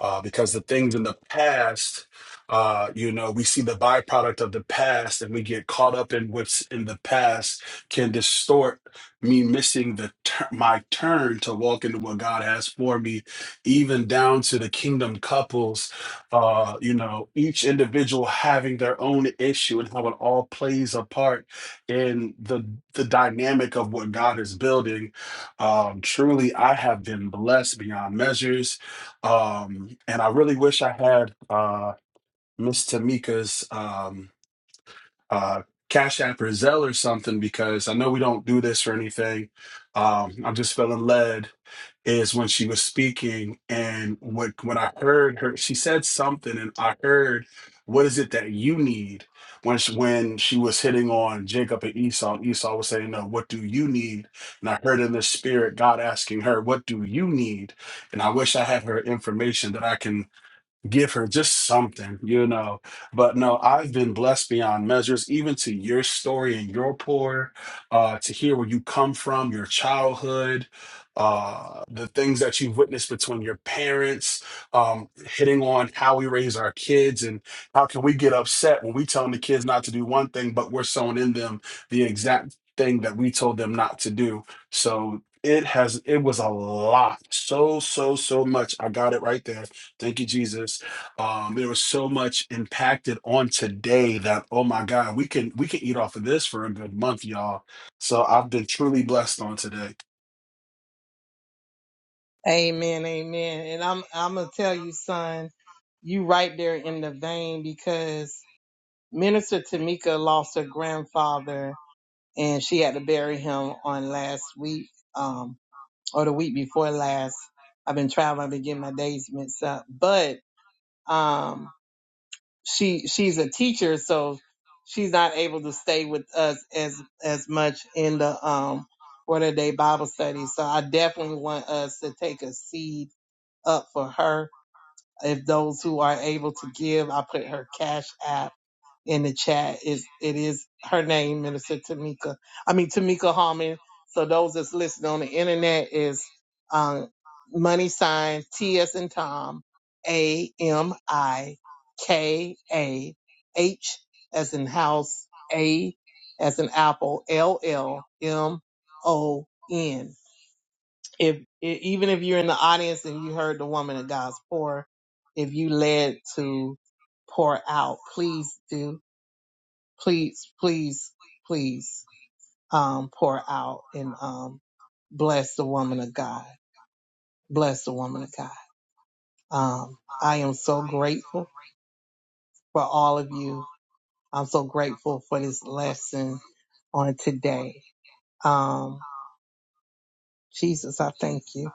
G: uh, because the things in the past, uh, you know, we see the byproduct of the past and we get caught up in what's in the past can distort me missing the tur- my turn to walk into what God has for me, even down to the kingdom couples, uh, you know, each individual having their own issue and how it all plays a part in the the dynamic of what God is building. Um, truly, I have been blessed beyond measures um, and I really wish I had uh, Miss Tamika's um, uh, Cash App or Zelle or something because I know we don't do this or anything. Um, I'm just feeling led is when she was speaking and what when I heard her, she said something and I heard, "What is it that you need?" When she, when she was hitting on Jacob and Esau, and Esau was saying, "No, what do you need?" And I heard in the spirit God asking her, "What do you need?" And I wish I had her information that I can give her just something, you know. But no, I've been blessed beyond measures, even to your story and your pour, uh, to hear where you come from, your childhood, uh, the things that you've witnessed between your parents, um, hitting on how we raise our kids and how can we get upset when we telling the kids not to do one thing, but we're sowing in them the exact thing that we told them not to do. So it has it was a lot so so so much i got it right there Thank you, Jesus. Um, there was so much impacted on today that oh my god, we can we can eat off of this for a good month, y'all. So I've been truly blessed on today.
D: Amen, amen. And I'm I'm gonna tell you, son, you right there in the vein because Minister Tamika lost her grandfather and she had to bury him on last week, um, or the week before last. I've been traveling, I've been getting my days mixed up. But um. she she's a teacher, so she's not able to stay with us as as much in the um what a day Bible study. So I definitely want us to take a seed up for her. If those who are able to give, I put her cash app in the chat. Is it is her name, Minister Tamika? I mean Tamika Harmon. So those that's listening on the internet is um, money sign T S and Tom A M I K A H as in house A as in apple L L M O N. If e- even if you're in the audience and you heard the woman of God's pour, if you led to pour out, please do please, please, please um, pour out and um, bless the woman of God. Bless the woman of God. Um, I am so grateful for all of you. I'm so grateful for this lesson on today. Um, Jesus, I thank you.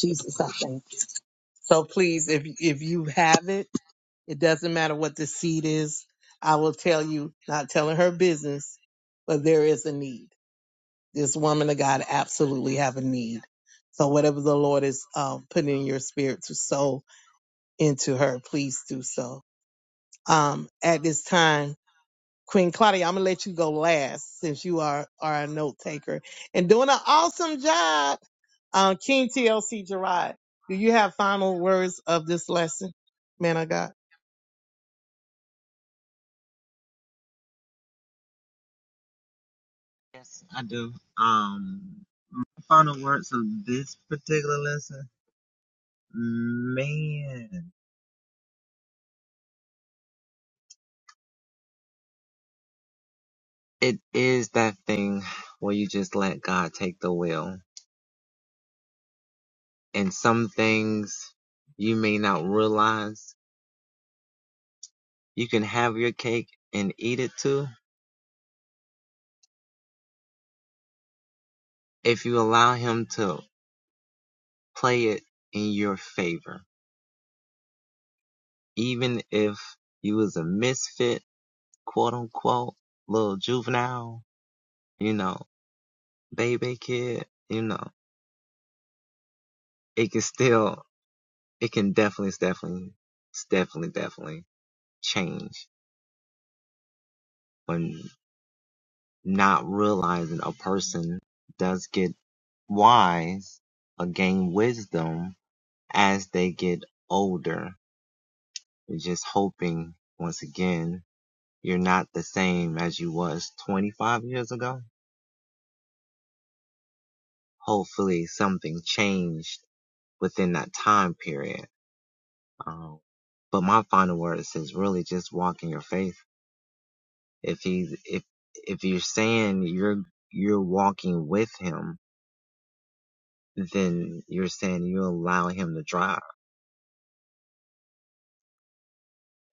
D: Jesus, I thank you. So please, if if you have it, it doesn't matter what the seed is. I will tell you, not telling her business, but there is a need. this woman of God absolutely have a need. So whatever the Lord is um, putting in your spirit to sow into her, please do so. Um, at this time, Queen Claudia, I'm gonna let you go last since you are are a note taker and doing an awesome job. Um, King TLC Gerard, do you have final words of this lesson, man of God?
H: Yes, I do. Um, final words of this particular lesson, man, it is that thing where you just let God take the wheel. And some things you may not realize you can have your cake and eat it too if you allow Him to play it in your favor. Even if you was a misfit, quote unquote, little juvenile, you know, baby kid, you know, it can still, it can definitely, definitely, definitely, definitely change when not realizing a person does get wise or gain wisdom as they get older. You're just hoping, once again, you're not the same as you was 25 years ago. Hopefully something changed within that time period Um, but my final words is really just walk in your faith. If he's if if you're saying you're you're walking with him, then you're saying you allow him to drive.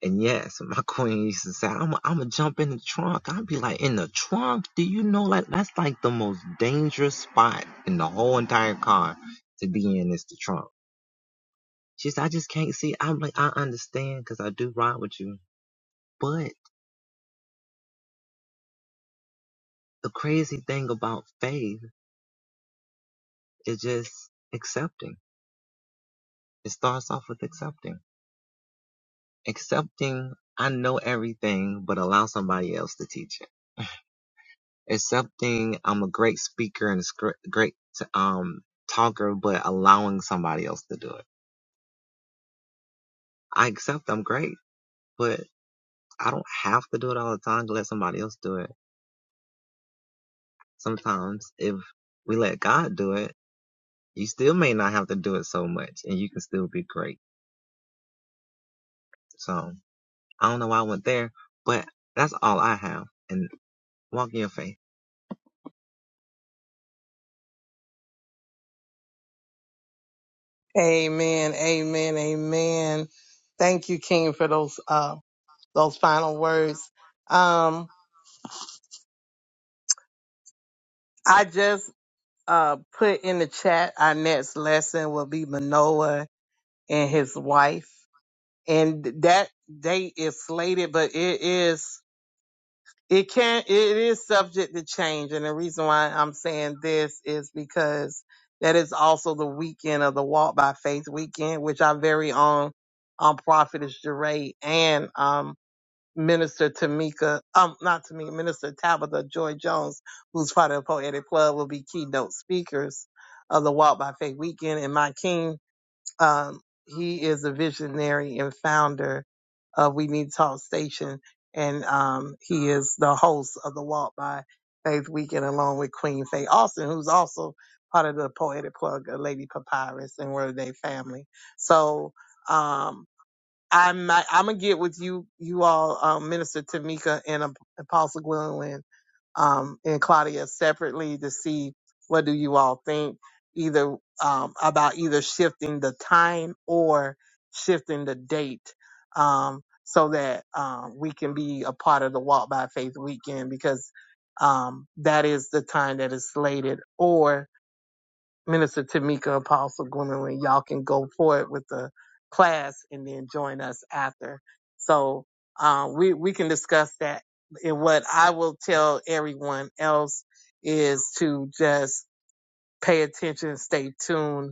H: And yes, <laughs> my queen used to say, I'm i I'm gonna jump in the trunk. I'd be like, in the trunk? Do you know like that's like the most dangerous spot in the whole entire car to be in is the trunk. She said, I just can't see. I'm like, I understand because I do ride with you, but the crazy thing about faith. It's just accepting. It starts off with accepting. Accepting, I know everything, but allow somebody else to teach it. Accepting, I'm a great speaker and a great um talker, but allowing somebody else to do it. I accept I'm great, but I don't have to do it all the time to let somebody else do it. Sometimes if we let God do it, you still may not have to do it so much and you can still be great. So I don't know why I went there, but that's all I have. And Walk in your faith.
D: Amen, amen, amen. Thank you, King, for those uh those final words. Um, I just uh, put in the chat, our next lesson will be Manoah and his wife. And that date is slated, but it is, it can, it is subject to change. And the reason why I'm saying this is because that is also the weekend of the Walk by Faith weekend, which our very own, um, prophetess Jeray and, um. Minister Tamika, um, not Tamika, Minister Tabitha Joy Jones, who's part of the Poetic Club, will be keynote speakers of the Walk by Faith Weekend. And my king, um, he is a visionary and founder of We Need to Talk Station. And um, he is the host of the Walk by Faith Weekend along with Queen Faye Austin, who's also part of the Poetic Plug, uh, Lady Papyrus and Word Day family. So, um, I might, I'm gonna get with you, you all, um, Minister Tamika and Ap- Apostle Gwendolyn, um, and Claudia separately to see what do you all think, either um, about either shifting the time or shifting the date, um, so that um, we can be a part of the Walk by Faith weekend because um, that is the time that is slated, or. Minister Tamika, Apostle Gwendolyn, y'all can go for it with the class and then join us after. So um, we we can discuss that. And what I will tell everyone else is to just pay attention, stay tuned,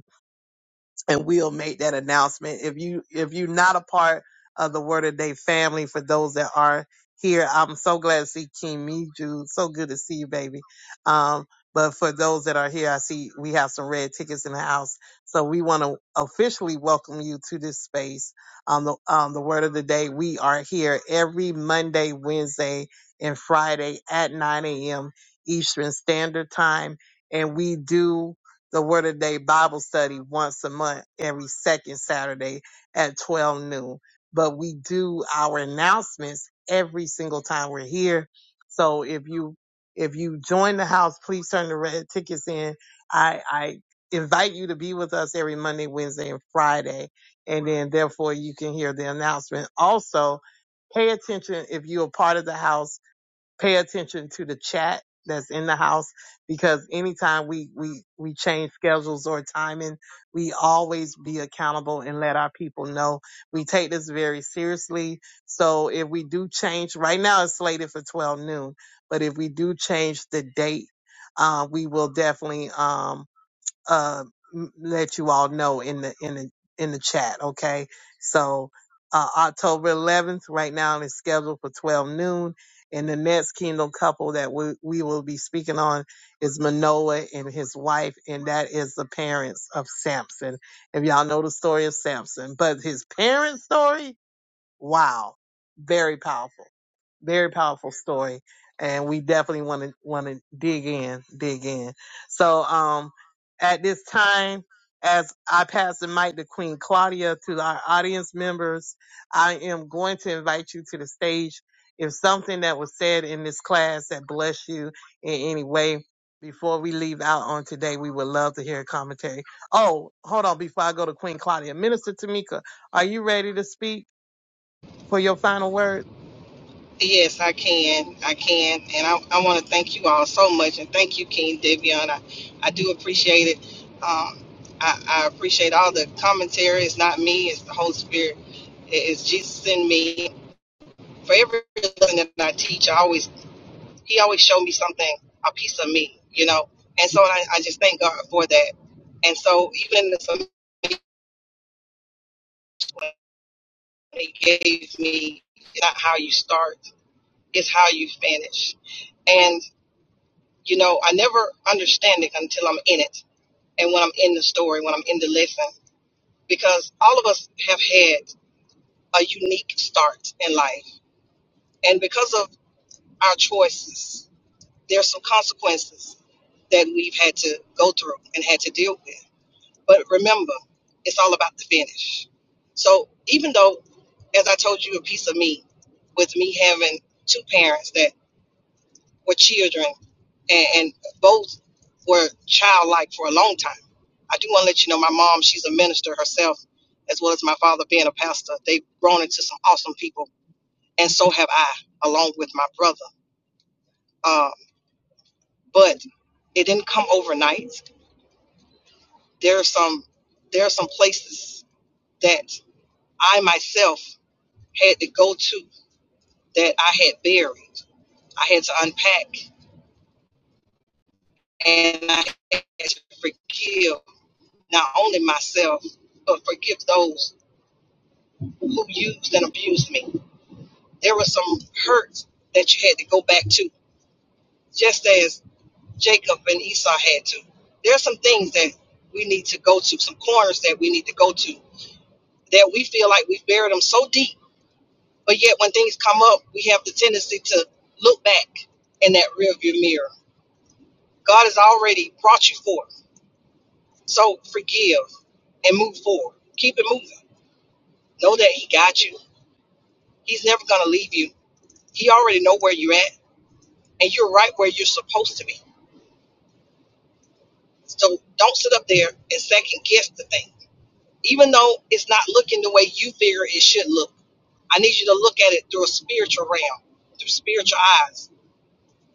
D: and we'll make that announcement. If you if you're not a part of the Word of Day family, for those that are here, I'm so glad to see King Miju. So good to see you, baby. Um, but for those that are here, I see we have some red tickets in the house, so we want to officially welcome you to this space on the on the Word of the Day. We are here every Monday, Wednesday, and Friday at 9 a.m. Eastern Standard Time, and we do the Word of Day Bible study once a month, every second Saturday at 12 noon. But we do our announcements every single time we're here. So if you if you join the house, please turn the red tickets in. I I invite you to be with us every Monday, Wednesday, and Friday, and then therefore you can hear the announcement. Also, pay attention if you're a part of the house pay attention to the chat that's in the house because anytime we we we change schedules or timing we always be accountable and let our people know we take this very seriously so if we do change right now it's slated for 12 noon but if we do change the date uh, we will definitely um, uh, m- let you all know in the in the in the chat. Okay, so uh, October 11th, right now, is scheduled for 12 noon. And the next Kingdom couple that we, we will be speaking on is Manoah and his wife, and that is the parents of Samson. If y'all know the story of Samson, but his parents' story, wow, very powerful very powerful story and we definitely want to want to dig in dig in so um at this time as i pass the mic to queen claudia to our audience members i am going to invite you to the stage if something that was said in this class that bless you in any way before we leave out on today we would love to hear a commentary oh hold on before i go to queen claudia minister tamika are you ready to speak for your final words
E: Yes, I can. I can. And I, I want to thank you all so much. And thank you, King Devion. I, I do appreciate it. Um, I, I appreciate all the commentary. It's not me, it's the Holy Spirit. It- It's Jesus in me. For every lesson that I teach, I always He always showed me something, a piece of me, you know. And so I, I just thank God for that. And so even in the summation He gave me, it's not how you start, it's how you finish. You know, I never understand it until I'm in it and when I'm in the story, when I'm in the lesson, because all of us have had a unique start in life. And because of our choices, there's some consequences that we've had to go through and had to deal with. But remember, it's all about the finish. So even though, as I told you, a piece of me, with me having two parents that were children, and, and both were childlike for a long time. I do want to let you know my mom, she's a minister herself, as well as my father being a pastor. They've grown into some awesome people, and so have I, along with my brother. Um, but it didn't come overnight. There are some there are some places that I myself had to go to that I had buried. I had to unpack and I had to forgive not only myself, but forgive those who used and abused me. There were some hurts that you had to go back to, just as Jacob and Esau had to. There are some things that we need to go to, some corners that we need to go to, that we feel like we've buried them so deep, but yet when things come up, we have the tendency to look back in that rearview mirror. God has already brought you forth. So forgive and move forward. Keep it moving. Know that He got you. He's never going to leave you. You already know where you're at, and you're right where you're supposed to be. So don't sit up there and second guess the thing. Even though it's not looking the way you figure it should look, I need you to look at it through a spiritual realm, through spiritual eyes.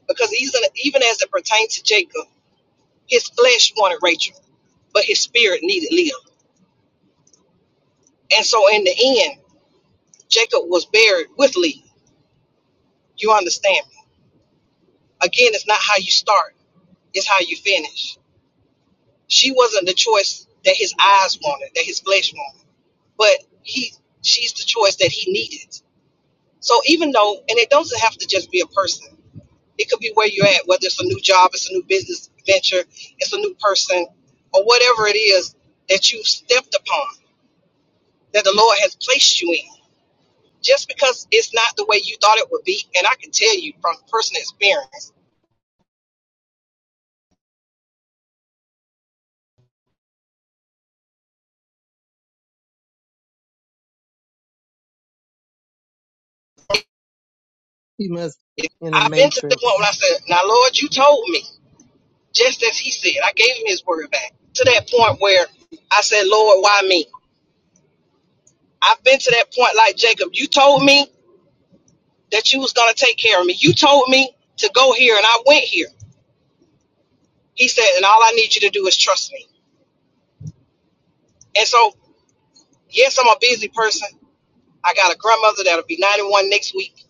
E: Because even, even as it pertains to Jacob, his flesh wanted Rachel, but his spirit needed Leah. And so in the end, Jacob was buried with Leah. You understand me? Again, it's not how you start, it's how you finish. She wasn't the choice that his eyes wanted, that his flesh wanted. but he she's the choice that he needed. So even though and it doesn't have to just be a person. It could be where you're at, whether it's a new job, it's a new business venture, it's a new person, or whatever it is that you've stepped upon, that the Lord has placed you in. Just because it's not the way you thought it would be, and I can tell you from personal experience,
D: He must be in a
E: I've been to the
D: matrix.
E: point when I said, Now Lord, you told me, just as he said, I gave him his word back. To that point where I said, Lord, why me? I've been to that point like Jacob. You told me that you was gonna take care of me. You told me to go here and I went here. He said, and all I need you to do is trust me. And so, yes, I'm a busy person. I got a grandmother that'll be 91 next week.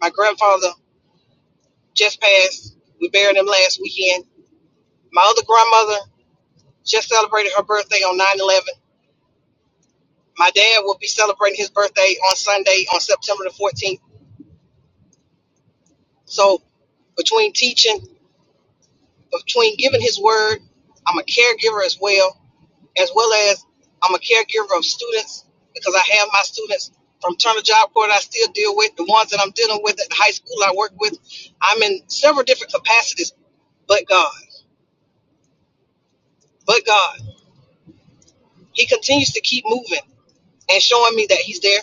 E: My grandfather just passed. We buried him last weekend. My other grandmother just celebrated her birthday on 9 11. My dad will be celebrating his birthday on Sunday on September the 14th. So, between teaching, between giving his word, I'm a caregiver as well as well as I'm a caregiver of students because I have my students from Turner Job Corps that I still deal with, the ones that I'm dealing with at the high school I work with. I'm in several different capacities, but God, but God, He continues to keep moving and showing me that He's there.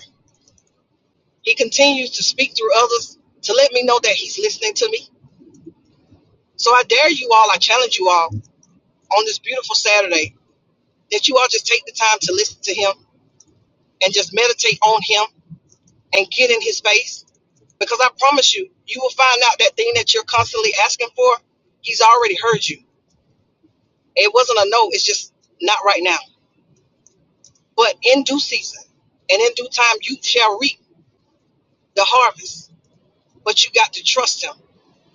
E: He continues to speak through others to let me know that He's listening to me. So I dare you all, I challenge you all on this beautiful Saturday that you all just take the time to listen to Him and just meditate on Him and get in His face Because I promise you, you will find out that thing that you're constantly asking for, he's already heard you. It wasn't a no, it's just not right now. But in due season and in due time, you shall reap the harvest. But you got to trust him.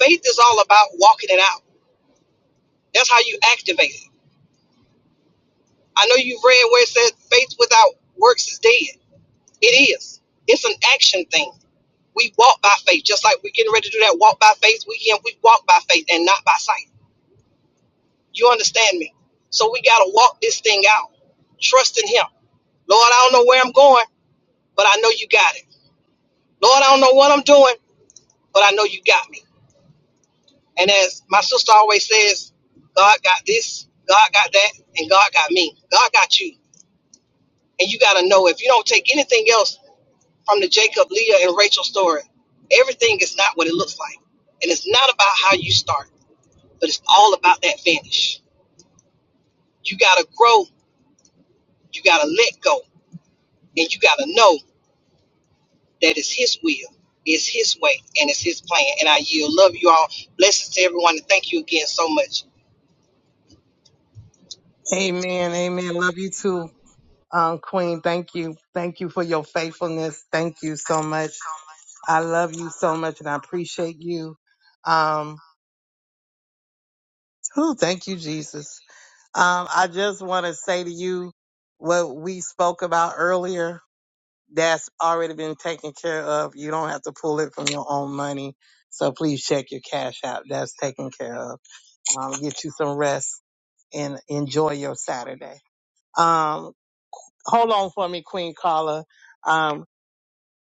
E: Faith is all about walking it out. That's how you activate it. I know you've read where it says faith without works is dead. It is. It's an action thing. We walk by faith, just like we're getting ready to do that walk by faith weekend. We walk by faith and not by sight. You understand me? So we got to walk this thing out, trust in Him. Lord, I don't know where I'm going, but I know you got it. Lord, I don't know what I'm doing, but I know you got me. And as my sister always says, God got this, God got that, and God got me. God got you. And you got to know if you don't take anything else from the Jacob, Leah, and Rachel story, everything is not what it looks like. And it's not about how you start, but it's all about that finish. You got to grow, you got to let go, and you got to know. That is his will, it's his way, and it's his plan. And I yield. Love you all. Blessings to everyone. And thank you again so much.
D: Amen. Amen. Love you too, um, Queen. Thank you. Thank you for your faithfulness. Thank you so much. I love you so much and I appreciate you. Um, whew, thank you, Jesus. Um, I just want to say to you what we spoke about earlier. That's already been taken care of. You don't have to pull it from your own money. So please check your cash out. That's taken care of. Um, get you some rest and enjoy your Saturday. Um, hold on for me, Queen Carla. Um,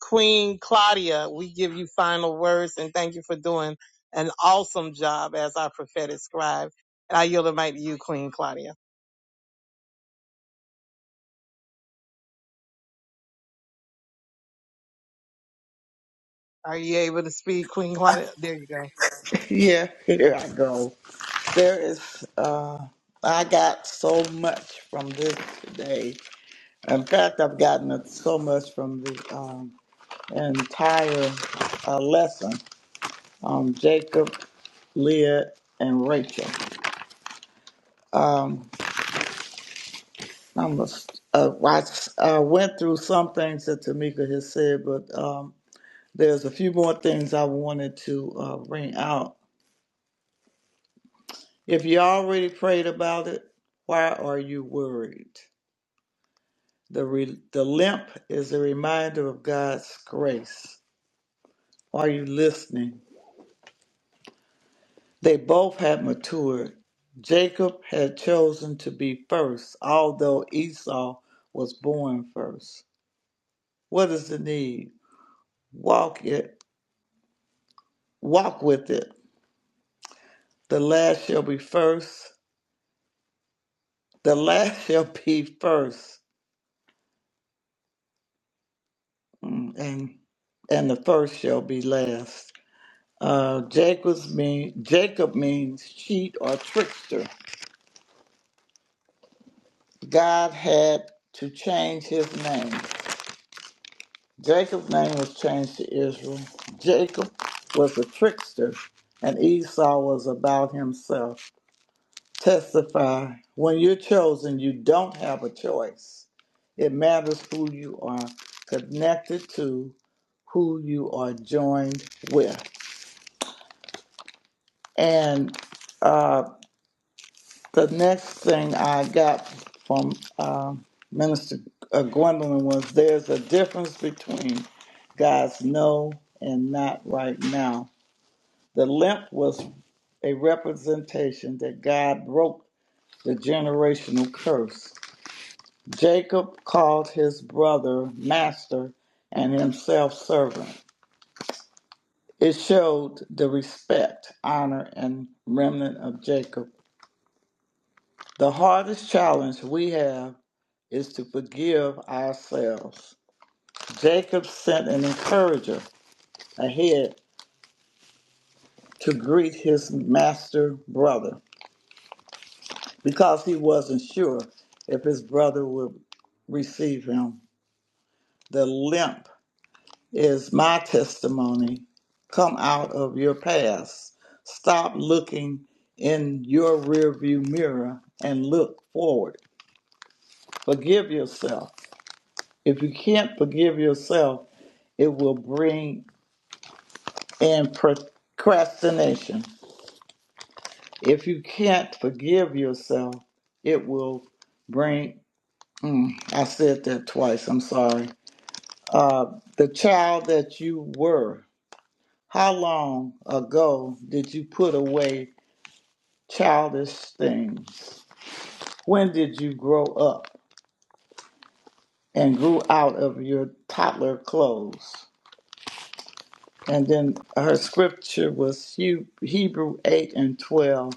D: Queen Claudia, we give you final words and thank you for doing an awesome job as our prophetic scribe. And I yield the mic to you, Queen Claudia. Are you able to speak, Queen Claudia? There you go.
F: Yeah, here I go. There is, uh, I got so much from this today. In fact, I've gotten so much from the um, entire uh, lesson on Jacob, Leah, and Rachel. Um, I'm a, uh, I s- I went through some things that Tamika has said, but um, there's a few more things I wanted to uh, bring out. If you already prayed about it, why are you worried? The, re- the limp is a reminder of God's grace. Are you listening? They both had matured. Jacob had chosen to be first, although Esau was born first. What is the need? Walk it, walk with it. The last shall be first. The last <laughs> shall be first, Mm, and and the first shall be last. Uh, Jacob's mean Jacob means cheat or trickster. God had to change his name. Jacob's name was changed to Israel. Jacob was a trickster, and Esau was about himself. Testify when you're chosen, you don't have a choice. It matters who you are connected to, who you are joined with. And uh, The next thing I got from um Minister uh, Gwendolyn was there's a difference between God's no and not right now. The limp was a representation that God broke the generational curse. Jacob called his brother master and himself servant. It showed the respect, honor, and remnant of Jacob. The hardest challenge we have is to forgive ourselves. Jacob sent an encourager ahead to greet his master brother because he wasn't sure if his brother would receive him. The limp is my testimony. Come out of your past. Stop looking in your rearview mirror and look forward. Forgive yourself. If you can't forgive yourself, it will bring and procrastination. If you can't forgive yourself, it will bring. Mm, I said that twice. I'm sorry. Uh, the child that you were. How long ago did you put away childish things? When did you grow up and grew out of your toddler clothes? And then her scripture was Hebrew 8 and 12,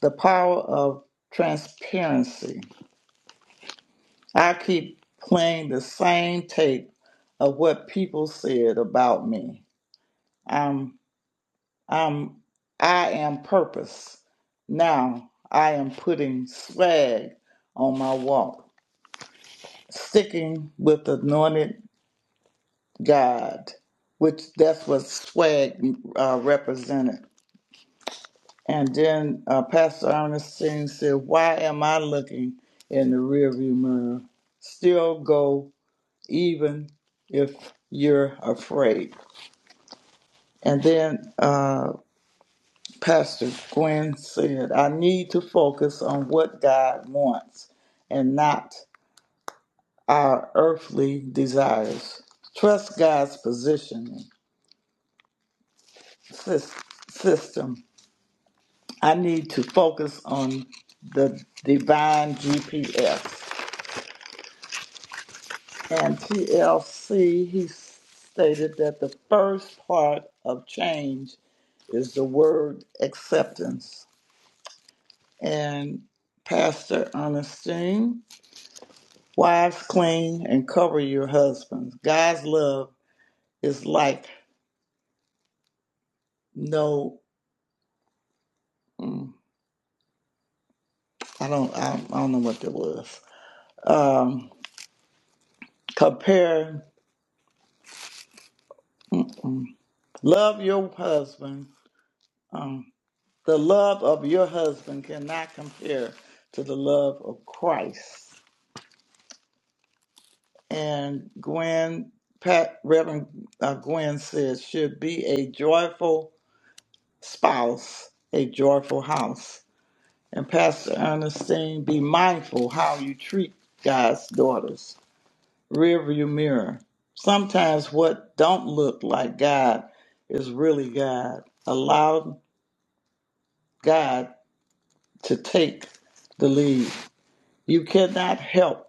F: the power of transparency. I keep playing the same tape of what people said about me. I'm I'm I am purpose. Now I am putting swag on my walk, sticking with anointed God, which that's what swag uh, represented. And then uh, Pastor Ernestine said, "Why am I looking in the rearview mirror? Still go even if you're afraid. And then uh, Pastor Gwen said, I need to focus on what God wants and not our earthly desires. Trust God's positioning sys- system. I need to focus on the divine GPS. And TLC, he stated that the first part of change is the word acceptance and Pastor Ernestine. Wives, clean and cover your husbands. God's love is like no, mm, I don't, I don't, I don't know what that was. Um, compare, mm-mm. love your husband. Um, the love of your husband cannot compare to the love of Christ. And Gwen, Pat, Reverend uh, Gwen says, should be a joyful spouse a joyful house. And Pastor Ernestine, be mindful how you treat God's daughters. Rearview mirror. Sometimes what don't look like God is really God. Allow God to take the lead. You cannot help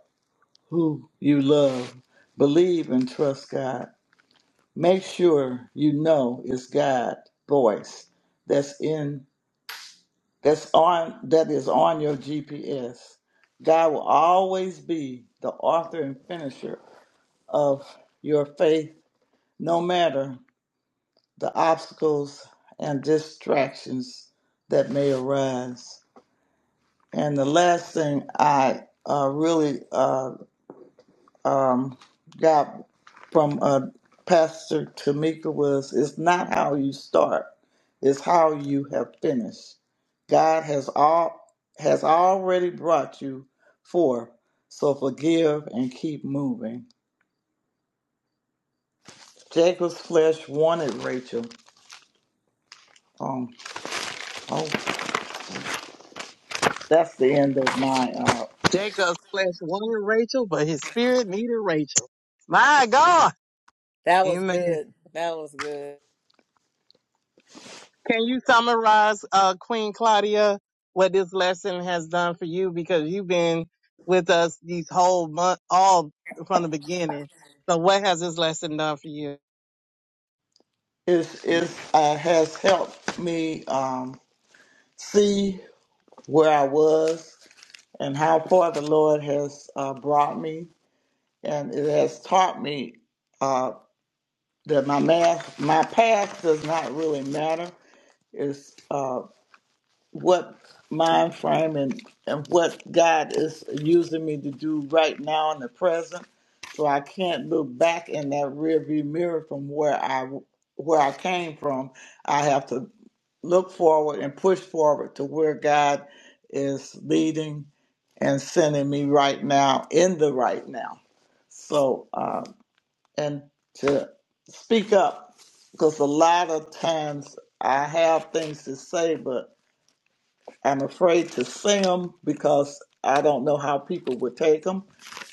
F: who you love. Believe and trust God. Make sure you know it's God's voice that's in that's on that is on your GPS. God will always be the author and finisher of your faith, no matter the obstacles and distractions that may arise. And the last thing I uh, really uh, um, got from uh, Pastor Tamika was it's not how you start, it's how you have finished. God has all has already brought you forth, so forgive and keep moving. Jacob's flesh wanted Rachel. Um, oh, that's the end of my. Uh,
D: Jacob slash wanted Rachel, but his spirit needed Rachel. My God.
B: That was
D: Amen.
B: good. That was good.
D: Can you summarize, uh, Queen Claudia, what this lesson has done for you? Because you've been with us these whole month, all from the beginning. So what has this lesson done for you?
F: it's it's uh, has helped me um, see where I was and how far the Lord has uh, brought me and it has taught me uh, that my math, my past does not really matter. It's uh, what mind frame and, and what God is using me to do right now in the present. So I can't look back in that rearview mirror from where I where I came from. I have to look forward and push forward to where God is leading and sending me right now in the right now. So. uh, and to speak up because a lot of times I have things to say, but I'm afraid to sing them because I don't know how people would take them.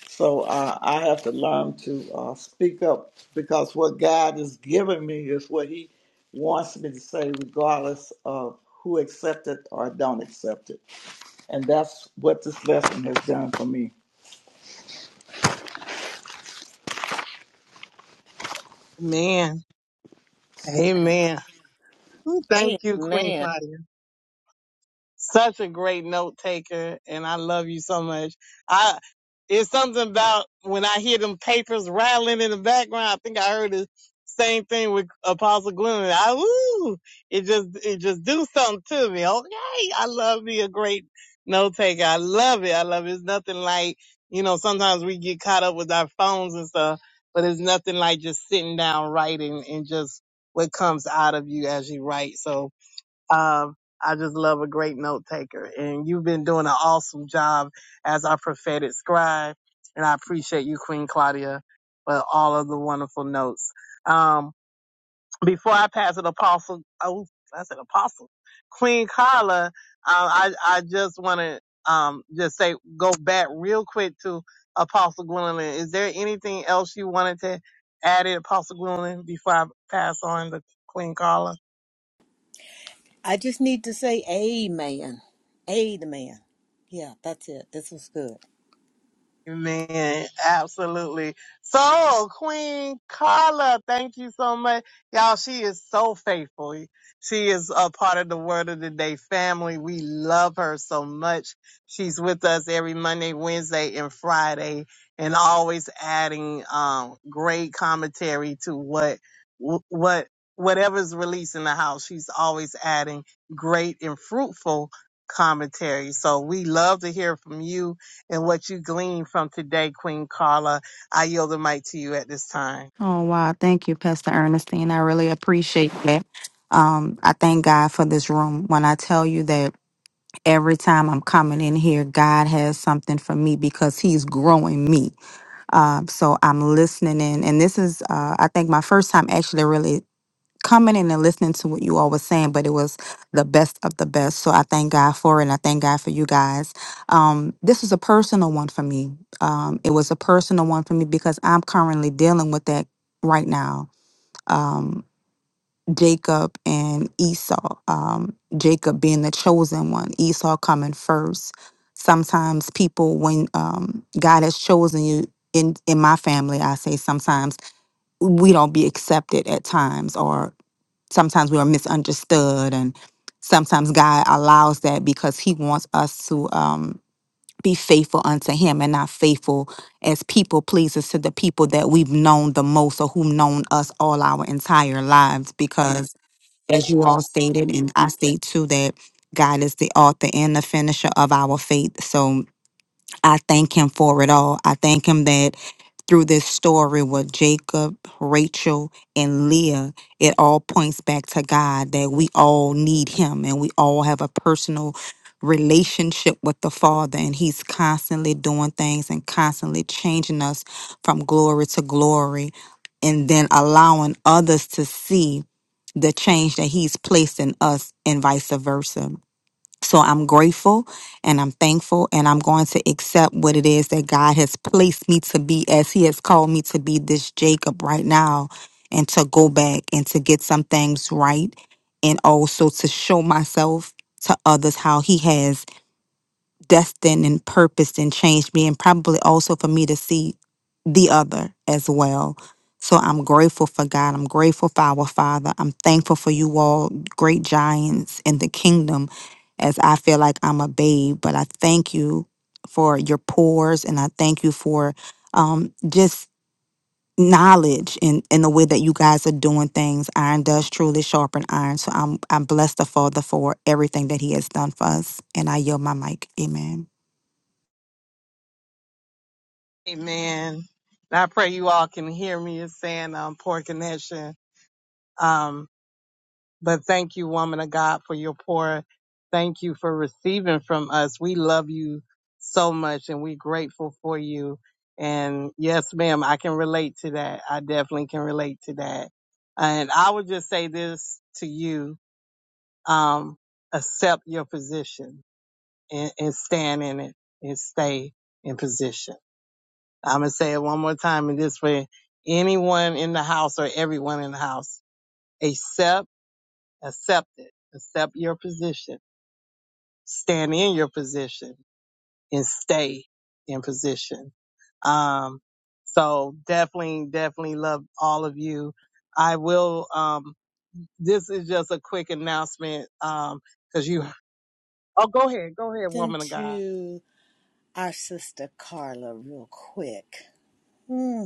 F: So uh, I have to learn to uh, speak up because what God is giving me is what He wants me to say, regardless of who accepts it or don't accept it. And that's what this lesson has done for me.
D: Man, amen. Ooh, Thank you, Queen
B: Amen.
D: Claudia. Such a great note taker, and I love you so much. I it's something about when I hear them papers rattling in the background. I think I heard the same thing with Apostle Glenn. I ooh, it just it just do something to me. Okay, I love me a great note taker. I love it. I love it. It's nothing like you know. Sometimes we get caught up with our phones and stuff, but it's nothing like just sitting down writing and just what comes out of you as you write. So um, I just love a great note taker, and you've been doing an awesome job as our prophetic scribe. And I appreciate you, Queen Claudia, for all of the wonderful notes. Um, before I pass it, Apostle, oh, I said Apostle, Queen Carla, uh, I I just want to um just say go back real quick to Apostle Gwendolyn. Is there anything else you wanted to add, in, Apostle Gwendolyn, before I pass on to Queen Carla?
B: I just need to say amen. Amen. Yeah, that's it. This was good.
D: Amen. Absolutely. So, Queen Carla, thank you so much. Y'all, she is so faithful. She is a part of the Word of the Day family. We love her so much. She's with us every Monday, Wednesday, and Friday, and always adding um, great commentary to what what whatever's released in the house. She's always adding great and fruitful commentary. So we love to hear from you and what you glean from today, Queen Carla. I yield the mic to you at this time.
J: Oh, wow. Thank you, Pastor Ernestine. I really appreciate that. Um, I thank God for this room. When I tell you that every time I'm coming in here, God has something for me because He's growing me. Um, so I'm listening in. And this is, uh, I think, my first time actually really coming in and listening to what you all were saying, but it was the best of the best. So I thank God for it and I thank God for you guys. Um, this was a personal one for me. Um, it was a personal one for me because I'm currently dealing with that right now um, Jacob and Esau. Um, Jacob being the chosen one, Esau coming first. Sometimes people, when um, God has chosen you, in in my family, I say sometimes we don't be accepted at times, or sometimes we are misunderstood, and sometimes God allows that because He wants us to. Um, be faithful unto him and not faithful as people pleasers to the people that we've known the most or who've known us all our entire lives. Because as you all stated, and I state too, that God is the author and the finisher of our faith. So I thank him for it all. I thank him that through this story with Jacob, Rachel, and Leah, it all points back to God that we all need Him and we all have a personal relationship with the Father, and He's constantly doing things and constantly changing us from glory to glory, and then allowing others to see the change that He's placed in us, and vice versa. So I'm grateful and I'm thankful and I'm going to accept what it is that God has placed me to be as he has called me to be this Jacob right now and to go back and to get some things right and also to show myself to others how he has destined and purposed and changed me and probably also for me to see the other as well. So I'm grateful for God. I'm grateful for our Father. I'm thankful for you all, great giants in the kingdom, as I feel like I'm a babe. But I thank you for your pores and I thank you for um, just knowledge in, in the way that you guys are doing things. Iron does truly sharpen iron. So I'm I'm blessed the Father for everything that He has done for us. And I yield my mic. Amen.
D: Amen. And I pray you all can hear me It's saying um, poor connection. Um, but thank you, woman of God, for your poor. Thank you for receiving from us. We love you so much and we're grateful for you. And yes, ma'am, I can relate to that. I definitely can relate to that. And I would just say this to you. Um, accept your position and, and stand in it and stay in position. I'm going to say it one more time and this way anyone in the house or everyone in the house, accept, accept it, accept your position, stand in your position and stay in position. Um, so definitely, definitely love all of you. I will, um, this is just a quick announcement. Um, cause you, oh, go ahead, go ahead,
B: Then
D: woman of God.
B: to our sister Carla, real quick. Hmm.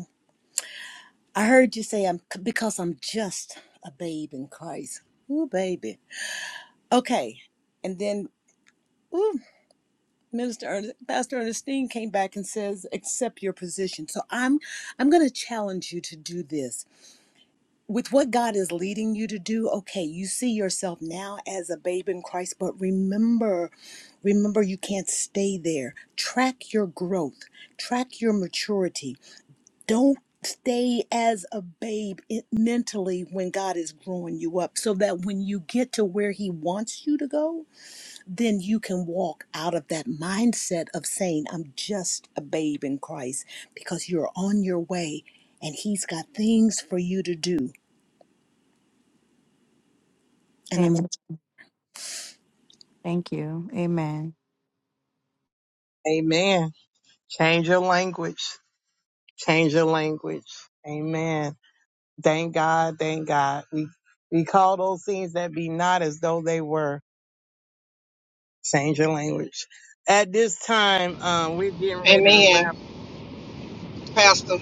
B: I heard you say I'm because I'm just a babe in Christ. Ooh, baby. Okay. And then, ooh, Minister Ernest, Pastor Ernestine came back and says, accept your position. So I'm I'm gonna challenge you to do this. with what God is leading you to do, okay, you see yourself now as a babe in Christ, but remember, remember you can't stay there. Track your growth, track your maturity. Don't stay as a babe in- mentally when God is growing you up so that when you get to where he wants you to go, then you can walk out of that mindset of saying I'm just a babe in Christ because you're on your way and he's got things for you to do. And I'm
J: Amen. Thank you. Amen.
D: Amen. Change your language. change your language. Amen. Thank God. Thank God. We we call those things that be not as though they were. Change your language. At this time, um, we're getting ready to wrap.
E: Amen. Pastor,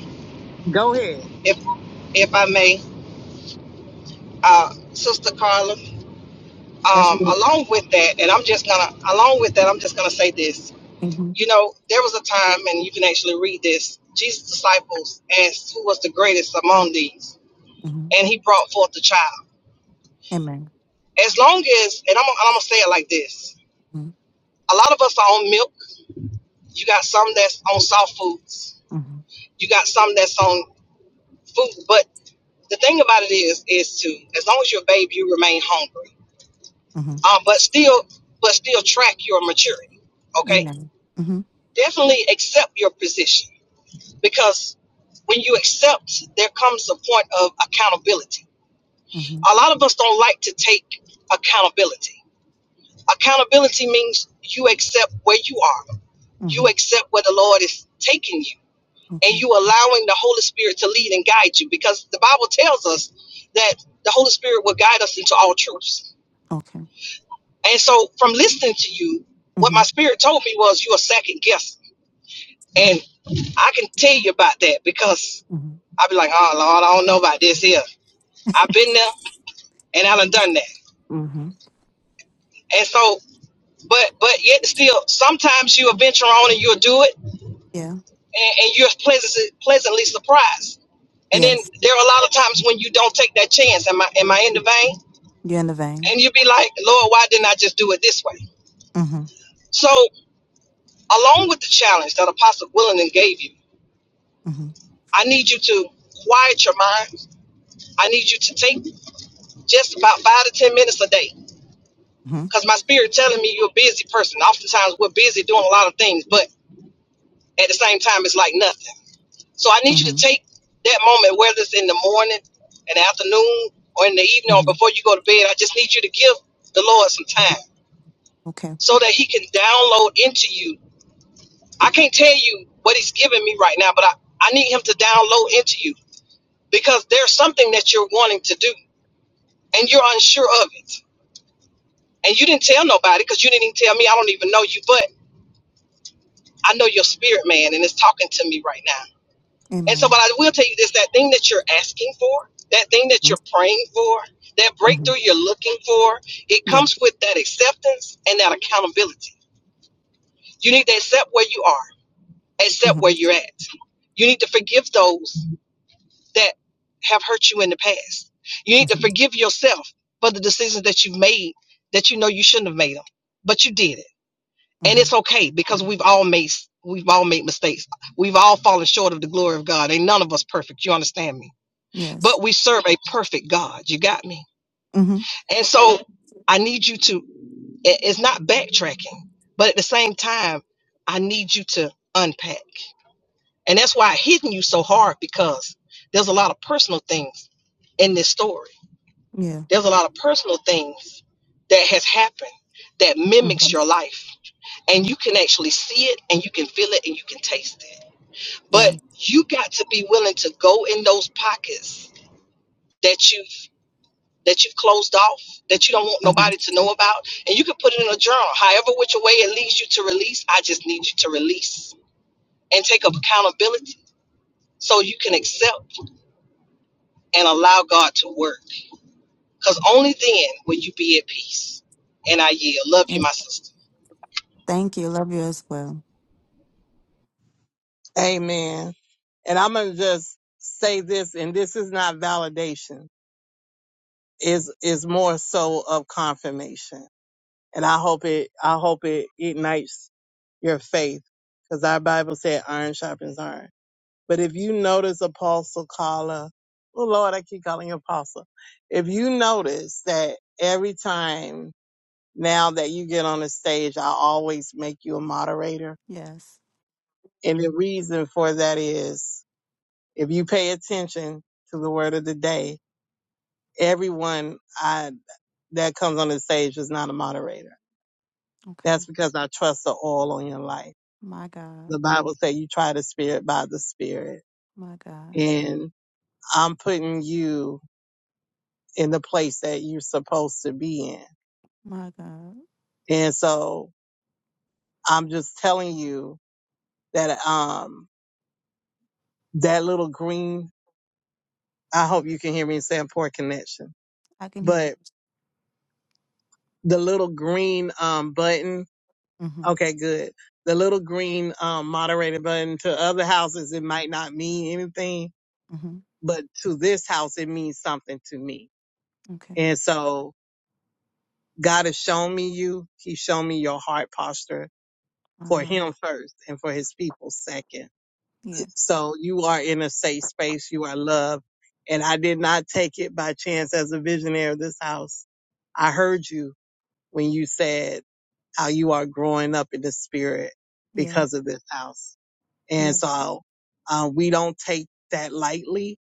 D: Go ahead.
E: if if I may, uh, Sister Carla,
J: Yes.
E: um, along with that, and I'm just gonna along with that, I'm just gonna say this.
J: hmm
E: You know, there was a time, and you can actually read this. Jesus' disciples asked who was the greatest among these, and he brought forth the child.
J: Amen.
E: As long as, and I'm, I'm gonna say it like this:
J: Mm-hmm.
E: a lot of us are on milk. You got some that's on soft foods
J: hmm
E: You got some that's on food, but the thing about it is, is to as long as you're a babe, you remain hungry. Um, but still, but still track your maturity. Okay,
J: Amen. hmm
E: definitely accept your position because when you accept, there comes a point of accountability.
J: hmm
E: A lot of us don't like to take accountability. Accountability means you accept where you are.
J: hmm
E: You accept where the Lord is taking you
J: Okay.
E: and you allowing the Holy Spirit to lead and guide you because the Bible tells us that the Holy Spirit will guide us into all truths.
J: Okay.
E: And so from listening to you, what my
J: hmm
E: spirit told me was you're second guessing. And I can tell you about that because
J: hmm
E: I'd be like, oh Lord, I don't know about this here. I've been there and I done done that.
J: hmm
E: And so but but yet still sometimes you'll venture on and you'll do it and,
J: Yeah.
E: and you're pleasantly pleasantly surprised. And then
J: Yes.
E: there are a lot of times when you don't take that chance. Am I am I in the vein?
J: You're in the vein.
E: And you'd be like, Lord, why didn't I just do it this way?
J: hmm
E: So, along with the challenge that Apostle Willingdon gave you,
J: hmm
E: I need you to quiet your mind. I need you to take just about five to 10 minutes a day
J: hmm
E: because my spirit telling me you're a busy person. Oftentimes, we're busy doing a lot of things, but at the same time, it's like nothing. So, I need you to
J: hmm
E: take that moment, whether it's in the morning, in the afternoon, or in the evening, or
J: hmm
E: before you go to bed. I just need you to give the Lord some time
J: Okay.
E: so that He can download into you I can't tell you what he's giving me right now, but I, I need him to download into you because there's something that you're wanting to do and you're unsure of it. And you didn't tell nobody because you didn't even tell me. I don't even know you, but I know your spirit man and it's talking to me right now. And so,
J: Amen.
E: what I will tell you is that thing that you're asking for, that thing that
J: Mm-hmm.
E: you're praying for, that
J: Mm-hmm.
E: breakthrough you're looking for, it
J: Yeah.
E: comes with that acceptance and that accountability. You need to accept where you are, accept
J: hmm
E: where you're at. You need to forgive those that have hurt you in the past. You need to
J: hmm
E: forgive yourself for the decisions that you've made that you know you shouldn't have made them, but you did it, and
J: hmm
E: it's okay because we've all made we've all made mistakes. We've all fallen short of the glory of God. Ain't none of us perfect. You understand me?
J: Yes.
E: But we serve a perfect God. You got me?
J: hmm
E: And so I need you to. It's not backtracking, but at the same time, I need you to unpack, and that's why I hitting you so hard because there's a lot of personal things in this story
J: Yeah.
E: There's a lot of personal things that has happened that mimics
J: hmm
E: your life. And you can actually see it and you can feel it and you can taste it. But
J: Yeah.
E: you got to be willing to go in those pockets that you've that you've closed off, that you don't want
J: hmm
E: nobody to know about. And you can put it in a journal. However which way it leads you to release, I just need you to release and take up accountability so you can accept and allow God to work. Because only then will you be at peace. And I yield. Love
J: Yeah.
E: you, my sister.
J: Thank you. Love you as well.
D: Amen. And I'm gonna just say this, and this is not validation. Is is more so of confirmation. And I hope it I hope it ignites your faith. Because our Bible said iron sharpens iron. But if you notice Apostle Carla, oh Lord, I keep calling you Apostle. If you notice that every time now that you get on the stage, I always make you a moderator.
J: Yes.
D: And the reason for that is if you pay attention to the word of the day, everyone I, that comes on the stage is not a moderator. That's
J: Okay.
D: because I trust the oil on your life.
J: My God.
D: The Bible says you try the spirit by the spirit.
J: My God.
D: And I'm putting you in the place that you're supposed to be in.
J: My God.
D: And so I'm just telling you that um that little green I hope you can hear me saying poor connection.
J: I can hear you.
D: But the little green um button,
J: hmm
D: okay, good. The little green um moderator button to other houses it might not mean anything,
J: hmm
D: but to this house it means something to me.
J: Okay.
D: And so God has shown me you. He's shown me your heart posture
J: My
D: for
J: mind.
D: him first and for his people second So you are in a safe space. You are loved. And I did not take it by chance as a visionary of this house. I heard you when you said how you are growing up in the spirit
J: Yeah.
D: because of this house. And
J: Yeah.
D: so uh, we don't take that lightly.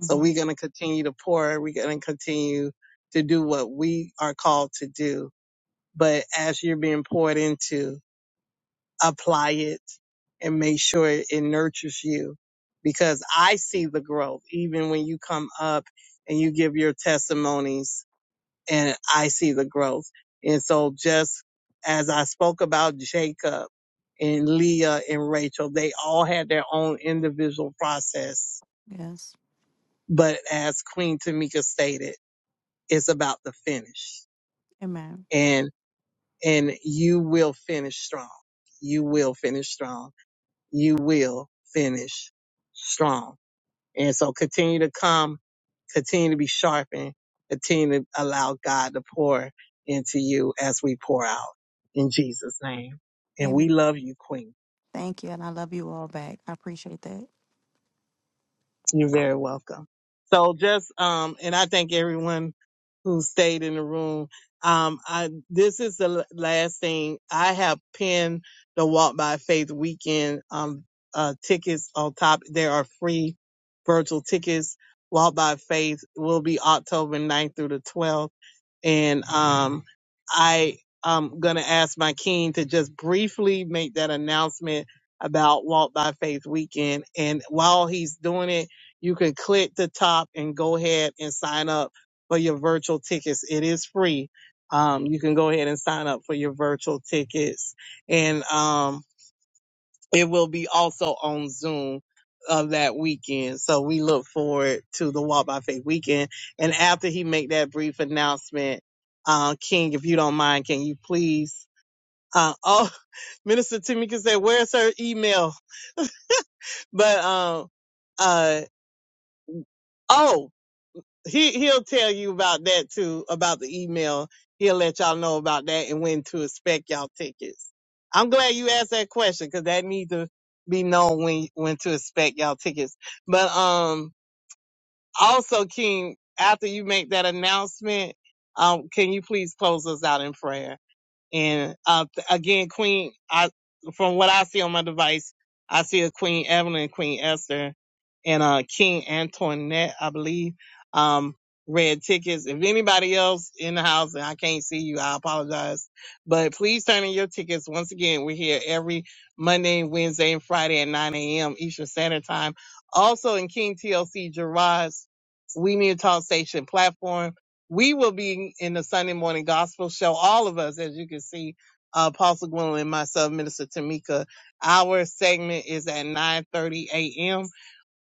D: So
J: hmm
D: we're going to continue to pour. We're going to continue to do what we are called to do. But as you're being poured into, apply it and make sure it nurtures you because I see the growth even when you come up and you give your testimonies and I see the growth. And so just as I spoke about Jacob and Leah and Rachel, they all had their own individual process.
J: Yes.
D: But as Queen Tamika stated, it's about the finish
J: Amen.
D: and, and you will finish strong. You will finish strong. you will finish strong. And so continue to come, continue to be sharpened, continue to allow God to pour into you as we pour out in Jesus' name. And we
J: Amen.
D: love you, Queen.
J: Thank you. And I love you all back. I appreciate that.
D: You're very welcome. So just um, and I thank everyone who stayed in the room. Um, I this is the l- last thing I have pinned the Walk by Faith weekend um uh tickets on top. There are free virtual tickets. Walk by Faith will be October ninth through the 12th and um, I am going to ask my king to just briefly make that announcement about Walk by Faith Weekend. And while he's doing it, you can click the top and go ahead and sign up for your virtual tickets. It is free. Um, you can go ahead and sign up for your virtual tickets. And um, it will be also on Zoom uh, that weekend. So we look forward to the Walk by Faith weekend. And after he make that brief announcement, uh, King, if you don't mind, can you please? Uh, oh, <laughs> Minister Timmy can say, "Where's her email?" But um, uh, oh. he he'll tell you about that too, about the email. He'll let y'all know about that and when to expect y'all tickets. I'm glad you asked that question because that needs to be known when when to expect y'all tickets. But um, also King, after you make that announcement, um, can you please close us out in prayer? And uh, again, Queen, I from what I see on my device, I see a Queen Evelyn, Queen Esther, and uh, King Antoinette, I believe. Um, red tickets. If anybody else in the house and I can't see you, I apologize. But please turn in your tickets. Once again, we're here every Monday, Wednesday, and Friday at 9 a.m. Eastern Standard Time. Also in King TLC Gerard's We Need to Talk Station platform we will be in the Sunday morning gospel show. All of us, as you can see, uh, Apostle Gwendolyn and myself, Minister Tamika. Our segment is at 9:30 a.m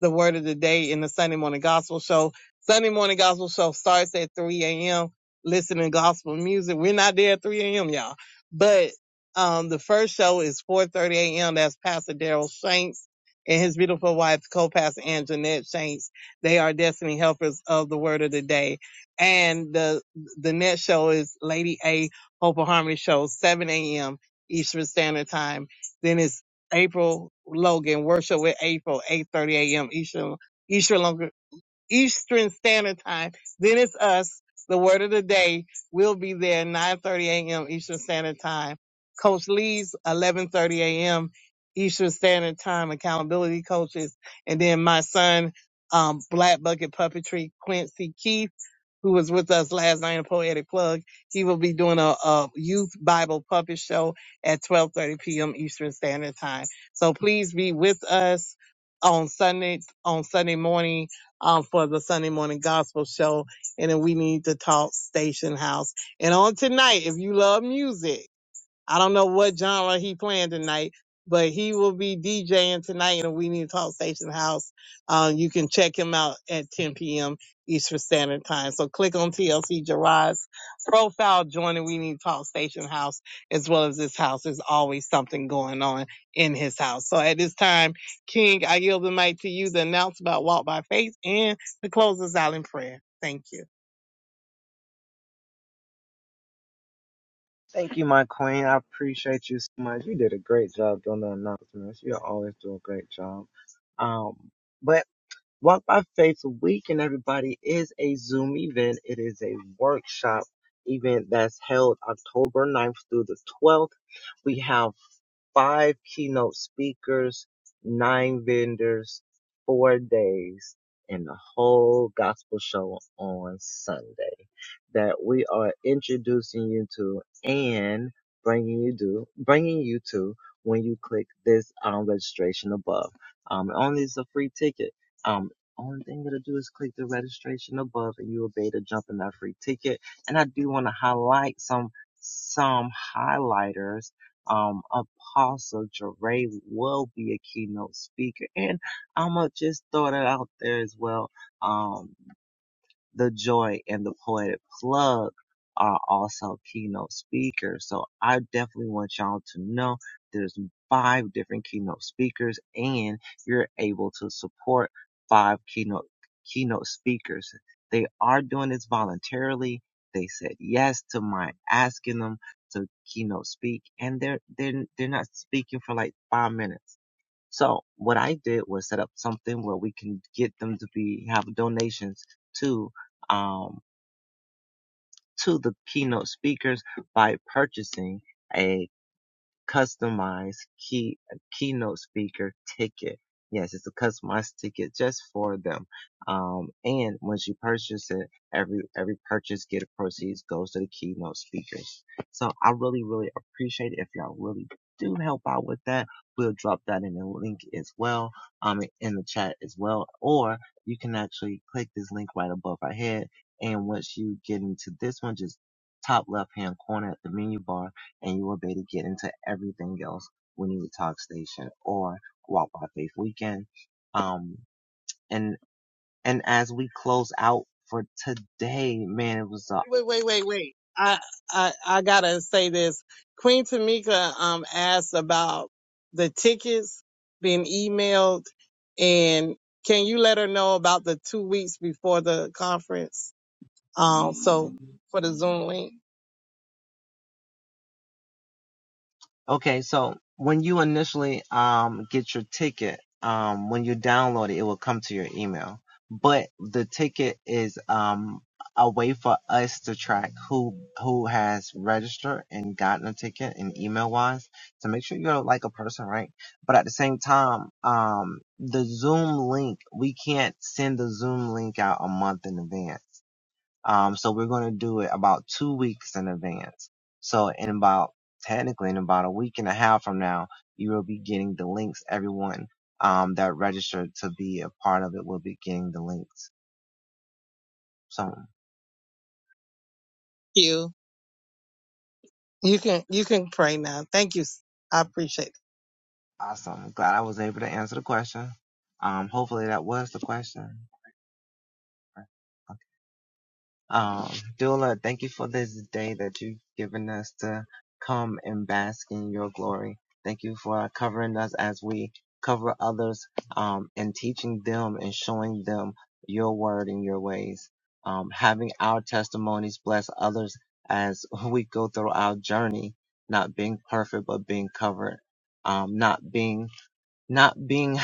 D: the word of the day in the Sunday morning gospel show. Sunday morning gospel show starts at 3 a.m. listening gospel music. We're not there at 3 a.m. y'all, but, um, the first show is 4.30 a.m. That's Pastor Daryl Shanks and his beautiful wife, co-pastor Ann Jeanette Shanks. They are destiny helpers of the word of the day. And the, the next show is Lady A Hope and Harmony show, 7 a.m. Eastern Standard Time. Then it's April Logan, worship with April, 8.30 a.m. Eastern, Eastern Lo- Eastern Standard Time. Then it's us. The word of the day will be there 9:30 a.m. Eastern Standard Time. Coach Lee's 11:30 a.m. Eastern Standard Time accountability coaches, and then my son, um, Black Bucket Puppetry Quincy Keith, who was with us last night in Poetic Plug. He will be doing a, a youth Bible puppet show at 12:30 p.m. Eastern Standard Time. So please be with us on Sunday on Sunday morning um, for the Sunday morning gospel show and then we need to talk station house. And on tonight, if you love music, I don't know what genre he playing tonight, but he will be DJing tonight in the We Need to Talk Station House. Um, you can check him out at 10 p.m. Eastern Standard Time. So click on TLC Gerard's profile, join the We Need to Talk Station House, as well as this house. There's always something going on in his house. So at this time, King, I yield the mic to you to announce about Walk by Faith and to close us out in prayer. Thank you.
H: Thank you, my queen. I appreciate you so much. You did a great job doing the announcements. You always do a great job. Um, but Walk by Faith Weekend, everybody, is a Zoom event. It is a workshop event that's held October ninth through the 12th. We have five keynote speakers, nine vendors, four days, and the whole gospel show on Sunday that we are introducing you to and bringing you to, bringing you to when you click this um, registration above. Um, only is a free ticket. Um, only thing you're to do is click the registration above and you'll be able to jump in that free ticket. And I do want to highlight some, some highlighters Um, of Apostle Jeray will be a keynote speaker. And I'm going to just throw that out there as well. Um, the Joy and the Poetic Plug are also keynote speakers. So I definitely want y'all to know there's five different keynote speakers and you're able to support five keynote keynote speakers. They are doing this voluntarily. They said yes to my asking them to keynote speak and they're they're they're not speaking for like five minutes so what I did was set up something where we can get them to be have donations to um to the keynote speakers by purchasing a customized key keynote speaker ticket. Yes, it's a customized ticket just for them. Um, and once you purchase it, every every purchase get proceeds goes to the keynote speakers. So I really really appreciate it if y'all really do help out with that. We'll drop that in the link as well, um, in the chat as well, or you can actually click this link right above our head. And once you get into this one, just top left hand corner at the menu bar and you will be able to get into everything else we need to talk station or walk by faith weekend um and and as we close out for today man it was an
D: Wait, wait, wait, wait. I, I, I gotta say this. Queen Tamika, um, asked about the tickets being emailed and can you let her know about the two weeks before the conference? Um, so for the Zoom link, thank
H: Okay, so when you initially um get your ticket, um when you download it, it will come to your email. But the ticket is um a way for us to track who who has registered and gotten a ticket and email wise to make sure you're like a person, right? But at the same time, um the Zoom link, we can't send the Zoom link out a month in advance. Um, so we're going to do it about two weeks in advance. So in about, technically in about a week and a half from now, you will be getting the links. Everyone, um, that registered to be a part of it will be getting the links. So
D: you, you can, you can pray now. Thank you. I appreciate
H: awesome. Glad I was able to answer the question. Um, hopefully that was the question. Um, Dula, thank you for this day that you've given us to come and bask in your glory. Thank you for covering us as we cover others um, and teaching them and showing them your word and your ways. Um, having our testimonies bless others as <laughs> we go through our journey, not being perfect, but being covered. Um, not being, not being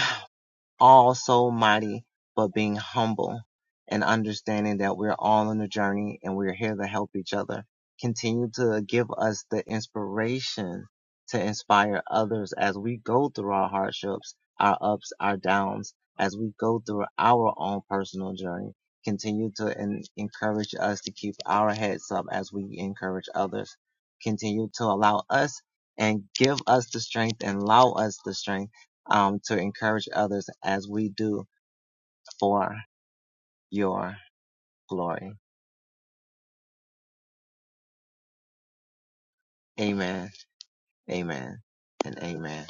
H: all so mighty, but being humble and understanding that we're all on a journey and we're here to help each other. Continue to give us the inspiration to inspire others as we go through our hardships, our ups, our downs, as we go through our own personal journey. Continue to en- encourage us to keep our heads up as we encourage others. Continue to allow us and give us the strength and allow us the strength um, to encourage others as we do for your glory. Amen. Amen. And amen.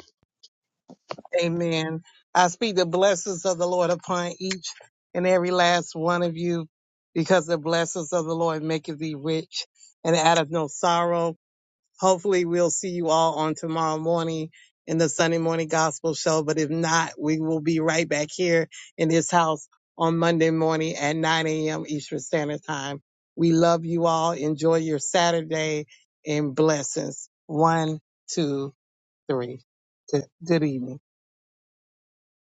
D: it. Amen. I speak the blessings of the Lord upon each and every last one of you because the blessings of the Lord maketh thee rich and addeth no sorrow Hopefully we'll see you all on tomorrow morning in the Sunday morning gospel show. But if not, we will be right back here in this house on Monday morning at 9 a.m. Eastern Standard Time. We love you all. Enjoy your Saturday and blessings. One, two, three. Good, good evening.